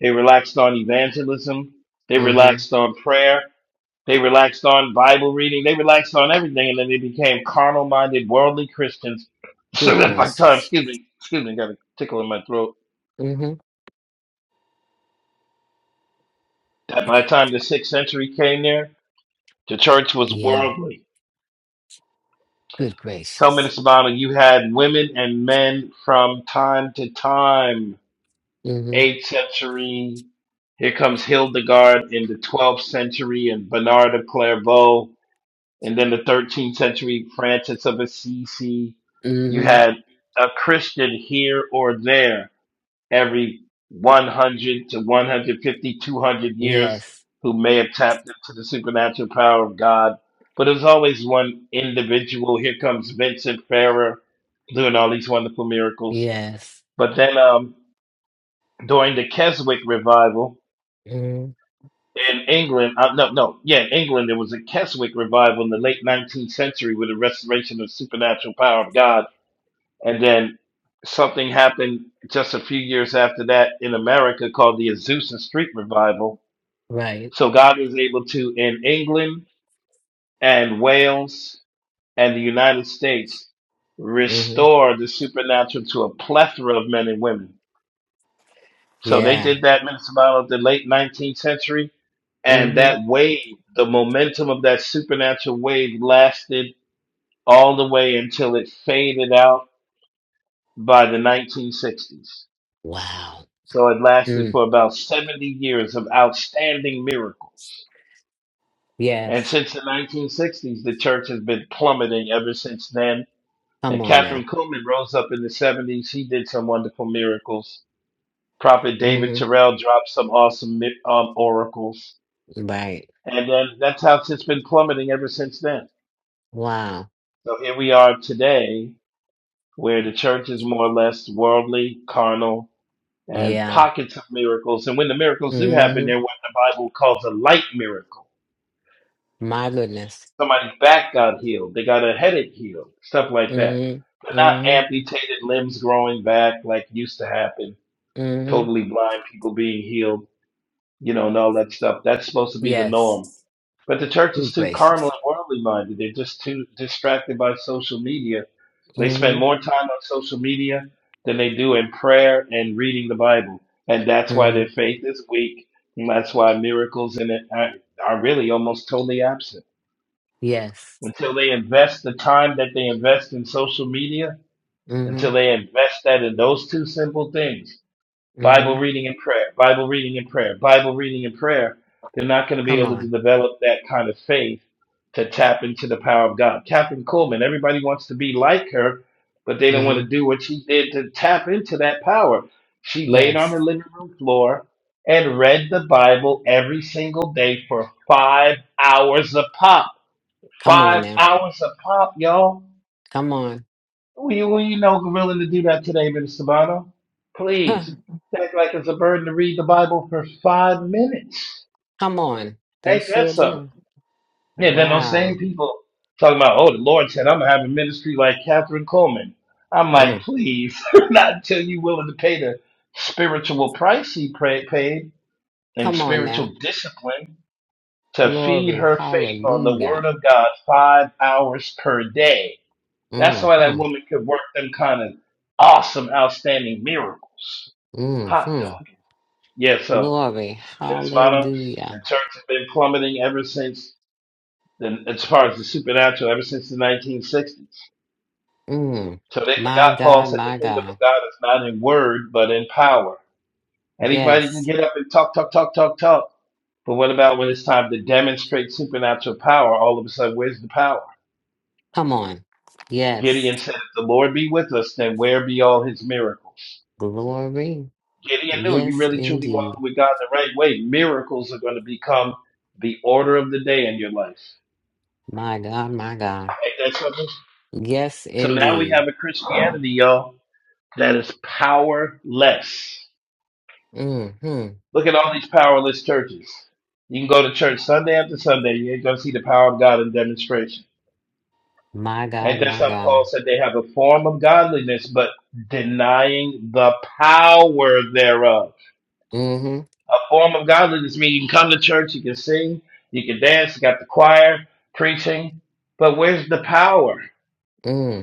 They relaxed on evangelism. They hmm relaxed on prayer. They relaxed on Bible reading. They relaxed on everything, and then they became carnal-minded, worldly Christians. So Good that by the time, gracious. excuse me, excuse me, got a tickle in my throat. hmm That by the time the sixth century came there, the church was Yeah. worldly. Good So gracious. Minnesota, you had women and men from time to time. hmm Eighth century, here comes Hildegard in the twelfth century, and Bernard of Clairvaux. And then the 13th century Francis of Assisi, you hmm had a Christian here or there every 100 to 150, 200 years Yes. who may have tapped into the supernatural power of God. But there's always one individual. Here comes Vincent Ferrer doing all these wonderful miracles. Yes. But then um, during the Keswick revival, hmm in England, uh, no, no, yeah, in England, there was a Keswick revival in the late 19th century with a restoration of supernatural power of God. And then something happened just a few years after that in America called the Azusa Street Revival. Right. So God was able to, in England and Wales and the United States, hmm restore the supernatural to a plethora of men and women. So they Yeah. did that, Minister Bible, of the late 19th century And hmm that wave, the momentum of that supernatural wave lasted all the way until it faded out by the 1960s. Wow. So it lasted Mm. for about 70 years of outstanding miracles. And Yes. since the 1960s, the church has been plummeting ever since then. Come And on now. Catherine Kuhlman rose up in the 70s. He did some wonderful miracles. Prophet David hmm Terrell dropped some awesome mi- um, oracles. Right. And then that's how it's been plummeting ever since then. Wow. So here we are today, where the church is more or less worldly, carnal, and Yeah. pockets of miracles. And when the miracles do happen, hmm they're what the Bible calls a light miracle. My goodness. Somebody's back got healed, they got a headache healed, stuff like that. hmm But not hmm amputated limbs growing back like used to happen, hmm totally blind people being healed, you know, and all that stuff. That's supposed to be the norm Yes. But the church is Good too carnal gracious. and worldly minded. They're just too distracted by social media. They spend hmm more time on social media than they do in prayer and reading the Bible. And that's why hmm their faith is weak. And that's why miracles in it are, are really almost totally absent. Yes. Until they invest the time that they invest in social media, hmm until they invest that in those two simple things, hmm Bible reading and prayer, Bible reading and prayer, Bible reading and prayer, they're not going to be Come able to on. develop that kind of faith to tap into the power of God. Catherine Coleman, everybody wants to be like her, but they don't Mm want hmm to do what she did to tap into that power. She laid on her Yes. living room floor and read the Bible every single day for five hours a pop. Come on Five now. hours a pop, y'all Come on. we, we know we're willing to do that today, Minister Sabano. Huh. Please. Act like it's a burden to read the Bible for five minutes. Come on. They Ain't that sure something? do. Yeah, then those same Wow. people talking about, oh, the Lord said I'm gonna have a ministry like Catherine Coleman. I'm like, Mm. please, not until you willing to pay the spiritual price he pra- paid and Come on now. spiritual discipline to feed Glory. her faith on the Hallelujah. Word of God five hours per day. That's why that Mm-hmm. woman could work them kind of awesome, outstanding miracles. Hot dog. Mm-hmm. Yeah, so, Glory. Miss Mana, the Hallelujah. church has been plummeting ever since, the, as far as the supernatural, ever since the 1960s. Mm. So they My forgot Paul God, said the my kingdom God. of God is not in word, but in power. Anybody can Yes. get up and talk, talk, talk, talk, talk. But what about when it's time to demonstrate supernatural power? All of a sudden, where's the power? Come on. Yes. Gideon said, if the Lord be with us, then where be all his miracles? Glory. Gideon new, you Yes, really truly walking indeed. with God the right way, miracles are going to become the order of the day in your life. My God, my God. Ain't that something? Yes, So now we indeed. have a Christianity, y'all, that is powerless. hmm Look at all these powerless churches. You can go to church Sunday after Sunday, you ain't going to see the power of God in demonstration. My And God, that's my how God. Paul said they have a form of godliness, but denying the power thereof. hmm a form of godliness. I mean, you can come to church, you can sing, you can dance, you got the choir preaching, but where's the power?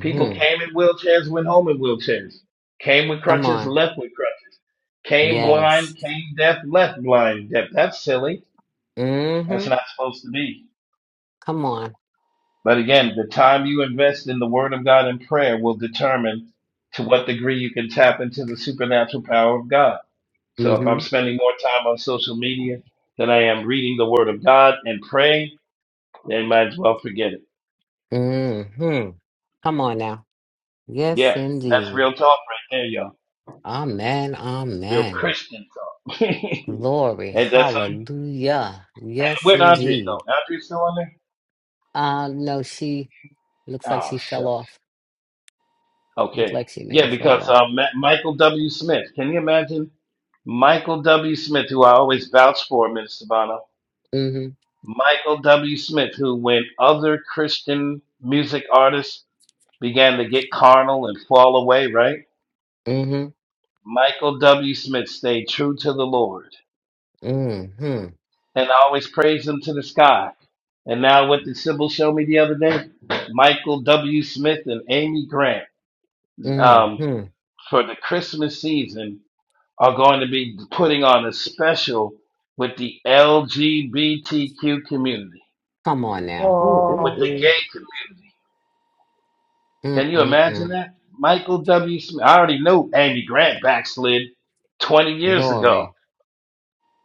People came in wheelchairs, went home in wheelchairs, came with Come crutches, on. left with crutches, came blind, Yes. came deaf, left blind, deaf. That's silly. hmm That's not supposed to be. Come on. But again, the time you invest in the Word of God and prayer will determine to what degree you can tap into the supernatural power of God. So if hmm I'm spending more time on social media than I am reading the Word of God and praying, then might as well forget it. hmm Come on now. Yes, Yeah, that's indeed. real talk right there, y'all. Amen. Real Amen. Christian talk. Glory. and that's Hallelujah. Yes, where'd Andre indeed. go? Andre still on there? Uh, no, she looks like Oh she fell shucks. off. Looks Okay. like she may Yeah, have fell because off. um, Ma- Michael W. Smith. Can you imagine Michael W. Smith, who I always vouch for, Minister Bono? hmm Michael W. Smith, who when other Christian music artists began to get carnal and fall away, right? hmm Michael W. Smith stayed true to the Lord hmm and always praised him to the sky. And now, what did Sybil show me the other day? Michael W. Smith and Amy Grant um, Mm-hmm. for the Christmas season are going to be putting on a special with the LGBTQ community, Come on now. with Oh, the Mm-mm-mm. gay community. Can you imagine Mm-mm-mm. that? Michael W. Smith. I already knew Amy Grant backslid 20 years ago Glory.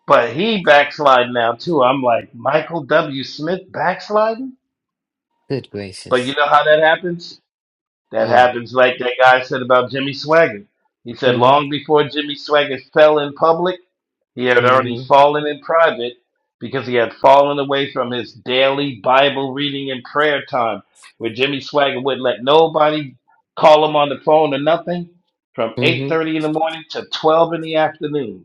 But he backsliding now too. I'm like Michael W. Smith backsliding. Good But you gracious. know how that happens? That Mm. happens like that guy said about Jimmy Swaggart. He said Mm-hmm. long before Jimmy Swaggart fell in public, he had already Mm-hmm. fallen in private because he had fallen away from his daily Bible reading and prayer time, where Jimmy Swaggart wouldn't let nobody call him on the phone or nothing from Mm-hmm. 8:30 in the morning to 12 in the afternoon.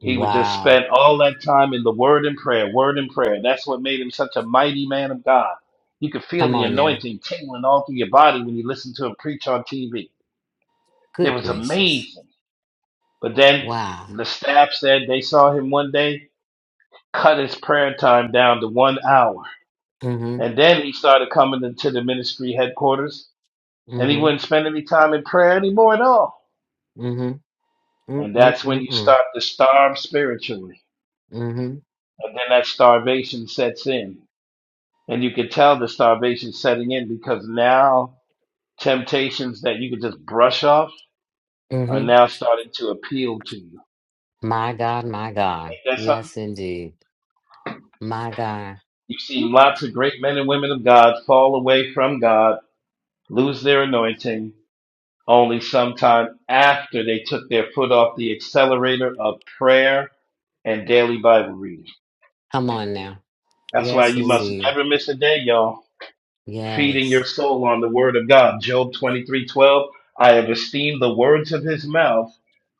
He would just Wow. spend all that time in the word and prayer, word and prayer. That's what made him such a mighty man of God. You could feel Come the on now. anointing tingling all through your body when you listened to him preach on TV. It Good was gracious. amazing. But then Wow. the staff said they saw him one day cut his prayer time down to one hour. Mm-hmm. And then he started coming into the ministry headquarters and he Mm-hmm. wouldn't spend any time in prayer anymore at all. Mm-hmm. And that's when you Mm-mm-mm-mm. start to starve spiritually. Mm-hmm. And then that starvation sets in And you could tell the starvation setting in because now temptations that you could just brush off are Mm-hmm. now starting to appeal to you. My God, my God. Ain't that something? Yes, indeed. My God. You've seen lots of great men and women of God fall away from God, lose their anointing, only sometime after they took their foot off the accelerator of prayer and daily Bible reading. Come on now. That's why Yes, you must indeed. never miss a day, y'all. feeding your Yes. soul on the word of God. Job 23 12. I have esteemed the words of his mouth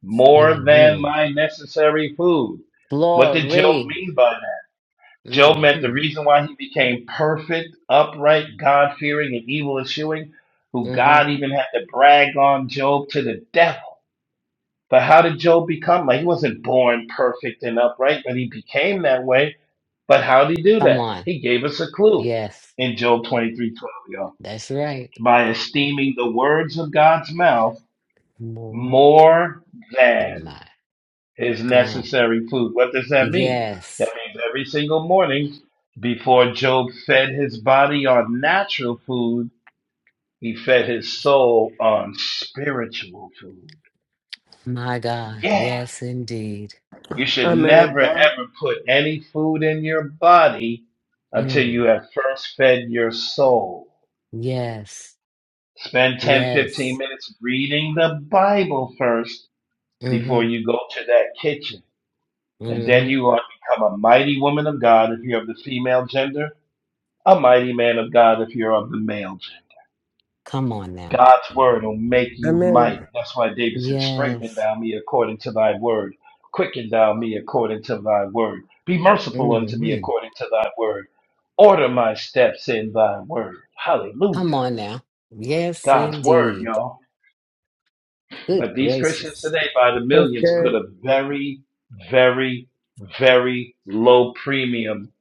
more than Mm-hmm. my necessary food. What did Job Glory. mean by that? Job meant the Mm-hmm. reason why he became perfect, upright, God fearing, and evil eschewing, who Mm-hmm. God even had to brag on Job to the devil. But how did Job become? Like, he wasn't born perfect and upright, but he became that way. But how did he do Come that? on. He gave us a clue Yes. in Job twenty y'all That's right. by esteeming the words of God's mouth More more in than my his God. necessary food. What does that mean? That Yes. means every single morning before Job fed his body on natural food, he fed his soul on spiritual food. My God. Yeah. Yes, indeed. You should never Amen. ever put any food in your body until Mm. you have first fed your soul. Yes. Spend 10 15 Yes. minutes reading the Bible first Mm-hmm. before you go to that kitchen. And then Mm-hmm. you are to become a mighty woman of God if you're of the female gender, a mighty man of God if you're of the male gender. Come on now. God's word will make you mighty. Amen. That's why David says, Strengthen Yes. thou me according to thy word. Quicken thou me according to thy word. Be merciful unto me Mm-hmm. according to thy word. Order my steps in thy word. Come Hallelujah. on now. Yes, God's word, indeed. y'all. Good But these Christians gracious. today, by the That's millions, put good. a very, very, very low premium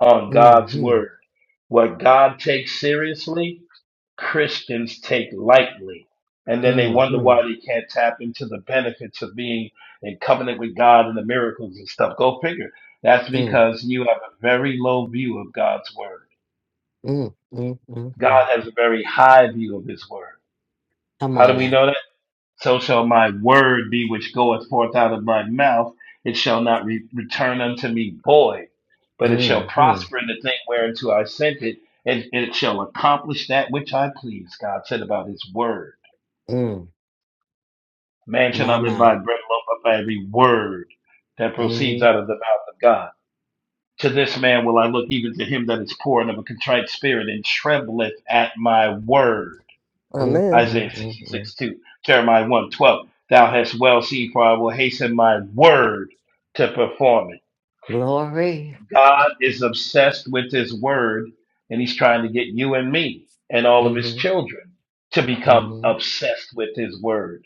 on God's Mm-hmm. word. What God takes seriously, Christians take lightly. And then they wonder Mm-hmm. why they can't tap into the benefits of being in covenant with God and the miracles and stuff. Go figure. That's Mm. because you have a very low view of God's word. Mm. Mm. Mm. Mm. God has a very high view of his word. Come How on do we now. know that? So shall my word be which goeth forth out of my mouth. It shall not re- return unto me void, but it shall Mm-hmm. prosper in the thing whereunto I sent it, and it shall accomplish that which I please. God said about his word. Mm. Man shall My, not live my. by bread alone, but by every word that proceeds out Mm-hmm. of the mouth of God. To this man will I look, even to him that is poor and of a contrite spirit, and trembleth at my word. Mm. Amen. Mm. Isaiah Mm. Mm. 66 2, Jeremiah one twelve. Thou hast well seen, for I will hasten my word to perform it. Glory. God is obsessed with his word, and he's trying to get you and me and all of his Mm-hmm. children to become Mm-hmm. obsessed with his word.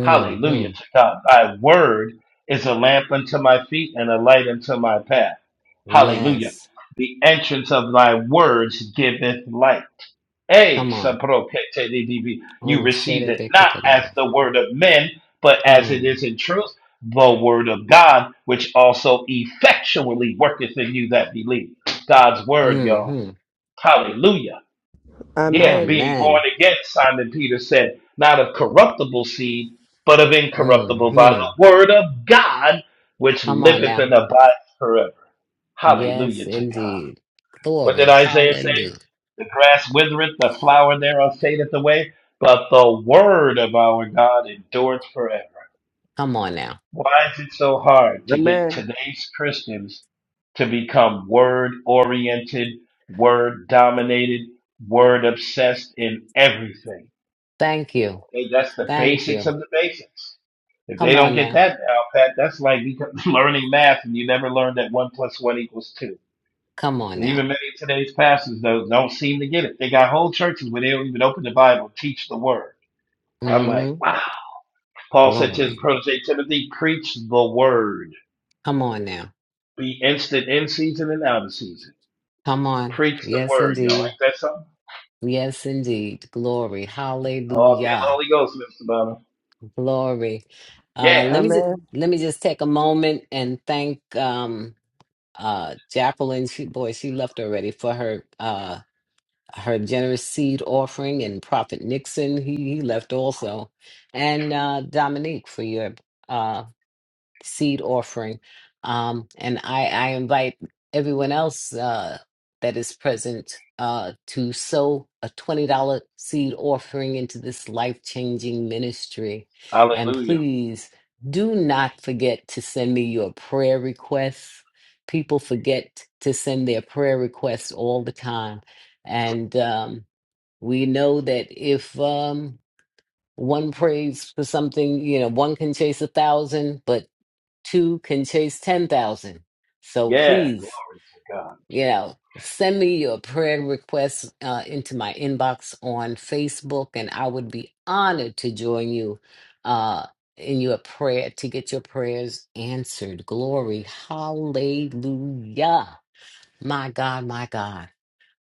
Hallelujah to God. Thy word is a lamp unto my feet and a light unto my path. Hallelujah. Yes. The entrance of thy words giveth light. A Hey, Come on. Sabroketelidibi, you 오늘 received it 세례배 not as 끝이다. the word of men, but as it Mm, is in truth, the word of God, which also effectually worketh in you that believe. God's word, y'all. Mm-hmm. Hallelujah. Yeah, Amen. being Amen. born again, Simon Peter said, not of corruptible seed, but of incorruptible by Mm-hmm. the word of God, which Come on liveth and now. abides forever. Yes, Hallelujah to God. indeed. What Glory. did Isaiah Hallelujah. say? The grass withereth, the flower thereof fadeth away, but the word of our God endureth forever. Come on now. Why is it so hard to get Amen. today's Christians to become word oriented, word dominated, word obsessed in everything? Thank you. Hey, that's the Thank basics you. of the basics. If they Come don't on get now. that now, Pat, that's like learning math and you never learned that one plus one equals two. Come on And even now. many of today's pastors don't don't seem to get it. They got whole churches where they don't even open the Bible, teach the word. I'm like, Mm-hmm. wow. Paul said to his Glory. protege Timothy, preach the word. Come on now. Be instant in season and out of season. Come on. Preach the Yes, word, y'all. Ain't indeed. that something? Yes, indeed. Glory. Oh, I feel the Hallelujah. Holy Ghost, Mr. Bonner. Glory. Uh, Yeah. let me just Amen. let me just take a moment and thank um, uh, Jacqueline. She boy, she left already for her uh, her generous seed offering, and Prophet Nixon he, he left also, and uh, Dominique for your. uh, seed offering. Um, and I, I invite everyone else uh, that is present uh, to sow a $20 seed offering into this life changing ministry. And Hallelujah. please do not forget to send me your prayer requests. People forget to send their prayer requests all the time. And um, we know that if um, one prays for something, you know, one can chase a thousand, but two can chase 10,000. So Yeah. Glory please, to God. you know, send me your prayer requests uh, into my inbox on Facebook, and I would be honored to join you uh, in your prayer to get your prayers answered. Glory. Hallelujah. My God, my God.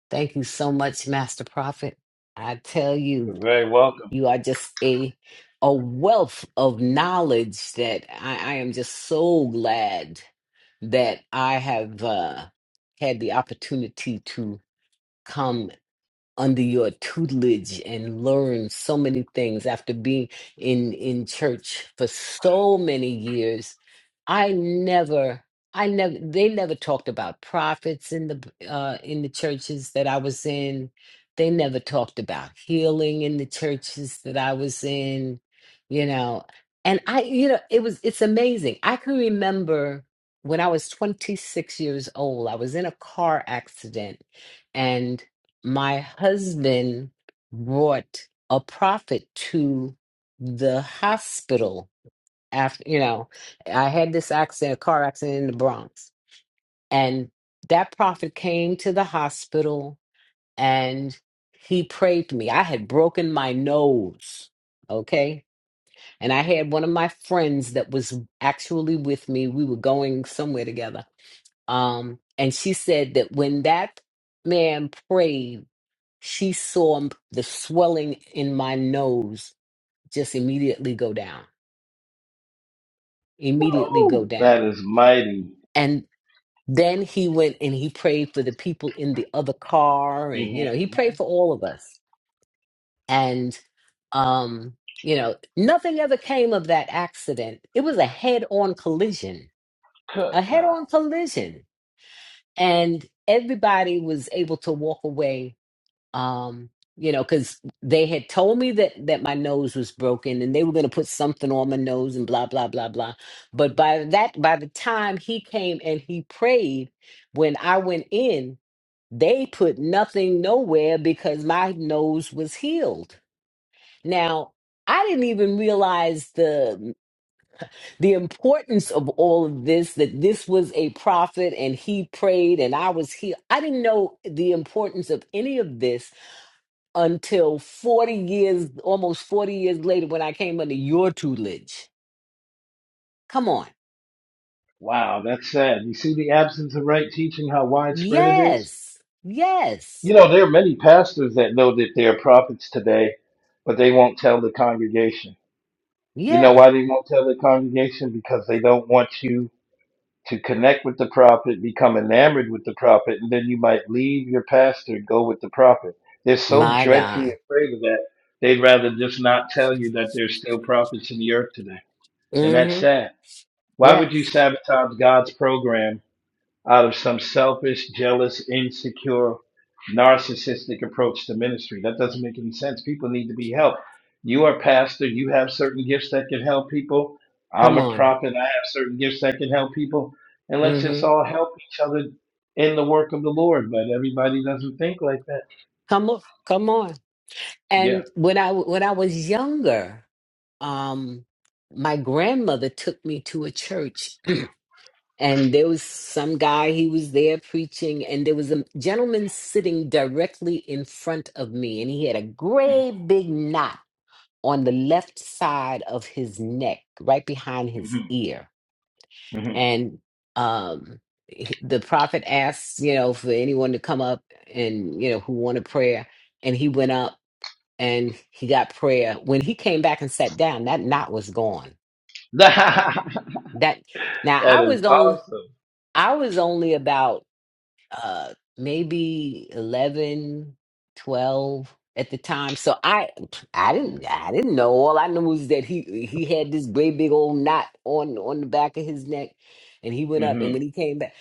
Thank you so much, Master Prophet. I tell you, You're very welcome. you are just a a wealth of knowledge that I, I am just so glad that I have uh, had the opportunity to come under your tutelage and learn so many things after being in in church for so many years i never i never they never talked about prophets in the uh in the churches that i was in they never talked about healing in the churches that i was in you know and i you know it was it's amazing i can remember when i was 26 years old i was in a car accident and my husband brought a prophet to the hospital after you know i had this accident a car accident in the bronx and that prophet came to the hospital and he prayed for me i had broken my nose okay and i had one of my friends that was actually with me we were going somewhere together um and she said that when that man prayed she saw m- the swelling in my nose just immediately go down, immediately go Woo! That down. is mighty. And then he went and he prayed for the people in the other car. And, hmm you know, he prayed for all of us. And, um, you know, nothing ever came of that accident. It was a head on collision, Good a head God. on collision. And everybody was able to walk away um you know because they had told me that that my nose was broken and they were going to put something on my nose and blah blah blah blah but by that by the time he came and he prayed when i went in they put nothing nowhere because my nose was healed now i didn't even realize the the importance of all of this that this was a prophet and he prayed and i was healed i didn't know the importance of any of this until 40 years, almost 40 years later, when I came under your tutelage. Come on. Wow, that's sad. You see the absence of right teaching, how widespread it is? Yes. Yes. You know, there are many pastors that know that they are prophets today, but they won't tell the congregation. You know Yeah. why they won't tell the congregation? Because they don't want you to connect with the prophet, become enamored with the prophet, and then you might leave your pastor and go with the prophet. They're so My dreadfully God. afraid of that, they'd rather just not tell you that there's still prophets in the earth today. And that's Mm-hmm. sad. Why would you Yes. sabotage God's program out of some selfish, jealous, insecure, narcissistic approach to ministry. That doesn't make any sense. People need to be helped. You are a pastor, you have certain gifts that can help people. I'm Come a on. prophet, I have certain gifts that can help people. And let's just Mm-hmm. all help each other in the work of the Lord. But everybody doesn't think like that. Come on. Come on. Yeah. And when I when I was younger, um, my grandmother took me to a church and there was some guy he was there preaching and there was a gentleman sitting directly in front of me and he had a great big knot on the left side of his neck right behind hmm his ear hmm and um he- the prophet asked you know for anyone to come up and you know who wanted prayer and he went up and he got prayer when he came back and sat down that knot was gone that that now i is was only awesome. i was only about uh maybe 11, 12 at the time so i i didn't i didn't know all i knew was that he he had this great big old knot on on the back of his neck and he went up hmm and when he came back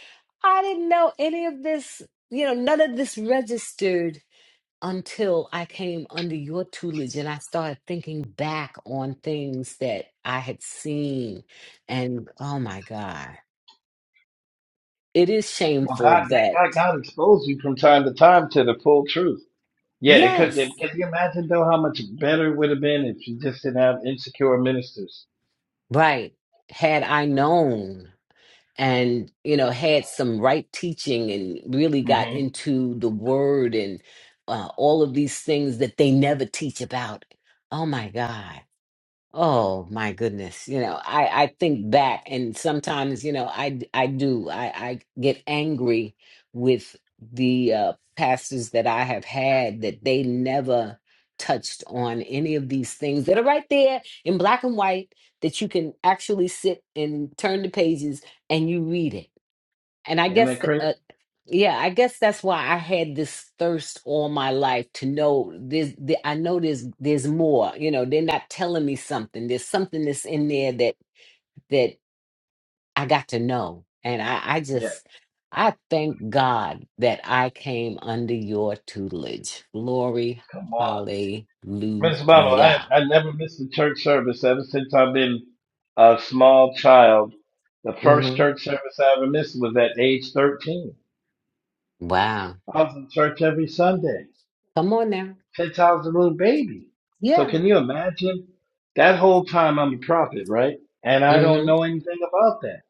i didn't know any of this you know none of this registered until i came under your tutelage and i started thinking back on things that i had seen and oh my god it is Well, shameful God, thank God, that God exposed you from time to time to the full truth. Yeah, it could. They, yes Can you imagine though how much better it would have been if you just didn't have insecure ministers? Right. Had I known and, you know, had some right teaching and really got hmm into the word and uh, all of these things that they never teach about. Oh my God. Oh my goodness. You know, I, I think back and sometimes, you know, I, d- I do, I, I get angry with the uh, pastors that I have had that they never touched on any of these things that are right there in black and white that you can actually sit and turn the pages and you read it. And I Isn't guess that crazy? uh, yeah, I guess that's why I had this thirst all my life to know this. The, I know there's there's more. You know, they're not telling me something. There's something that's in there that that I got to know, and I, I Yeah, just I thank God that I came under your tutelage. Glory, come on, hallelujah. Minister Bible. I I never missed a church service ever since I've been a small child. The first hmm church service I ever missed was at age thirteen. Wow, I was in church every Sunday come on now. since I was a little baby. So Yeah. can you imagine? That whole time I'm a prophet, right? And I don't hmm know anything about that.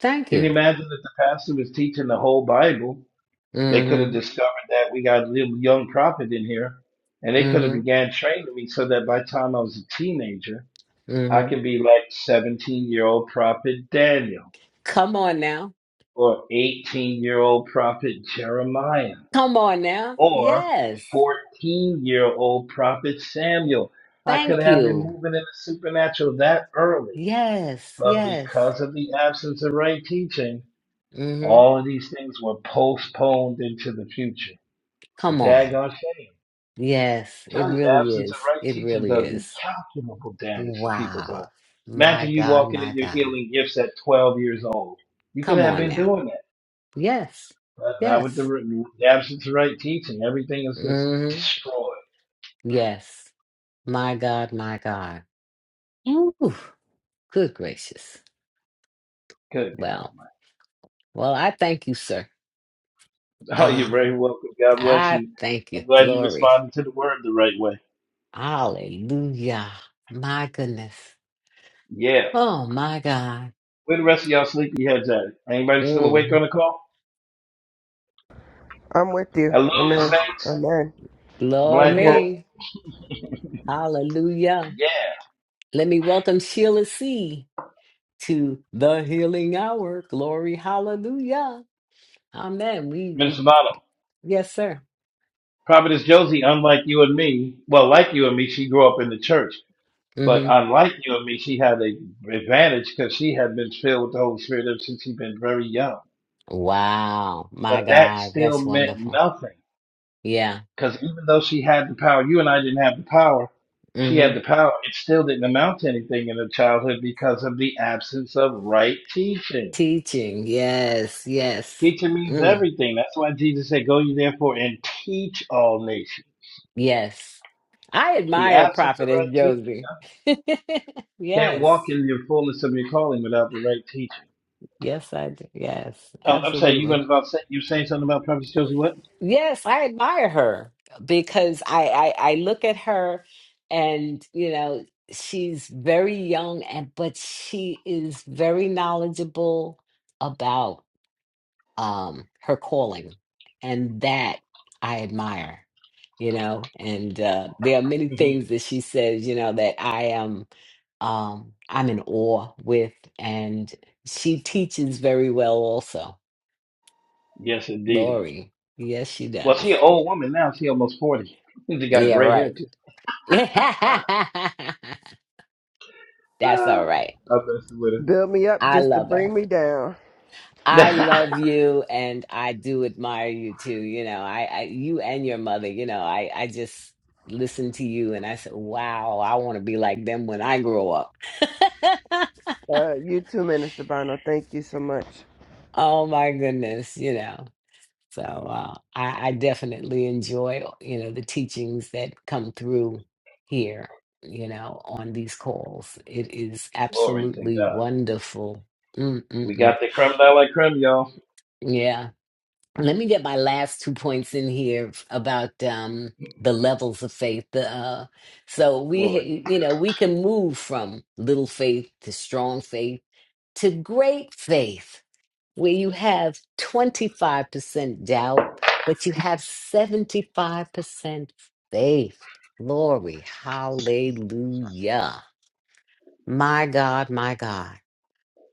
Thank Can you you. imagine that the pastor was teaching the whole Bible? They could have hmm discovered that we got a little young prophet in here, and they could have hmm began training me so that by the time I was a teenager, I hmm could be like 17 year old prophet Daniel, Come on now. or 18 year old prophet Jeremiah, Come on now. or Yes. 14 year old prophet Samuel. I could Thank have been you. moving in the supernatural that early, Yes. but Yes. because of the absence of right teaching, hmm all of these things were postponed into the future. A Come on. daggone shame. Yes. It Tell you, the really absence of is. right It teaching really does is. incalculable damage to people's Wow. lives. My Imagine you God. walking in My your God. healing gifts at 12 years old. You could Come have on been now. doing that, Yes. but now with the, Yes. re- the absence of right teaching. Everything is just hmm destroyed. Yes. My God. My God. Ooh. Good gracious. Good God. Well, well, I thank you, sir. Oh, you're Uh, very welcome. God bless I you. thank I'm you. glad you Glory. responded to the word the right way. Hallelujah. My goodness. Yeah. Oh my God. Where the rest of y'all sleepy heads at? Anybody still awake Mm. on the call? I'm with you. Hello, Amen. saints, Amen. I'm black folk. here. Glory. Hallelujah. Yeah. Let me welcome Sheila C to the healing hour. Glory. Hallelujah. Amen. We, we Minister Bob. yes, sir. Prophetess Josie, unlike you and me, well, like you and me, she grew up in the church. But hmm unlike you and me, she had an advantage because she had been filled with the Holy Spirit ever since she'd been very young. Wow. But My that God. still That's meant wonderful. nothing Yeah. because even though she had the power, you and I didn't have the power. She hmm had the power. It still didn't amount to anything in her childhood because of the absence of right teaching. Teaching. Yes. Yes. Teaching means Mm. everything. That's why Jesus said, "Go ye therefore and teach all nations." Yes. I The admire absence of right Prophetess teaching. Josie. yeah. Can't walk yes. in your fullness of your calling without the right teaching. Yes, I do. Yes. Um, I'm sorry, you Absolutely. was about say, you were saying something about Prophet Josie what? Yes, I admire her because I, I I look at her and you know she's very young and but she is very knowledgeable about um her calling and that I admire, you know, and uh there are many hmm things that she says, you know, that I am um I'm in awe with and she teaches very well also. Yes, indeed. Lori. Yes, she Well, she does. an old woman now. She almost forty. She got Yeah, gray right. hair too. That's all Ah, right. I messed with her. Build me up I just to love her. bring me down. I love you and I do admire you too. You know, I, I you and your mother, you know, I, I just listen to you and I said, wow, I want to be like them when I grow up. Uh, you too, Minister Bono. Thank you so much. Oh my goodness, you know. So uh, I, I definitely enjoy, you know, the teachings that come through here, you know, on these calls. It is Glory to absolutely God. wonderful. We Mm-mm-mm. got the creme de la creme, y'all. Yeah. let me get my last two points in here f- about um the levels of faith the uh so we Glory. you know we can move from little faith to strong faith to great faith where you have 25% doubt but you have 75% faith glory hallelujah my god my god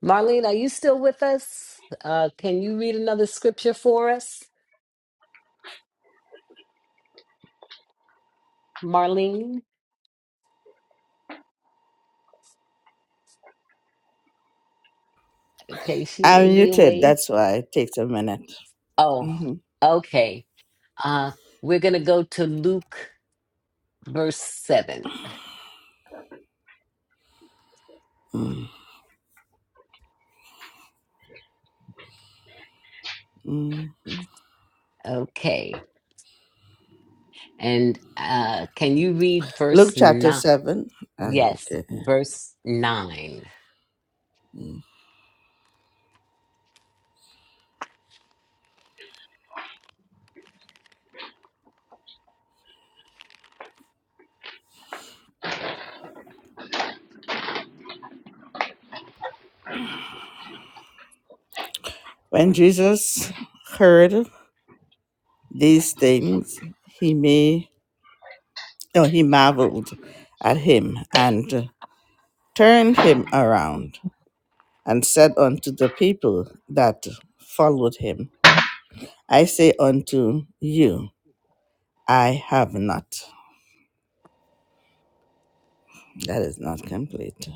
marlene are you still with us uh can you read another scripture for us marlene Okay, she I'm may be muted. away. That's why it takes a minute. Oh, hmm okay. Uh, we're going to go to Luke, verse 7. hmm Okay. And uh, can you read Luke verse chapter 9? 7. I'll look Yes, at it. verse 9. Mm. When Jesus heard these things, he may. No, he marveled at him and turned him around and said unto the people that followed him, I say unto you, I have not. That is not complete.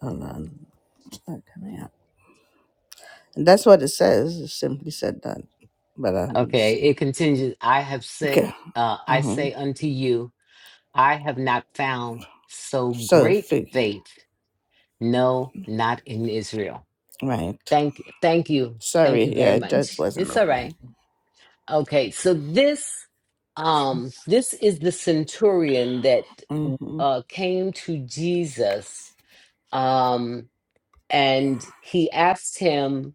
Hold on. It's not coming up. And that's what it says. It simply said that. But um, let me Okay. see. It continues I have said, Okay. uh, I Uh-huh. say unto you, I have not found so So, great fig. faith. No, not in Israel. Right. Thank, thank you. Thank you Sorry. very Yeah, it just much. wasn't It's all right. opening. Okay, so this um this is the centurion that Mm-hmm. uh came to Jesus um and he asked him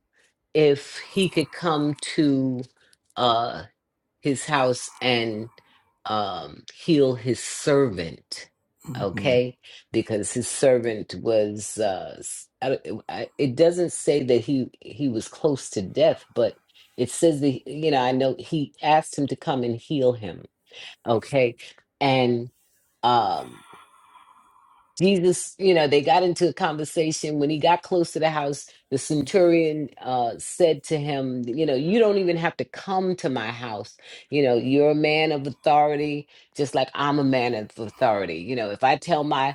if he could come to uh his house and um, heal his servant. Mm-hmm. Okay, because his servant was. Uh, s- I don't- I- it doesn't say that he he was close to death, but it says that you know I know he asked him to come and heal him. Okay, and. um Jesus, you know, they got into a conversation. When he got close to the house, the centurion uh, said to him, You know, you don't even have to come to my house. You know, you're a man of authority, just like I'm a man of authority. You know, if I tell my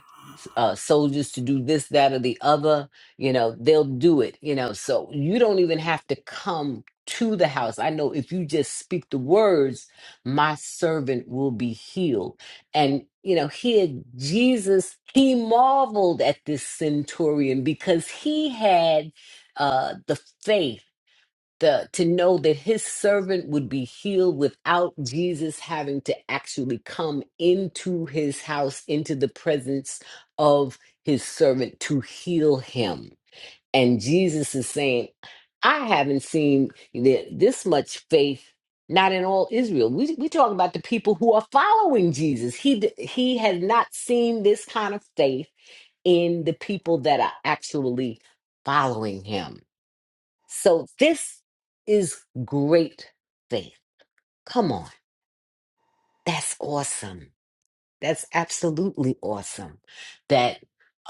uh, soldiers to do this, that, or the other. You know, they'll do it, you know. So you don't even have to come to the house. I know if you just speak the words, my servant will be healed. And, you know, here Jesus, he marveled at this centurion because he had uh, the faith the to know that his servant would be healed without Jesus having to actually come into his house into the presence of his servant to heal him and Jesus is saying I haven't seen th- this much faith not in all Israel we we talk about the people who are following Jesus he d- he has not seen this kind of faith in the people that are actually following him so this is great faith. Come on. That's awesome. That's absolutely awesome. That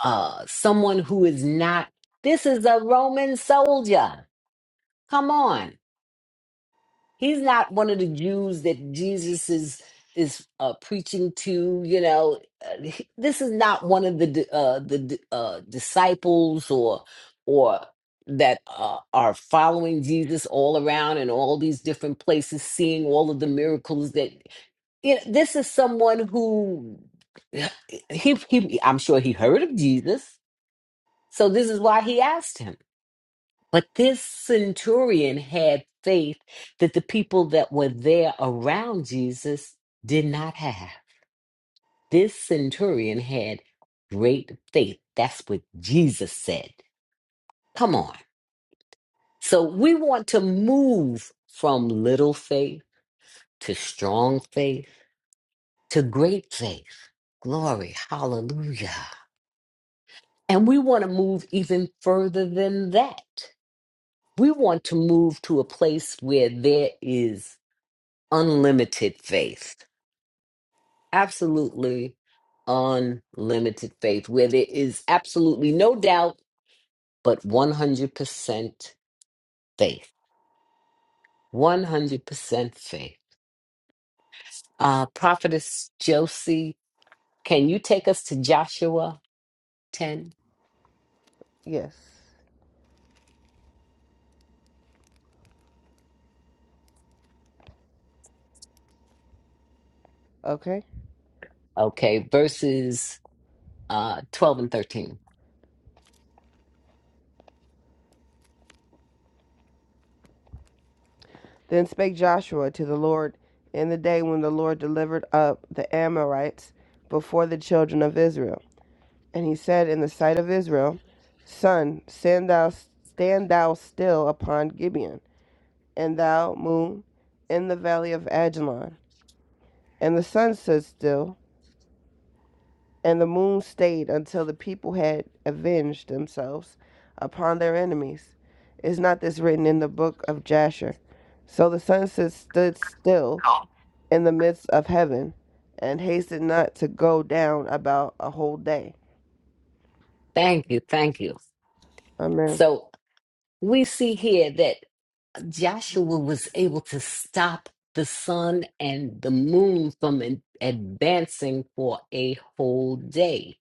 uh someone who is not this is a Roman soldier. Come on. He's not one of the Jews that Jesus is is uh, preaching to. You know, Uh, he- this is not one of the di- uh, the di- uh, disciples or or that uh, are following Jesus all around in all these different places, seeing all of the miracles. That you know, this is someone who he he. I'm sure he heard of Jesus, so this is why he asked him but this centurion had faith that the people that were there around Jesus did not have. This centurion had great faith. That's what Jesus said. Come on. So we want to move from little faith to strong faith to great faith. Glory. Hallelujah. And we want to move even further than that. We want to move to a place where there is unlimited faith, absolutely unlimited faith, where there is absolutely no doubt, but 100% faith. 100% faith. Uh, Prophetess Josie, can you take us to Joshua 10? Yes. Okay. Okay, verses uh, 12 and 13. Then spake Joshua to the Lord in the day when the Lord delivered up the Amorites before the children of Israel. And he said in the sight of Israel, Sun, stand thou, stand thou still upon Gibeon, and thou, moon, in the valley of Ajalon. And the sun stood still, and the moon stayed until the people had avenged themselves upon their enemies. Is not this written in the book of Jasher? So the sun stood stood still in the midst of heaven, and hasted not to go down about a whole day. Thank you, thank you. Amen. So we see here that. Joshua was able to stop the sun and the moon from ad- advancing for a whole day.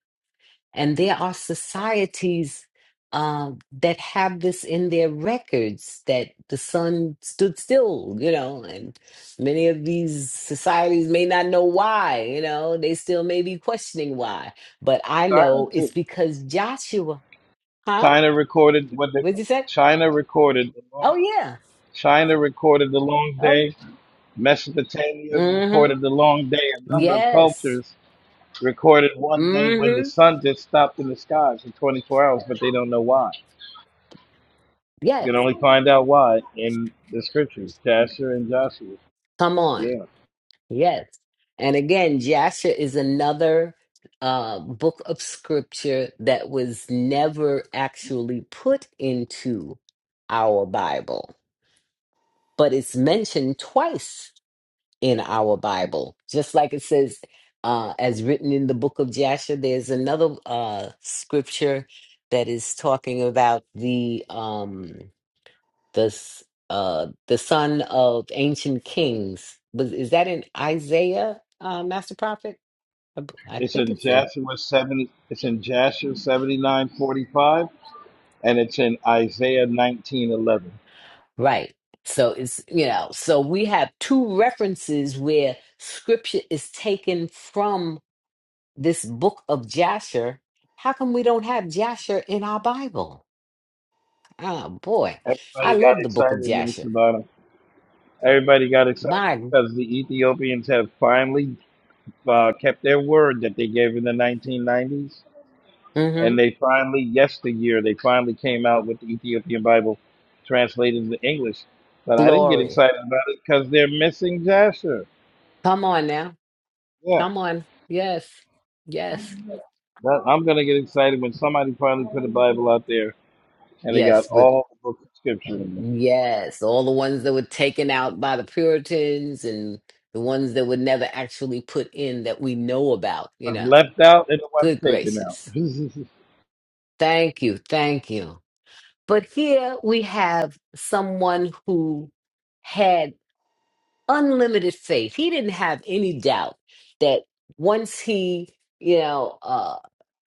And there are societies um, that have this in their records that the sun stood still, you know, and many of these societies may not know why, you know, they still may be questioning why. But I China know it's too. because Joshua, huh? China recorded what they What'd you say? China recorded the Oh, long yeah. China recorded the long Oh, day. Mesopotamia mm recorded the long day. A hmm. number of Yes. cultures recorded one day when the hmm sun just stopped in the skies for 24 hours, but they don't know why. Yes. You can only find out why in the scriptures, Jasher and Joshua. Come on. Yeah, Yes. And again, Jasher is another uh, book of scripture that was never actually put into our Bible, but it's mentioned twice in our Bible. Just like it says, uh, as written in the book of Jasher, there's another uh, scripture that is talking about the. um, this uh the son of ancient kings was is that in isaiah uh master prophet i, b- I it's think in it's in Joshua 70. It's in Joshua 79:45, and it's in Isaiah 19:11. right so it's you know so we have two references where scripture is taken from this book of jasher how come we don't have jasher in our bible oh boy i Everybody got love the book of excited, jasher Minister Bottom. Everybody got excited my because the Ethiopians have finally uh, kept their word that they gave in the 1990s. and mhm, they finally yesteryear they finally came out with the Ethiopian Bible translated into English. But I didn't get glory excited about it because they're missing Jasher. come on now Yeah, come on yes yes that, I'm gonna get excited when somebody finally put a Bible out there and they got Yes, with all the books of Scripture in there. Yes, all the ones that were taken out by the Puritans and the ones that were never actually put in that we know about, you One's know. left out and the one's Good taken out. gracious. Thank you. Thank you. But here we have someone who had unlimited faith. He didn't have any doubt that once he, you know, uh,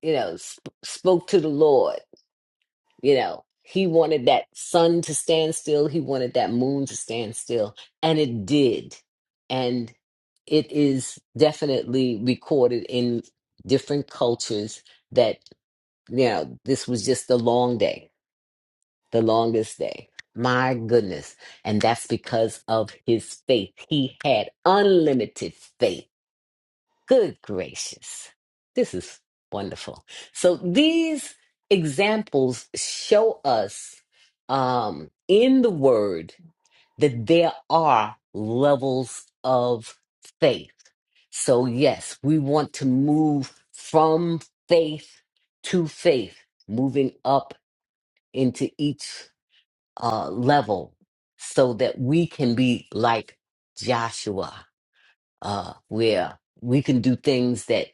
you know, sp- spoke to the Lord You know, he wanted that sun to stand still, he wanted that moon to stand still, and it did. And it is definitely recorded in different cultures that, you know, this was just the long day, the longest day. My goodness. And that's because of his faith. He had unlimited faith Good gracious. This is wonderful. So these examples show us um, in the word that there are levels of faith. So, yes, we want to move from faith to faith, moving up into each uh, level so that we can be like Joshua, uh, where we can do things that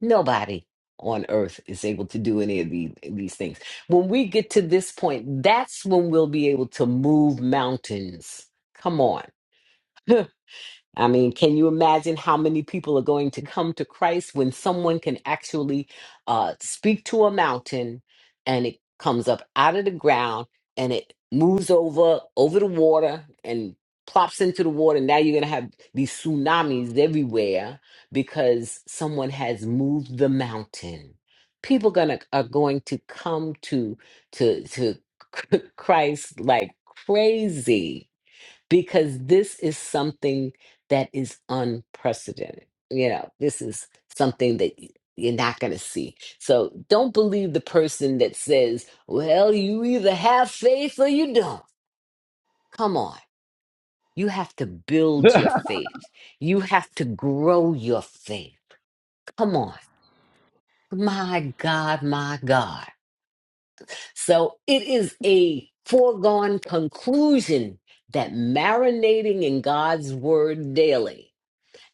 Nobody on earth is able to do any of the, these things. When we get to this point, that's when we'll be able to move mountains. Come on. I mean, can you imagine how many people are going to come to Christ when someone can actually uh, speak to a mountain and it comes up out of the ground and it moves over over the water and plops into the water? Now you're going to have these tsunamis everywhere because someone has moved the mountain. People gonna are going to come to to to Christ like crazy because this is something that is unprecedented. You know, this is something that y- you're not going to see. So don't believe the person that says, well, you either have faith or you don't. Come on. You have to build your faith, you have to grow your faith. Come on. My God, my God. So it is a foregone conclusion that marinating in God's word daily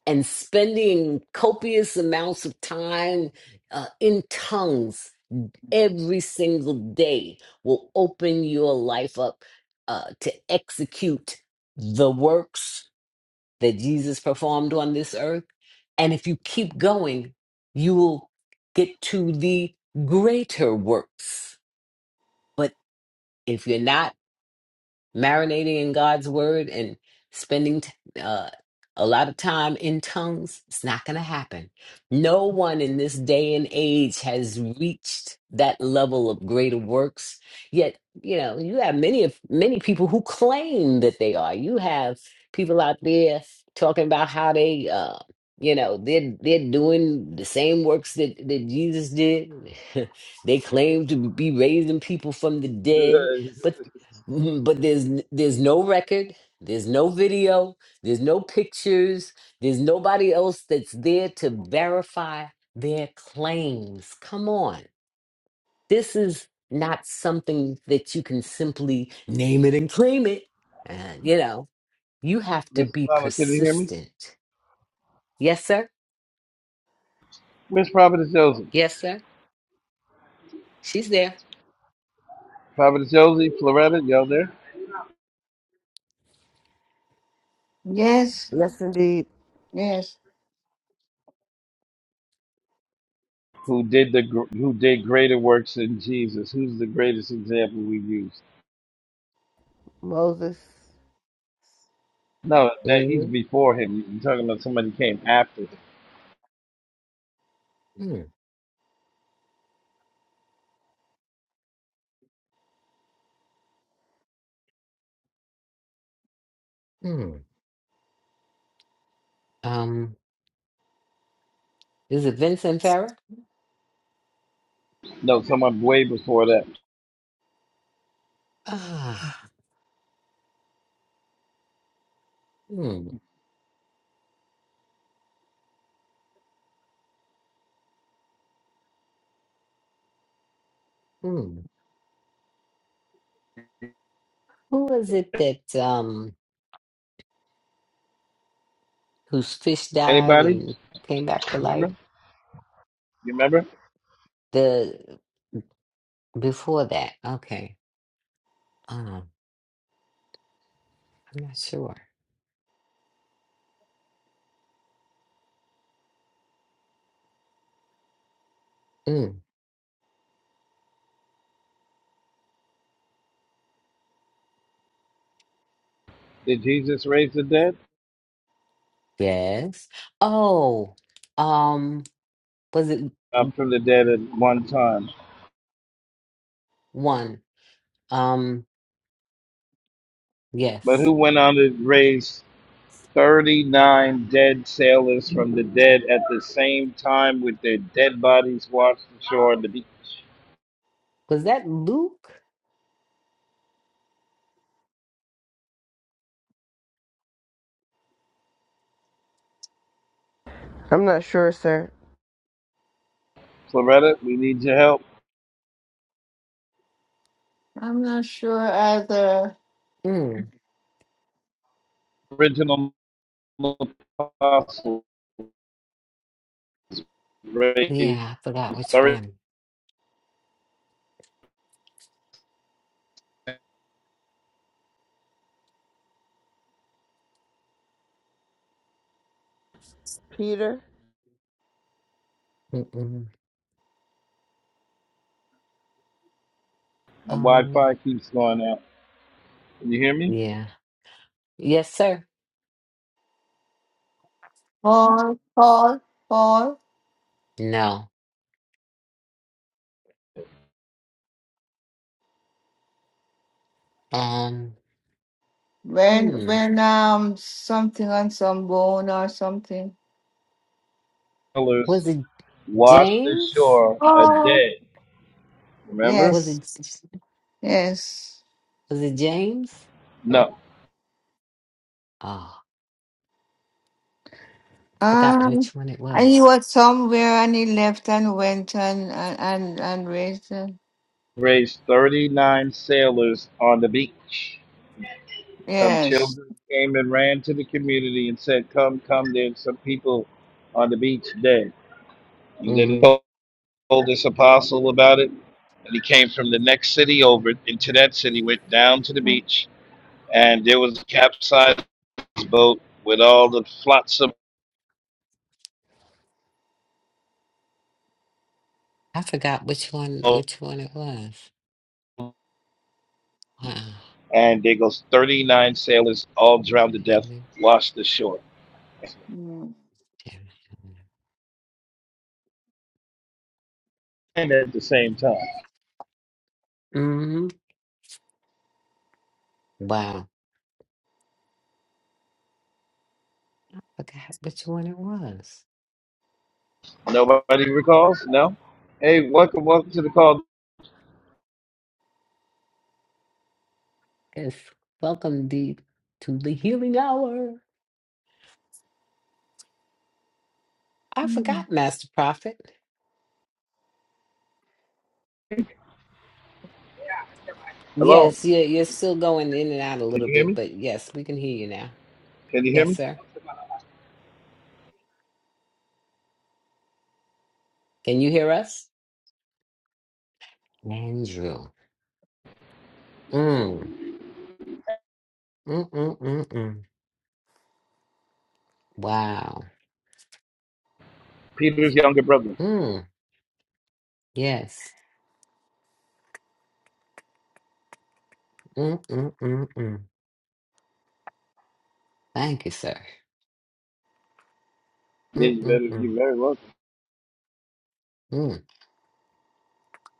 and spending copious amounts of time uh, in tongues every single day will open your life up uh, to execute the works that Jesus performed on this earth. And if you keep going, you will get to the greater works. But if you're not, marinating in God's word and spending t- uh, a lot of time in tongues, it's not going to happen. No one in this day and age has reached that level of greater works. Yet, you know, you have many of many people who claim that they are. You have people out there talking about how they, uh, you know, they're they're doing the same works that that Jesus did. they claim to be raising people from the dead but. Mhm, but there's n- there's no record there's no video there's no pictures there's nobody else that's there to verify their claims come on this is not something that you can simply name it and claim it uh, you know you have to Miss be Mama, can you hear me? persistent yes sir Miss Providence Josie, yes sir she's there Providence Josie, Floretta, y'all there? yes. Yes, indeed, Yes. Who did the gr- Who did greater works than Jesus? Who's the greatest example we use? Moses. No, that he's mm before him. You're talking about somebody came after him. mm mm. um is it vincent farah No, someone way before that. ah mm, mm. who is it that um whose fish died Anybody? and came back to Remember? life? You remember? The before that, okay. Um, I'm not sure. Mm, Did Jesus raise the dead? yes. Oh, um, was it Up from the dead at one time. one? Um, But who yes. went on to raise 39 dead sailors from the dead at the same time with their dead bodies washed ashore? on The beach? Was that Luke? I'm not sure, sir. Floretta, we need your help. I'm not sure either. Mm, Original apostle raised yeah, I forgot which 30. one. Peter, Mm-mm. My Wi Um, Fi keeps going out. Can you hear me? yeah. Yes, sir. Paul, Paul, Paul. No. Um, When, hmm. when, um, something on some bone or something. Hello. Was it washed James? ashore a Oh. day. Remember? Was Yes. it Yes. was it James? No. Ah. Forgot Um, which one it and he was. was somewhere and he left and went and and and, and raised. uh, Raised 39 sailors on the beach. Some yes. children came and ran to the community and said, Come, come, there's some people on the beach dead. And then he hmm told this apostle about it. And he came from the next city over into that city, went down to the Mm, beach, and there was a capsized boat with all the flotsam. I forgot which one which one it was. Wow. And there goes 39 sailors, all drowned to death, washed ashore. mm, and at the same time. hmm Wow. Forgot which one it was. Nobody recalls? No? Hey, welcome, welcome to the call. Yes. Welcome deep to the healing hour. I mm, forgot, Master Prophet. Hello, Yes, yeah, you're still going in and out a can little you hear bit, me? but yes, we can hear you now. Can you hear Yes, me? sir. Can you hear us? Andrew. Mm. Mm mm mm mm. Wow. Peter's younger brother. Mm. Yes. Mm mm mm mm. Thank you, sir. Yeah, you better, you're Mm-mm-mm. very welcome.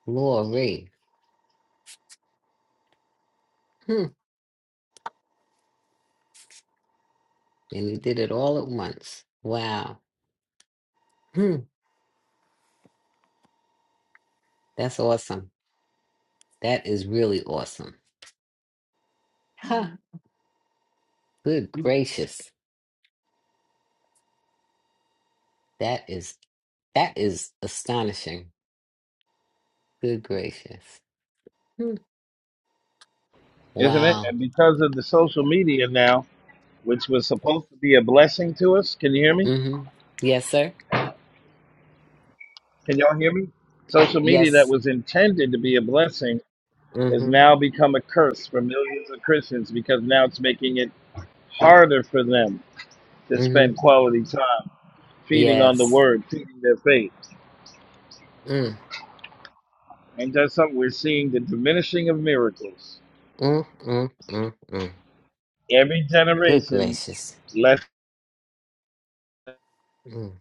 Glory. Hmm. And he did it all at once. Wow. Hmm. That's awesome. That is really awesome. Ha! mm. Good gracious. That is that is astonishing. Good gracious. Hmm. Isn't it? Wow. And because of the social media now, which was supposed to be a blessing to us, can you hear me? Mm-hmm. Yes, sir. Can y'all hear me? Social media that Yes. was intended to be a blessing has Mm-hmm. now become a curse for millions of Christians because now it's making it harder for them to Mm-hmm. spend quality time feeding on the Yes. word, feeding their faith. Mm. And that's something we're seeing the diminishing of miracles. Mm-mm-mm-mm. Every Good generation, gracious. less. Mm.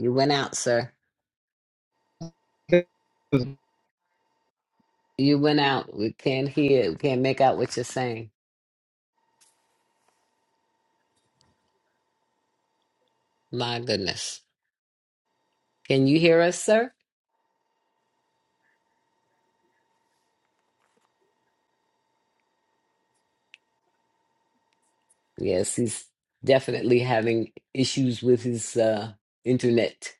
You went out, sir. You went out. We can't hear. We can't make out what you're saying. My goodness. Can you hear us, sir? Yes, he's definitely having issues with his uh, internet.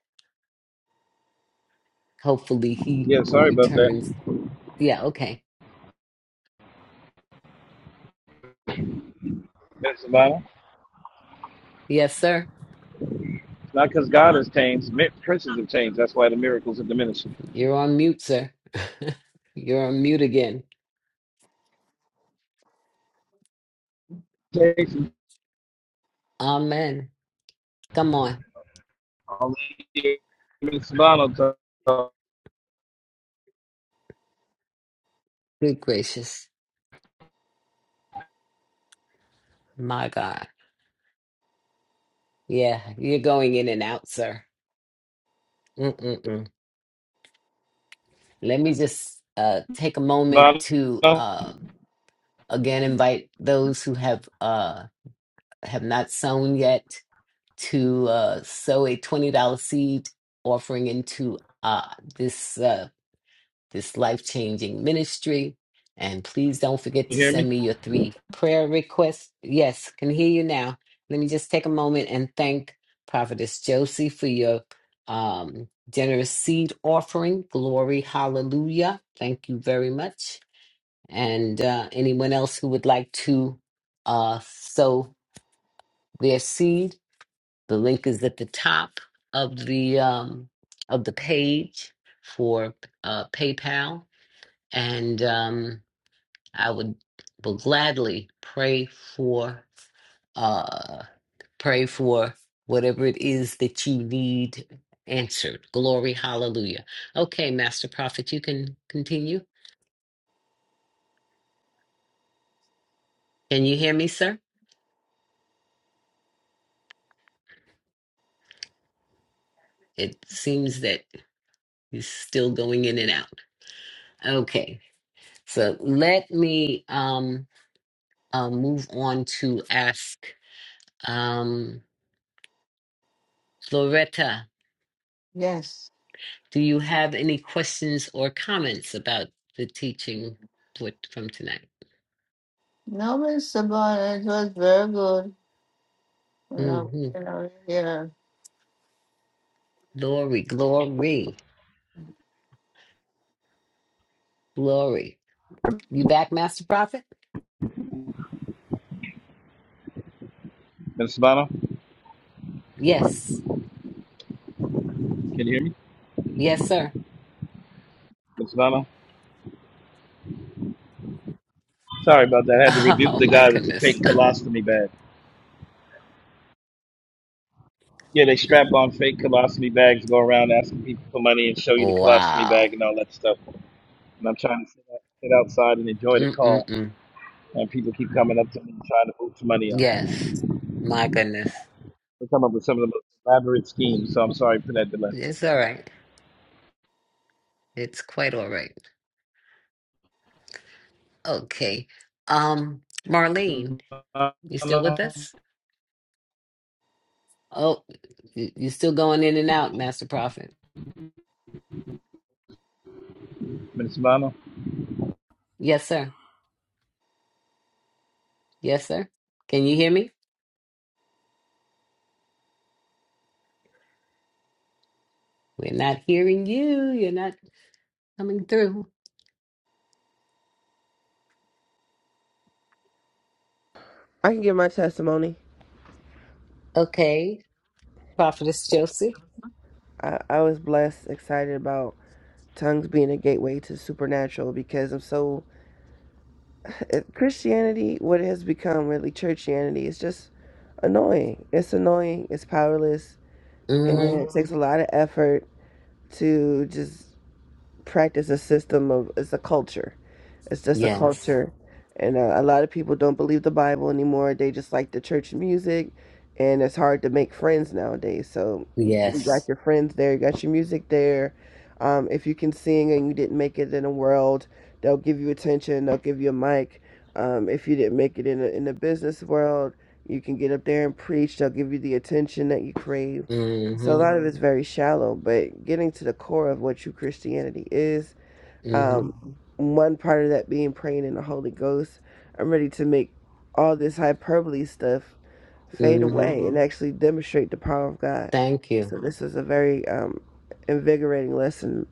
Hopefully, he Yeah, will sorry about that. return. Yeah, okay. Mister the Yes, sir. It's not because God has changed, princes have changed. That's why the miracles are diminishing. You're on mute, sir. you're on mute again. Mister Amen. Come on. I'll you. Good gracious. My God. Yeah, you're going in and out, sir. Mm-mm-mm. Let me just uh, take a moment to. Um, Again, invite those who have uh, have not sown yet to uh, sow a twenty dollar seed offering into uh, this uh, this life changing ministry. And please don't forget to hear me? send me your three prayer requests. Yes, can hear you now. Let me just take a moment and thank Prophetess Josie for your um, generous seed offering. Glory, hallelujah. Thank you very much. And uh, anyone else who would like to uh, sow their seed, the link is at the top of the um, of the page for uh, PayPal, and um, I would will gladly pray for uh, pray for whatever it is that you need answered. Glory, hallelujah. Okay, Master Prophet, you can continue. Can you hear me, sir? It seems that. He's still going in and out. Okay. So let me um uh, move on to ask um Floretta, Yes. do you have any questions or comments about the teaching with, from tonight? No, Miss Sabana, it was very good. You know, hmm you know, yeah. Glory, glory, glory. You back, Master Prophet? Mister Sabano, Yes. can you hear me? Yes, sir. Mister Sabano? Sorry about that. I had to rebuke Oh the my guy with the fake goodness. colostomy bag. Yeah, they strap on fake colostomy bags, go around asking people for money and show you the colostomy Wow. bag and all that stuff. and I'm trying to sit, out, sit outside and enjoy the call. Mm-mm-mm. And people keep coming up to me trying to move some money on. Yes. My goodness. They come up with some of the most elaborate schemes. So I'm sorry for that delay. It's all right. It's quite all right. Okay. Um, Marlene, you still with Subhanahu, us? Oh, you you still going in and out, Master Prophet. Miss Yeah. Yes, sir. Yes, sir. Can you hear me? We're not hearing you. You're not coming through. I can give my testimony. Okay. Prophetess Josie. I, I was blessed, excited about tongues being a gateway to supernatural because I'm so. Christianity, what it has become really, churchianity, is just annoying. It's annoying, it's powerless, and Mm-hmm. it takes a lot of effort to just practice a system of, it's a culture It's just a Yes. culture. And uh, a lot of people don't believe the Bible anymore. They just like the church music. And it's hard to make friends nowadays. So you got Yes. your friends there, you got your music there. Um, if you can sing and you didn't make it in the world, they'll give you attention, they'll give you a mic. Um, if you didn't make it in the, in the business world, you can get up there and preach, they'll give you the attention that you crave. So a Mm-hmm. lot of it's very shallow, but getting to the core of what true Christianity is Mm-hmm. um, one part of that being praying in the Holy Ghost. I'm ready to make all this hyperbole stuff fade Mm-hmm. away and actually demonstrate the power of God. Thank you. So this is a very um, invigorating lesson,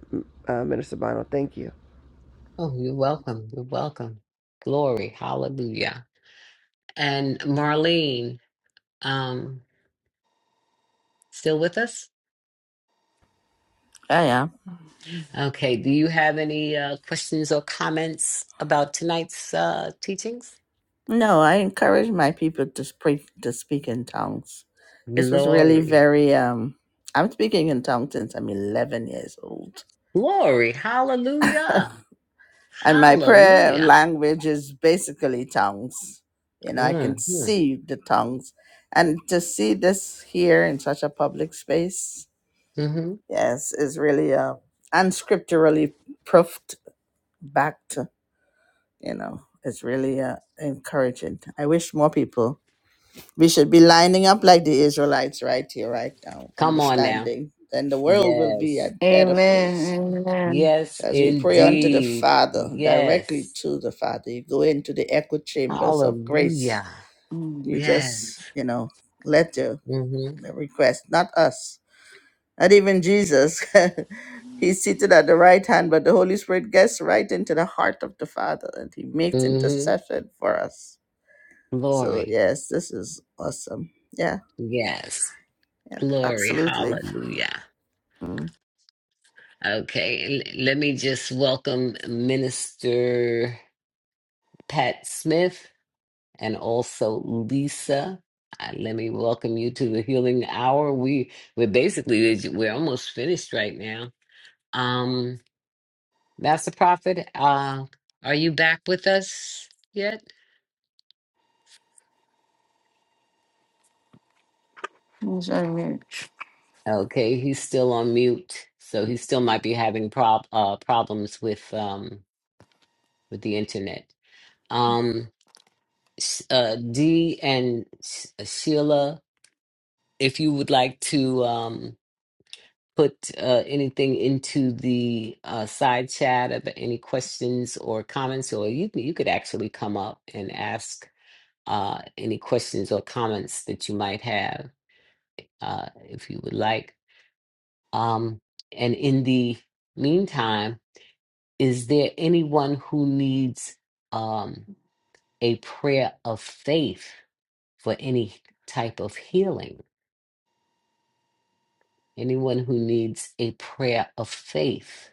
uh, Minister Bono. Thank you. Oh, you're welcome. You're welcome. Glory. Hallelujah. And Marlene, um, still with us? I am. Okay, do you have any uh, questions or comments about tonight's uh, teachings? No, I encourage my people to speak to speak in tongues. This was really Glory, very um I'm speaking in tongues since I'm 11 years old. glory, hallelujah, And my prayer hallelujah. language is basically tongues. You know, I can Mm, mm, see the tongues. And to see this here in such a public space, Mm-hmm. hmm yes, is really uh unscripturally proofed back to, you know, it's really uh, encouraging. I wish more people We should be lining up like the Israelites right here, right now, Come on now. understanding. Then the world will be a Yes, better Amen. place. Amen. yes, So as we pray unto the indeed. Father, directly Yes, to the Father, you go into the echo chambers of grace. hallelujah. Mm. You Yes. just, you know, let your Mm-hmm. the request, not us, not even Jesus. He's seated at the right hand, but the Holy Spirit gets right into the heart of the Father and he makes Mm-hmm. intercession for us. So, Glory. yes, this is awesome. Yeah, Yes, yeah, glory, absolutely. hallelujah. Mhm. Okay, and let me just welcome Minister. Pat Smith, and also Lisa. Uh, let me welcome you to the Healing Hour. We we're basically we're almost finished right now. Um, Master Prophet, uh, are you back with us yet? Yes, amen. Okay, he's still on mute, so he still might be having prob uh, problems with um with the internet. Um, Sh- uh, Dee and Sh- Sheila, if you would like to um. put uh, anything into the uh, side chat of any questions or comments, or you you could actually come up and ask uh, any questions or comments that you might have uh, if you would like. Um, and in the meantime, is there anyone who needs um, a prayer of faith for any type of healing? Anyone who needs a prayer of faith?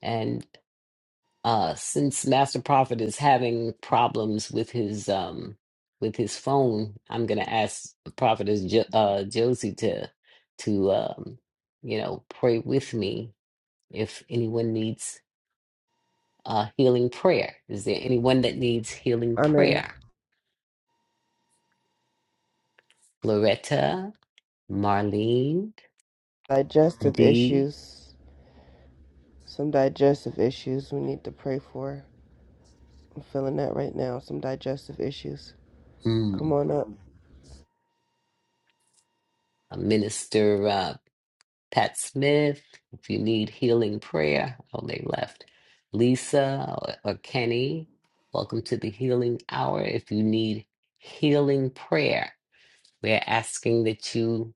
and. uh since master prophet is having problems with his um with his phone i'm gonna ask prophetess jo- uh josie to to um you know pray with me if anyone needs uh healing prayer is there anyone that needs healing Amen. prayer loretta marlene Digestive d issues. Some digestive issues we need to pray for. I'm feeling that right now. Some digestive issues. Come mm, on up. minister uh, Pat Smith, if you need healing prayer, oh, they left. Lisa or, or Kenny, welcome to the Healing Hour. If you need healing prayer, we're asking that you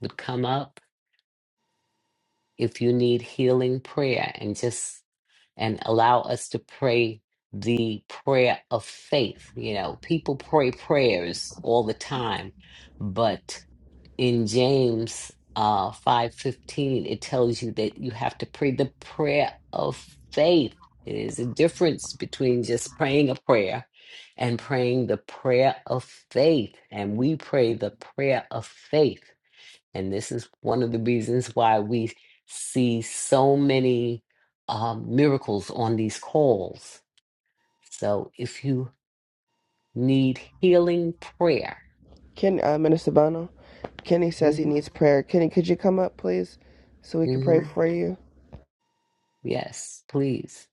would come up if you need healing prayer and just and allow us to pray the prayer of faith. You know, people pray prayers all the time, but in James uh, 5:15 it tells you that you have to pray the prayer of faith. It is a difference between just praying a prayer and praying the prayer of faith. And we pray the prayer of faith. And this is one of the reasons why we see so many um, miracles on these calls. So if you need healing prayer, Ken, uh, Minister Bono, Kenny says he mhm, needs prayer. Kenny, could you come up, please, so we can pray mhm, for you? yes, please,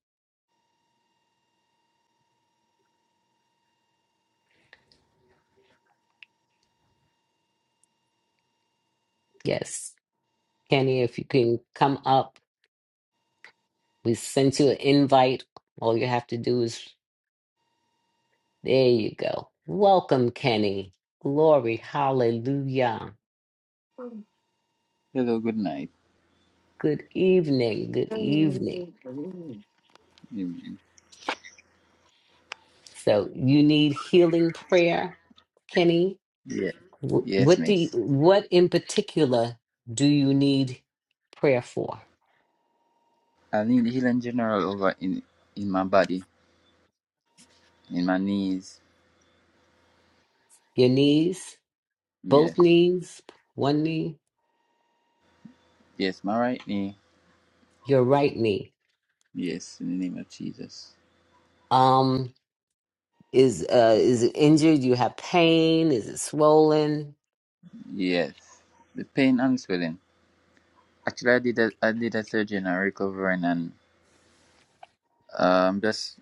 yes Kenny, if you can come up, we sent you an invite. All you have to do is, there you go. Welcome, Kenny. Glory, hallelujah. Hello, good night. Good evening, good evening. Evening. So, you need healing prayer, Kenny? Yeah. Wh- Yes, What do you, miss. what in particular do you need prayer for? I need healing general over in in my body, in my knees. Your knees, both Yes. knees, one knee, Yes, my right knee. your right knee. Yes, in the name of Jesus. Um, Is uh is it injured? You have pain? Is it swollen? Yes. The pain and swelling. Actually, I did a, I did a surgery and I'm recovering and um just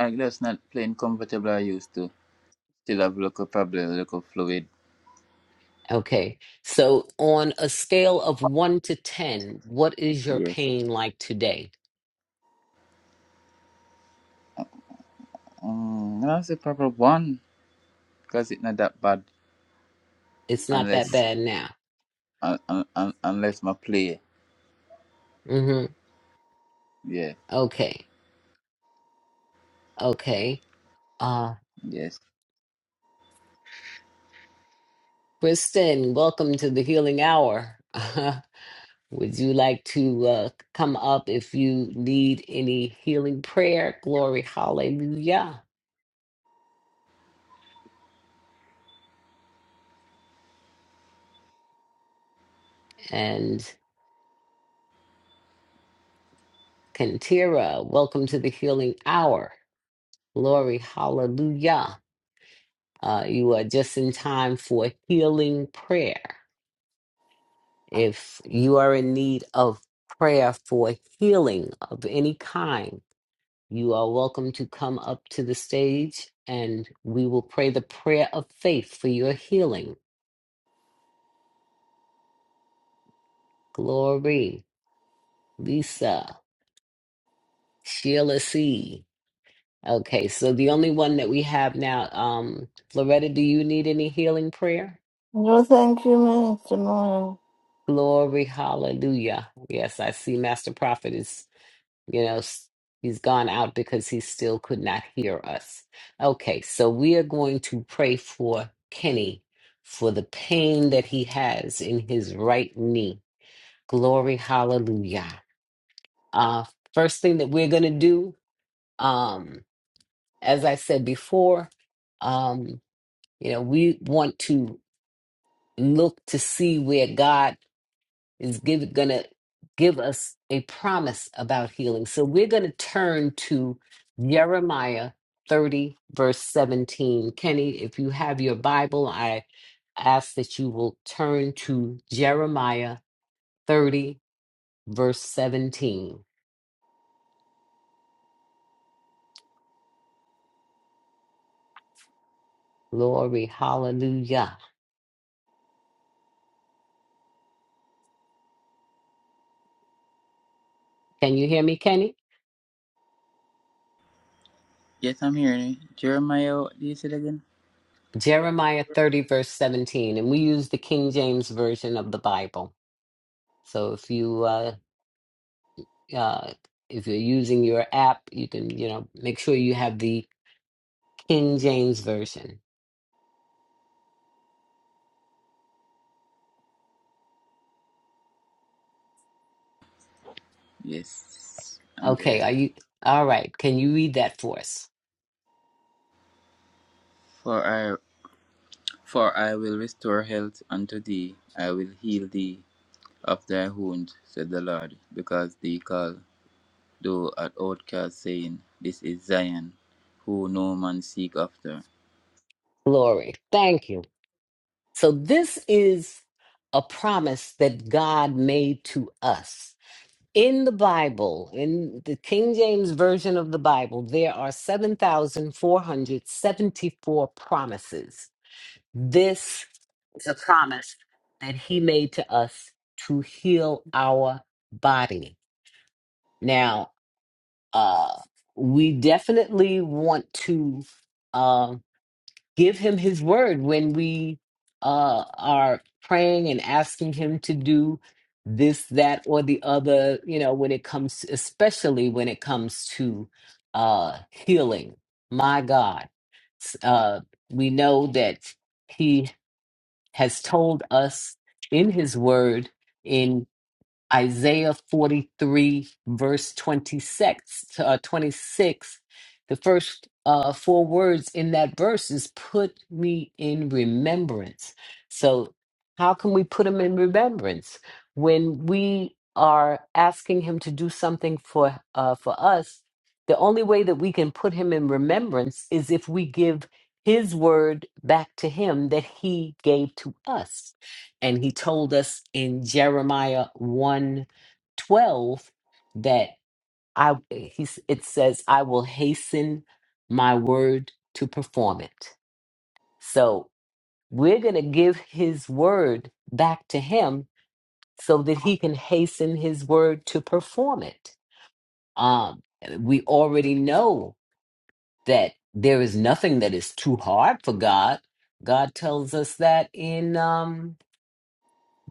I'm just not playing comfortable I used to. Still have local problem, local fluid. Okay. So on a scale of one to ten, what is your Yes. pain like today? Um, that's a proper one because it's not that bad It's not that unless bad now. un, un, un, unless my play. Mm-hmm. Yeah. Okay. Okay. Uh Yes. Kristen, welcome to the Healing Hour. Would you like to uh come up if you need any healing prayer? Glory, hallelujah. And Kantira, welcome to the Healing Hour. Glory, hallelujah. Uh, you are just in time for healing prayer. If you are in need of prayer for healing of any kind, you are welcome to come up to the stage and we will pray the prayer of faith for your healing. Glory, Lisa, Sheila C. Okay, so the only one that we have now, um, Loretta, do you need any healing prayer? No, thank you, Miss Sabana. Glory, hallelujah. Yes, I see Master Prophet is, you know, s- he's gone out because he still could not hear us. Okay, so we are going to pray for Kenny for the pain that he has in his right knee. Glory, hallelujah. Uh, first thing that we're going to do, um, as I said before, um, you know, we want to look to see where God is give, gonna give us a promise about healing. So we're gonna turn to Jeremiah 30, verse 17. Kenny, if you have your Bible, I ask that you will turn to Jeremiah 30, verse 17. Glory, hallelujah. Can you hear me, Kenny? Yes, I'm hearing it. Jeremiah, do you say it again? Jeremiah 30, verse 17. And we use the King James Version of the Bible. So if you uh, uh, if you're using your app, you can, you know, make sure you have the King James Version. Yes, I'm Okay, there. are you all right? Can you read that for us? For I, for I will restore health unto thee. I will heal thee of thy wound, said the Lord, because thee call, thou art outcast, saying, This is Zion, who no man seek after. Glory. Thank you. So, this is a promise that God made to us. In the Bible, in the King James Version of the Bible, there are 7,474 promises. This It's a promise that he made to us to heal our body. Now, uh, we definitely want to uh, give him his word when we uh, are praying and asking him to do this, that, or the other, you know, when it comes, especially when it comes to uh, healing. My God. S- Uh, we know that. He has told us in his word in Isaiah 43, verse 26, uh, 26. The first uh, four words in that verse is put me in remembrance. So, how can we put him in remembrance? When we are asking him to do something for, uh, for us, the only way that we can put him in remembrance is if we give his word back to him that he gave to us. And he told us in Jeremiah one, 12, that I he's it says, I will hasten my word to perform it. So we're gonna give his word back to him so that he can hasten his word to perform it. Um we already know that there is nothing that is too hard for God. God tells us that in um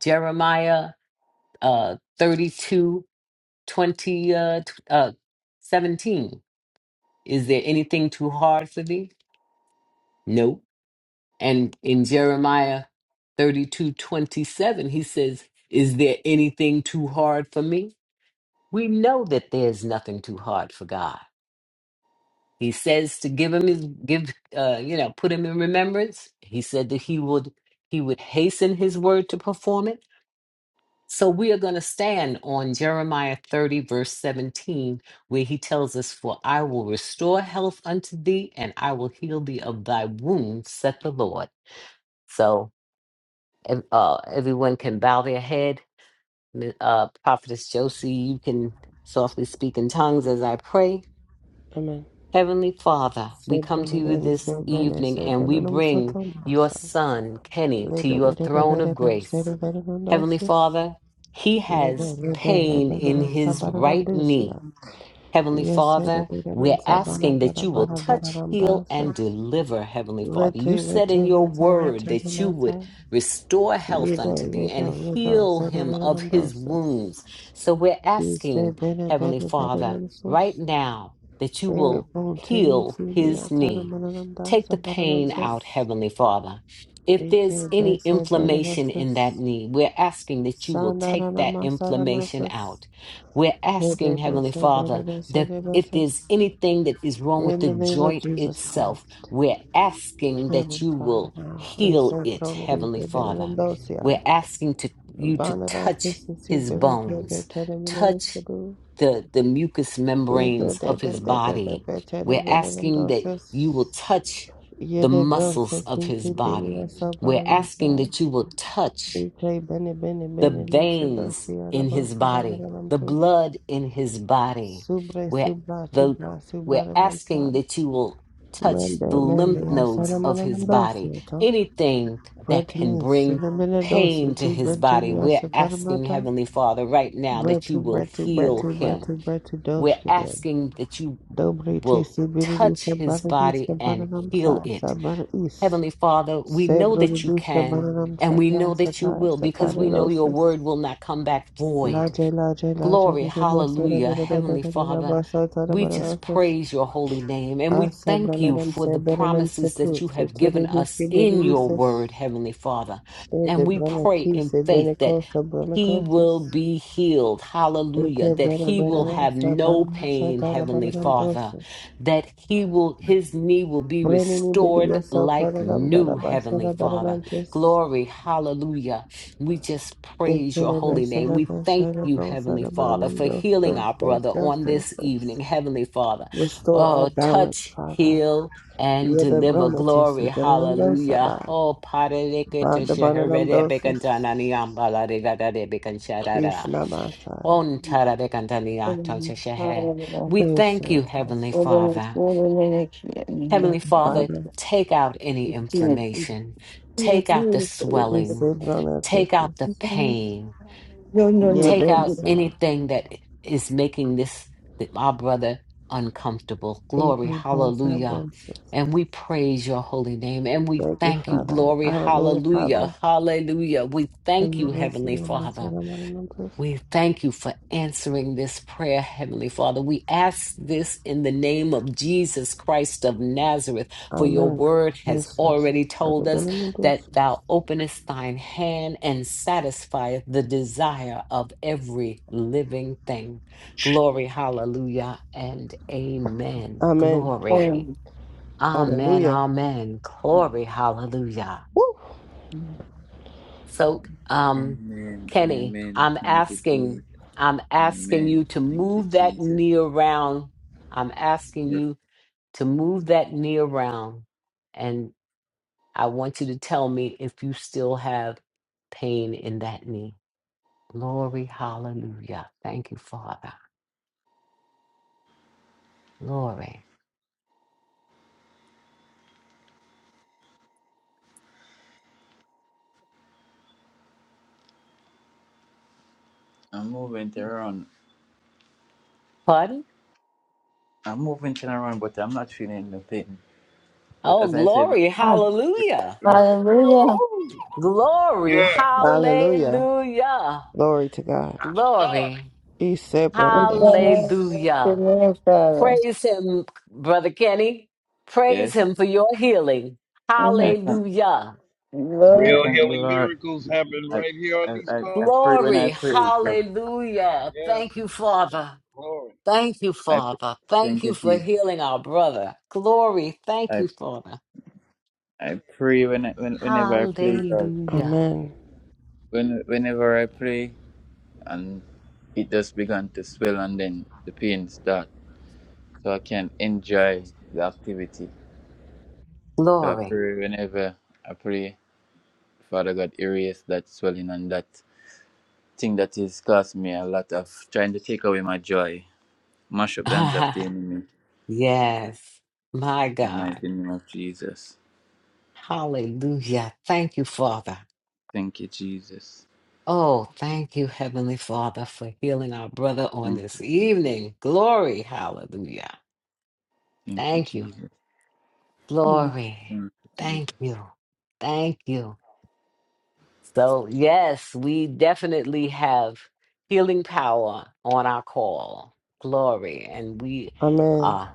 Jeremiah uh 32 20 uh, tw- uh 17 is there anything too hard for thee no and in jeremiah 32 27, he says is there anything too hard for me we know that there's nothing too hard for god he says to give him his give uh you know put him in remembrance he said that he would he would hasten his word to perform it. So we are going to stand on Jeremiah 30, verse 17, where he tells us, For I will restore health unto thee, and I will heal thee of thy wounds, saith the Lord. So ev- uh, everyone can bow their head. Mi- Uh, Prophetess Josie, you can softly speak in tongues as I pray. Amen. Heavenly Father, we come to you this evening and we bring your son, Kenny, to your throne of grace. Heavenly Father, he has pain in his right knee. Heavenly Yes, Father, we're asking that you will touch, heal, and deliver, Heavenly Father. You Rete, said rete, in your rete, word rete, that you would rete, restore health Yedo, unto thee yedo, and yedo, heal him of his sere, wounds. So we're You say asking, better, Heavenly better, better Father, than right sus. now that you Very will continuing heal to be his outside of knee. Mananam Das, Take a the Bananam pain out, Sus. Heavenly Father. If there's AK any Best, better than inflammation in that sus. knee, we're asking that you will take Sandarana that Masada inflammation Masas. out. We're asking, AK Best, Heavenly Father, better than that Sada if there's Masas. anything that is wrong with In the the name of joint Jesus itself, Christ. we're asking Hear that him, you Father, will now. And heal so, it, Pronadi, Heavenly Bananam Father. We're Dosia. asking to you to Banada touch Sisi, his Benaka, bones, better than Mananam touch Sadu. the, the mucous Either membranes of that, his that, that, that, body. that, better than We're Mananam asking that you will Dosas. touch the Yede bro muscles of his sekiti bini ya body. We're sabana asking namsa. that you will touch Ikai bene bene the bene namsa dansi veins ya in raba his sara body, bara the namto. blood in his body. Subre We're, subra the, tubra we're subra namsa. asking that you will touch the Mende mende lymph ya sara nodes of mana his body, namdosi ito. anything Bread that to can me, bring sila mene dosi pain to ti his bread to body. ya We're sakara asking, mata. Heavenly Father, right now Bread that you to will bread to bread heal to bread him. to bread to dosh We're kide. asking that you Dobre ti will sibiri di touch his sabana di body sabana and heal namsa it sabana is. Heavenly Father, we know that you Sebrodus can Kabanam and we Shata know that you Sata will because we know your Satarilosis word will not come back void. Laje Laje Laje Glory, hallelujah. Heavenly Father, we just Bibasarabarosas praise your holy name and we thank you Asabranadam for the Seberanum promises that Sutu you have given Suturibis us in your word, Kibiribisus Heavenly Father. the And we Brana pray Ki in faith that Sebranico he will Sabranicosis be healed, hallelujah, Eke that Bera he will Beranam have no Sabanam pain, Heavenly Satarabaranam Father, Dosis that he will, his knee will be Brenini restored Bidiga like Saparanam new, Heavenly Darabasara Father. Baranantis Glory, hallelujah. We just praise your Restore our holy name. We thank you, Heavenly Father, for healing our brother on this evening, Heavenly Father. Oh, balance, touch, Father. heal, and you the deliver. Brahma Glory, Tesi, hallelujah. Sabai. Oh, Ba pararikata the Bananam Dosas, shaharerebekantananiyam balarigadadebekansharara. Krishna Basai. On Mm, tarabekantaniyatamshashahe. Hallelujah. We Please thank serve you, Heavenly We're us. gonna- Father. we're Thank Heavenly you, gonna Father, Father. take out any make it. inflammation, Oh, hallelujah. take out the Thank We you, swelling, say Brahma take Tesi. out the Lord. pain Bless Yeah, take out Bensa. anything that is making this that our brother uncomfortable. Glory, Eki Bonsa hallelujah. Bonsas. And we praise your holy name and we Thank you, thank you. Father. Glory, Hallelujah, Father. hallelujah, hallelujah. We Thank thank you, you, Lord, for Heavenly your mercy, Father. and your grace. We thank you for answering this prayer, Heavenly Father. We ask this in the name of Jesus Christ of Nazareth, for your Amen. word has Jesus. already told us Hallelujah. that thou openest thine hand and satisfieth the desire of every living thing. Glory, hallelujah, and amen. Amen. Glory. Amen, Hallelujah. amen. Glory, hallelujah. Woo. So, um, Amen. Kenny, Amen. I'm Thank you, asking, Jesus. I'm asking you Amen. to Thank you, move that Jesus. knee around. I'm asking Yes. you to move that knee around, and I want you to tell me if you still have pain in that knee. Glory, hallelujah. Thank you, Father. Glory. I'm moving it around. Pardon? I'm moving it around, but I'm not feeling the pain. But Oh, as I said, glory, hallelujah. Glory, Hallelujah. hallelujah. Glory to God. Glory, Be saved, brother. Jesus. hallelujah. your name, Father. Praise him, Brother Kenny. Praise yes, him for your healing. Mhm. I thank Hallelujah. I real thank the healing Lord. miracles happen I right here on I these I, I pray when calls. I Glory. pray. God. Hallelujah. Thank Yes, you, Father. glory. Thank you, I pray, Father. Thank thank you you, for Jesus. healing our brother. Glory. Thank I you, Father. I pray when, I, when whenever I play. God. Hallelujah. Amen. When whenever I play, and it just began to swell, and then the pain start, so I can enjoy the activity. So I Glory. pray whenever I pray, Father God, erase that swelling and that thing that is caused me a lot of trying to take away my joy, mash up the hands of the enemy. yes. My In the God. mighty name of Jesus. Hallelujah. Thank you, Father. Thank you, Jesus. Oh, thank you, Heavenly Father, for healing our brother on Thank this you, Jesus. evening. Glory, hallelujah. Thank you, Thank you. Jesus. Lord. Glory. Thank you, Thank you. Jesus. Thank you. So, yes, we definitely have healing power on our call. Glory. And we Amen. uh,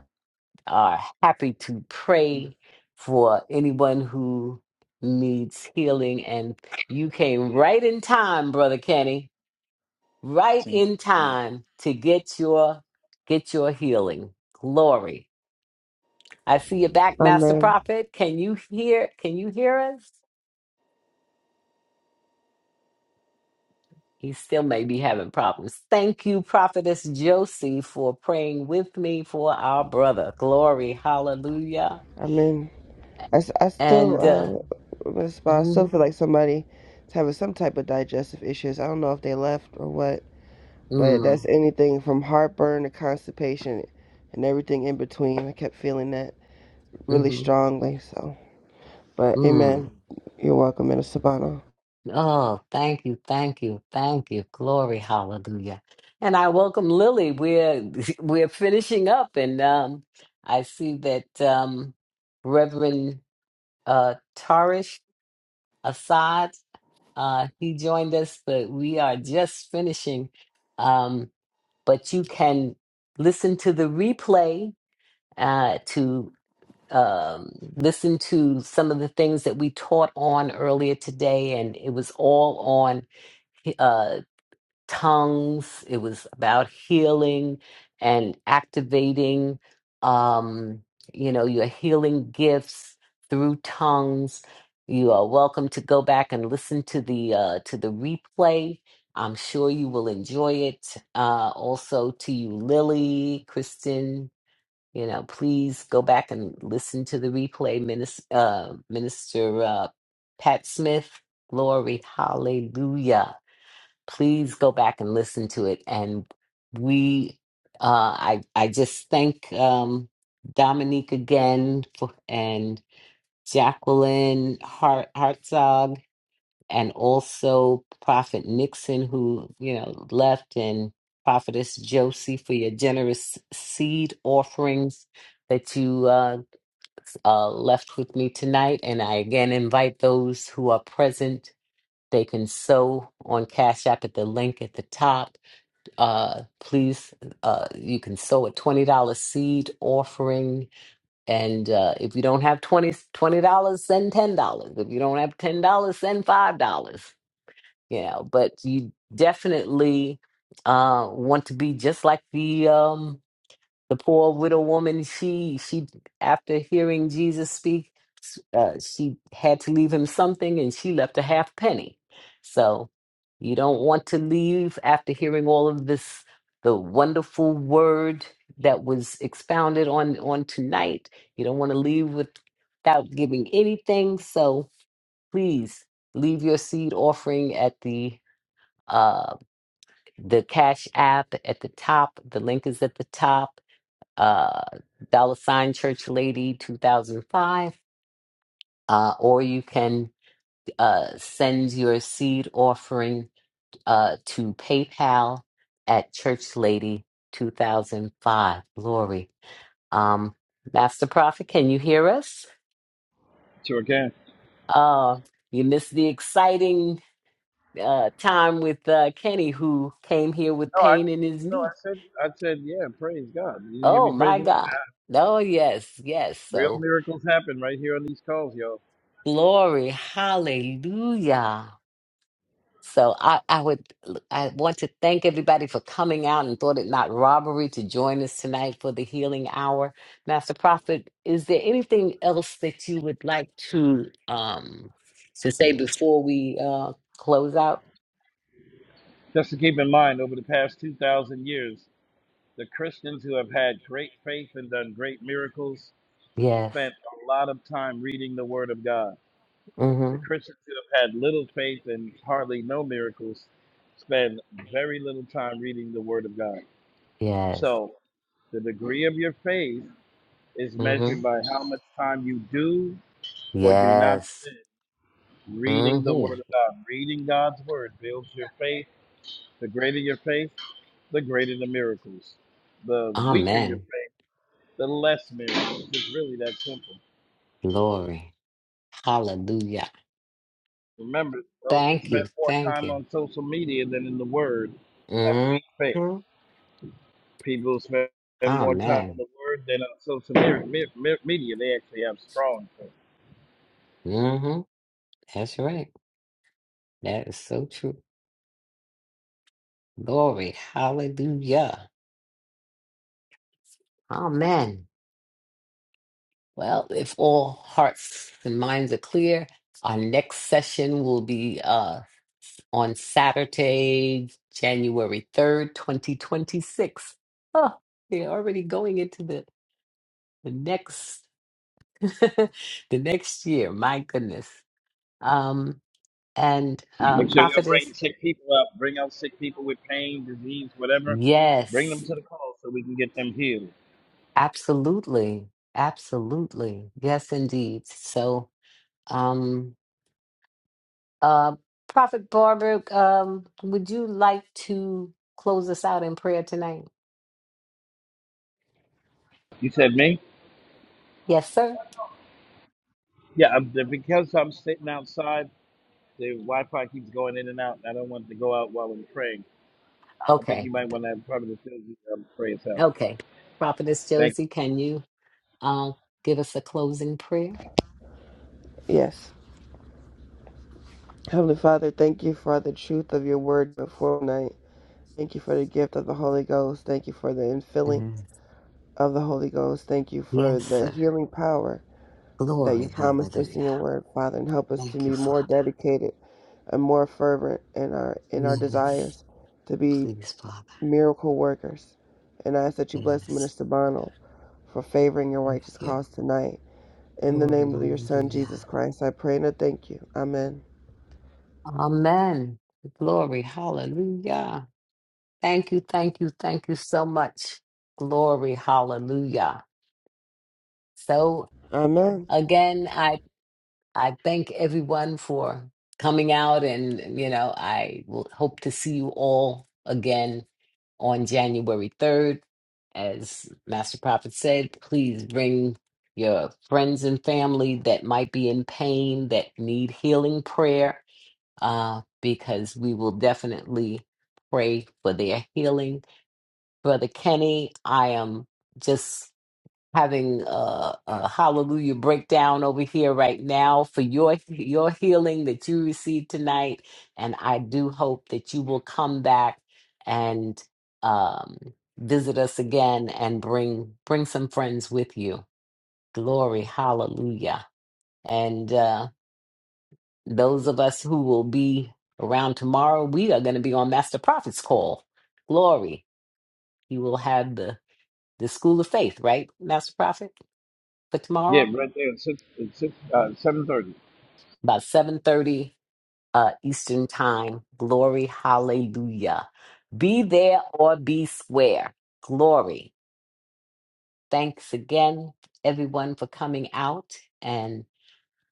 are happy to pray for anyone who needs healing. And you came right in time, Brother Kenny. right Thank you, in time to get your get your healing. Glory. I see you back, Master Amen. Prophet. Can you hear can you hear us? He still may be having problems. Thank you, Prophetess Josie, for praying with me for our brother. Glory. Hallelujah. Amen. I, s- I And uh, still, uh, Miss Ma, I still mm, feel like somebody's having some type of digestive issues. I don't know if they left or what, but mm, that's anything from heartburn to constipation and everything in between. I kept feeling that really mm, strongly. So. But mm. amen. You're welcome, Minister Bono. Oh, thank you, thank you, thank you. Glory, hallelujah. And I welcome Lily. We're we're finishing up and um I see that um Reverend uh Tarish Assad uh he joined us, but we are just finishing. Um but you can listen to the replay uh to um listen to some of the things that we taught on earlier today and it was all on uh, tongues. It was about healing and activating, um, you know, your healing gifts through tongues. You are welcome to go back and listen to the uh, to the replay. I'm sure you will enjoy it. Uh, also, to you, Lily, Kristen, you know, please go back and listen to the replay. Minister, uh, Minister uh, Pat Smith, glory, hallelujah please go back and listen to it. And we, uh, I, I just thank um, Dominique again for, and Jacqueline Hart, Hartzog and also Prophet Nixon, who, you know, left, and Prophetess Josie for your generous seed offerings that you uh, uh, left with me tonight. And I again invite those who are present, they can sow on Cash App at the link at the top uh, please, uh, you can sow a $20 seed offering. And uh, if you don't have 20, dollars send $10. If you don't have $10, send $5. You know, but you definitely uh, want to be just like the. Um, the poor widow woman she she after hearing jesus speak uh, she had to leave him something and she left a half penny so you don't want to leave after hearing all of this the wonderful word that was expounded on on tonight you don't want to leave with, without giving anything so please leave your seed offering at the uh the cash app at the top the link is at the top uh, Dollar Sign Church Lady 2005, uh, or you can uh, send your seed offering uh, to PayPal at Church Lady 2005. Glory. Um, Master Prophet, can you hear us? Sure can. Uh, you missed the exciting uh, time with uh, Kenny, who came here with No, I pain in his no, I knee. said I said yeah. Praise God. You didn't hear me Oh, praise my him. God. Oh, yes, yes. Real So, miracles happen right here on these calls, y'all. glory. Hallelujah. So I, I would I want to thank everybody for coming out and thought it not robbery to join us tonight for the healing hour. Master Prophet, is there anything else that you would like to um to say before we uh close out? Just to keep in mind, over the past two thousand years. The Christians who have had great faith and done great miracles Yes. spent a lot of time reading the Word of God. The Mm-hmm. Christians who have had little faith and hardly no miracles spend very little time reading the Word of God. Yes. So the degree of your faith is Mm-hmm. measured by how much time you do or do not Yes. spend reading the Mm-hmm. Word of God. Reading God's Word builds your faith. The greater your faith, the greater the miracles. The weaker your faith, Amen. The less miracles. It's really that simple. Glory. Hallelujah. Remember, those who Thank spend you. more Thank time you. on social media than in the Word have weak faith. Mm-hmm. People who spend more time in Amen. the Word than on social me- me- me- media, they actually have strong faith. Mm-hmm. That's right. That is so true. Glory. Hallelujah. Amen. Well, if all hearts and minds are clear, our next session will be uh, on Saturday, January 3rd, 2026. Oh, they're already going into the, the next the next year. My goodness. Um, and uh, Make sure y'all bring prophetess, sick people out. Bring out sick people with pain, disease, whatever. Bring yes, them to the call so we can get them healed. absolutely. Absolutely. Yes, indeed. So Um, uh, Prophet Barbara, um, would you like to close us out in prayer tonight? You said me? Yes, sir. Yeah, I'm, because I'm sitting outside, the Wi-Fi keeps going in and out, and I don't want it to go out while I'm praying. I think you Okay. might want to have probably the things you um, pray us out. Okay. Prophetess Thank Josie, you. can you uh, give us a closing prayer? Yes. Heavenly Father, thank you for the truth of your word before night. Thank you for the gift of the Holy Ghost. Thank you for the infilling Yes, of the Holy Ghost. Thank you for yes, the sir. healing power that you Glory, promised us hallelujah. in your word, Father, and help us to Thank you, be more Father. dedicated and more fervent in our in our Yes, desires to be please, Father. miracle workers. And I ask that you bless Yes, Minister Bono for favoring your thank righteous you. cause tonight In the Glory, name of your Son, Jesus hallelujah. Christ, I pray and I thank you. Amen. Amen. Glory. Hallelujah. Thank you, thank you, thank you so much. Glory, hallelujah. So Amen. again, I I thank everyone for coming out and you know, I will hope to see you all again on January 3rd. As Master Prophet said, please bring your friends and family that might be in pain, that need healing prayer, uh, because we will definitely pray for their healing Brother Kenny. I am just having a, a hallelujah breakdown over here right now for your your healing that you received tonight, and I do hope that you will come back and um, visit us again and bring bring some friends with you. Glory, hallelujah! And uh, those of us who will be around tomorrow, we are going to be on Master Prophet's call. Glory. You will have the the School of Faith, right, Master Prophet, for Yeah, tomorrow right there at six, at six, uh, seven thirty. about seven thirty uh, Eastern Time. Glory, Hallelujah! Be there or be square. Glory. Thanks again, everyone, for coming out, and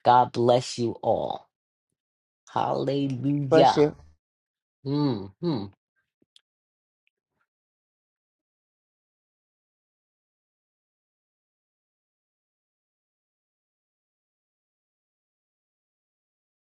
God bless you all. Bless Hallelujah. you. Hmm.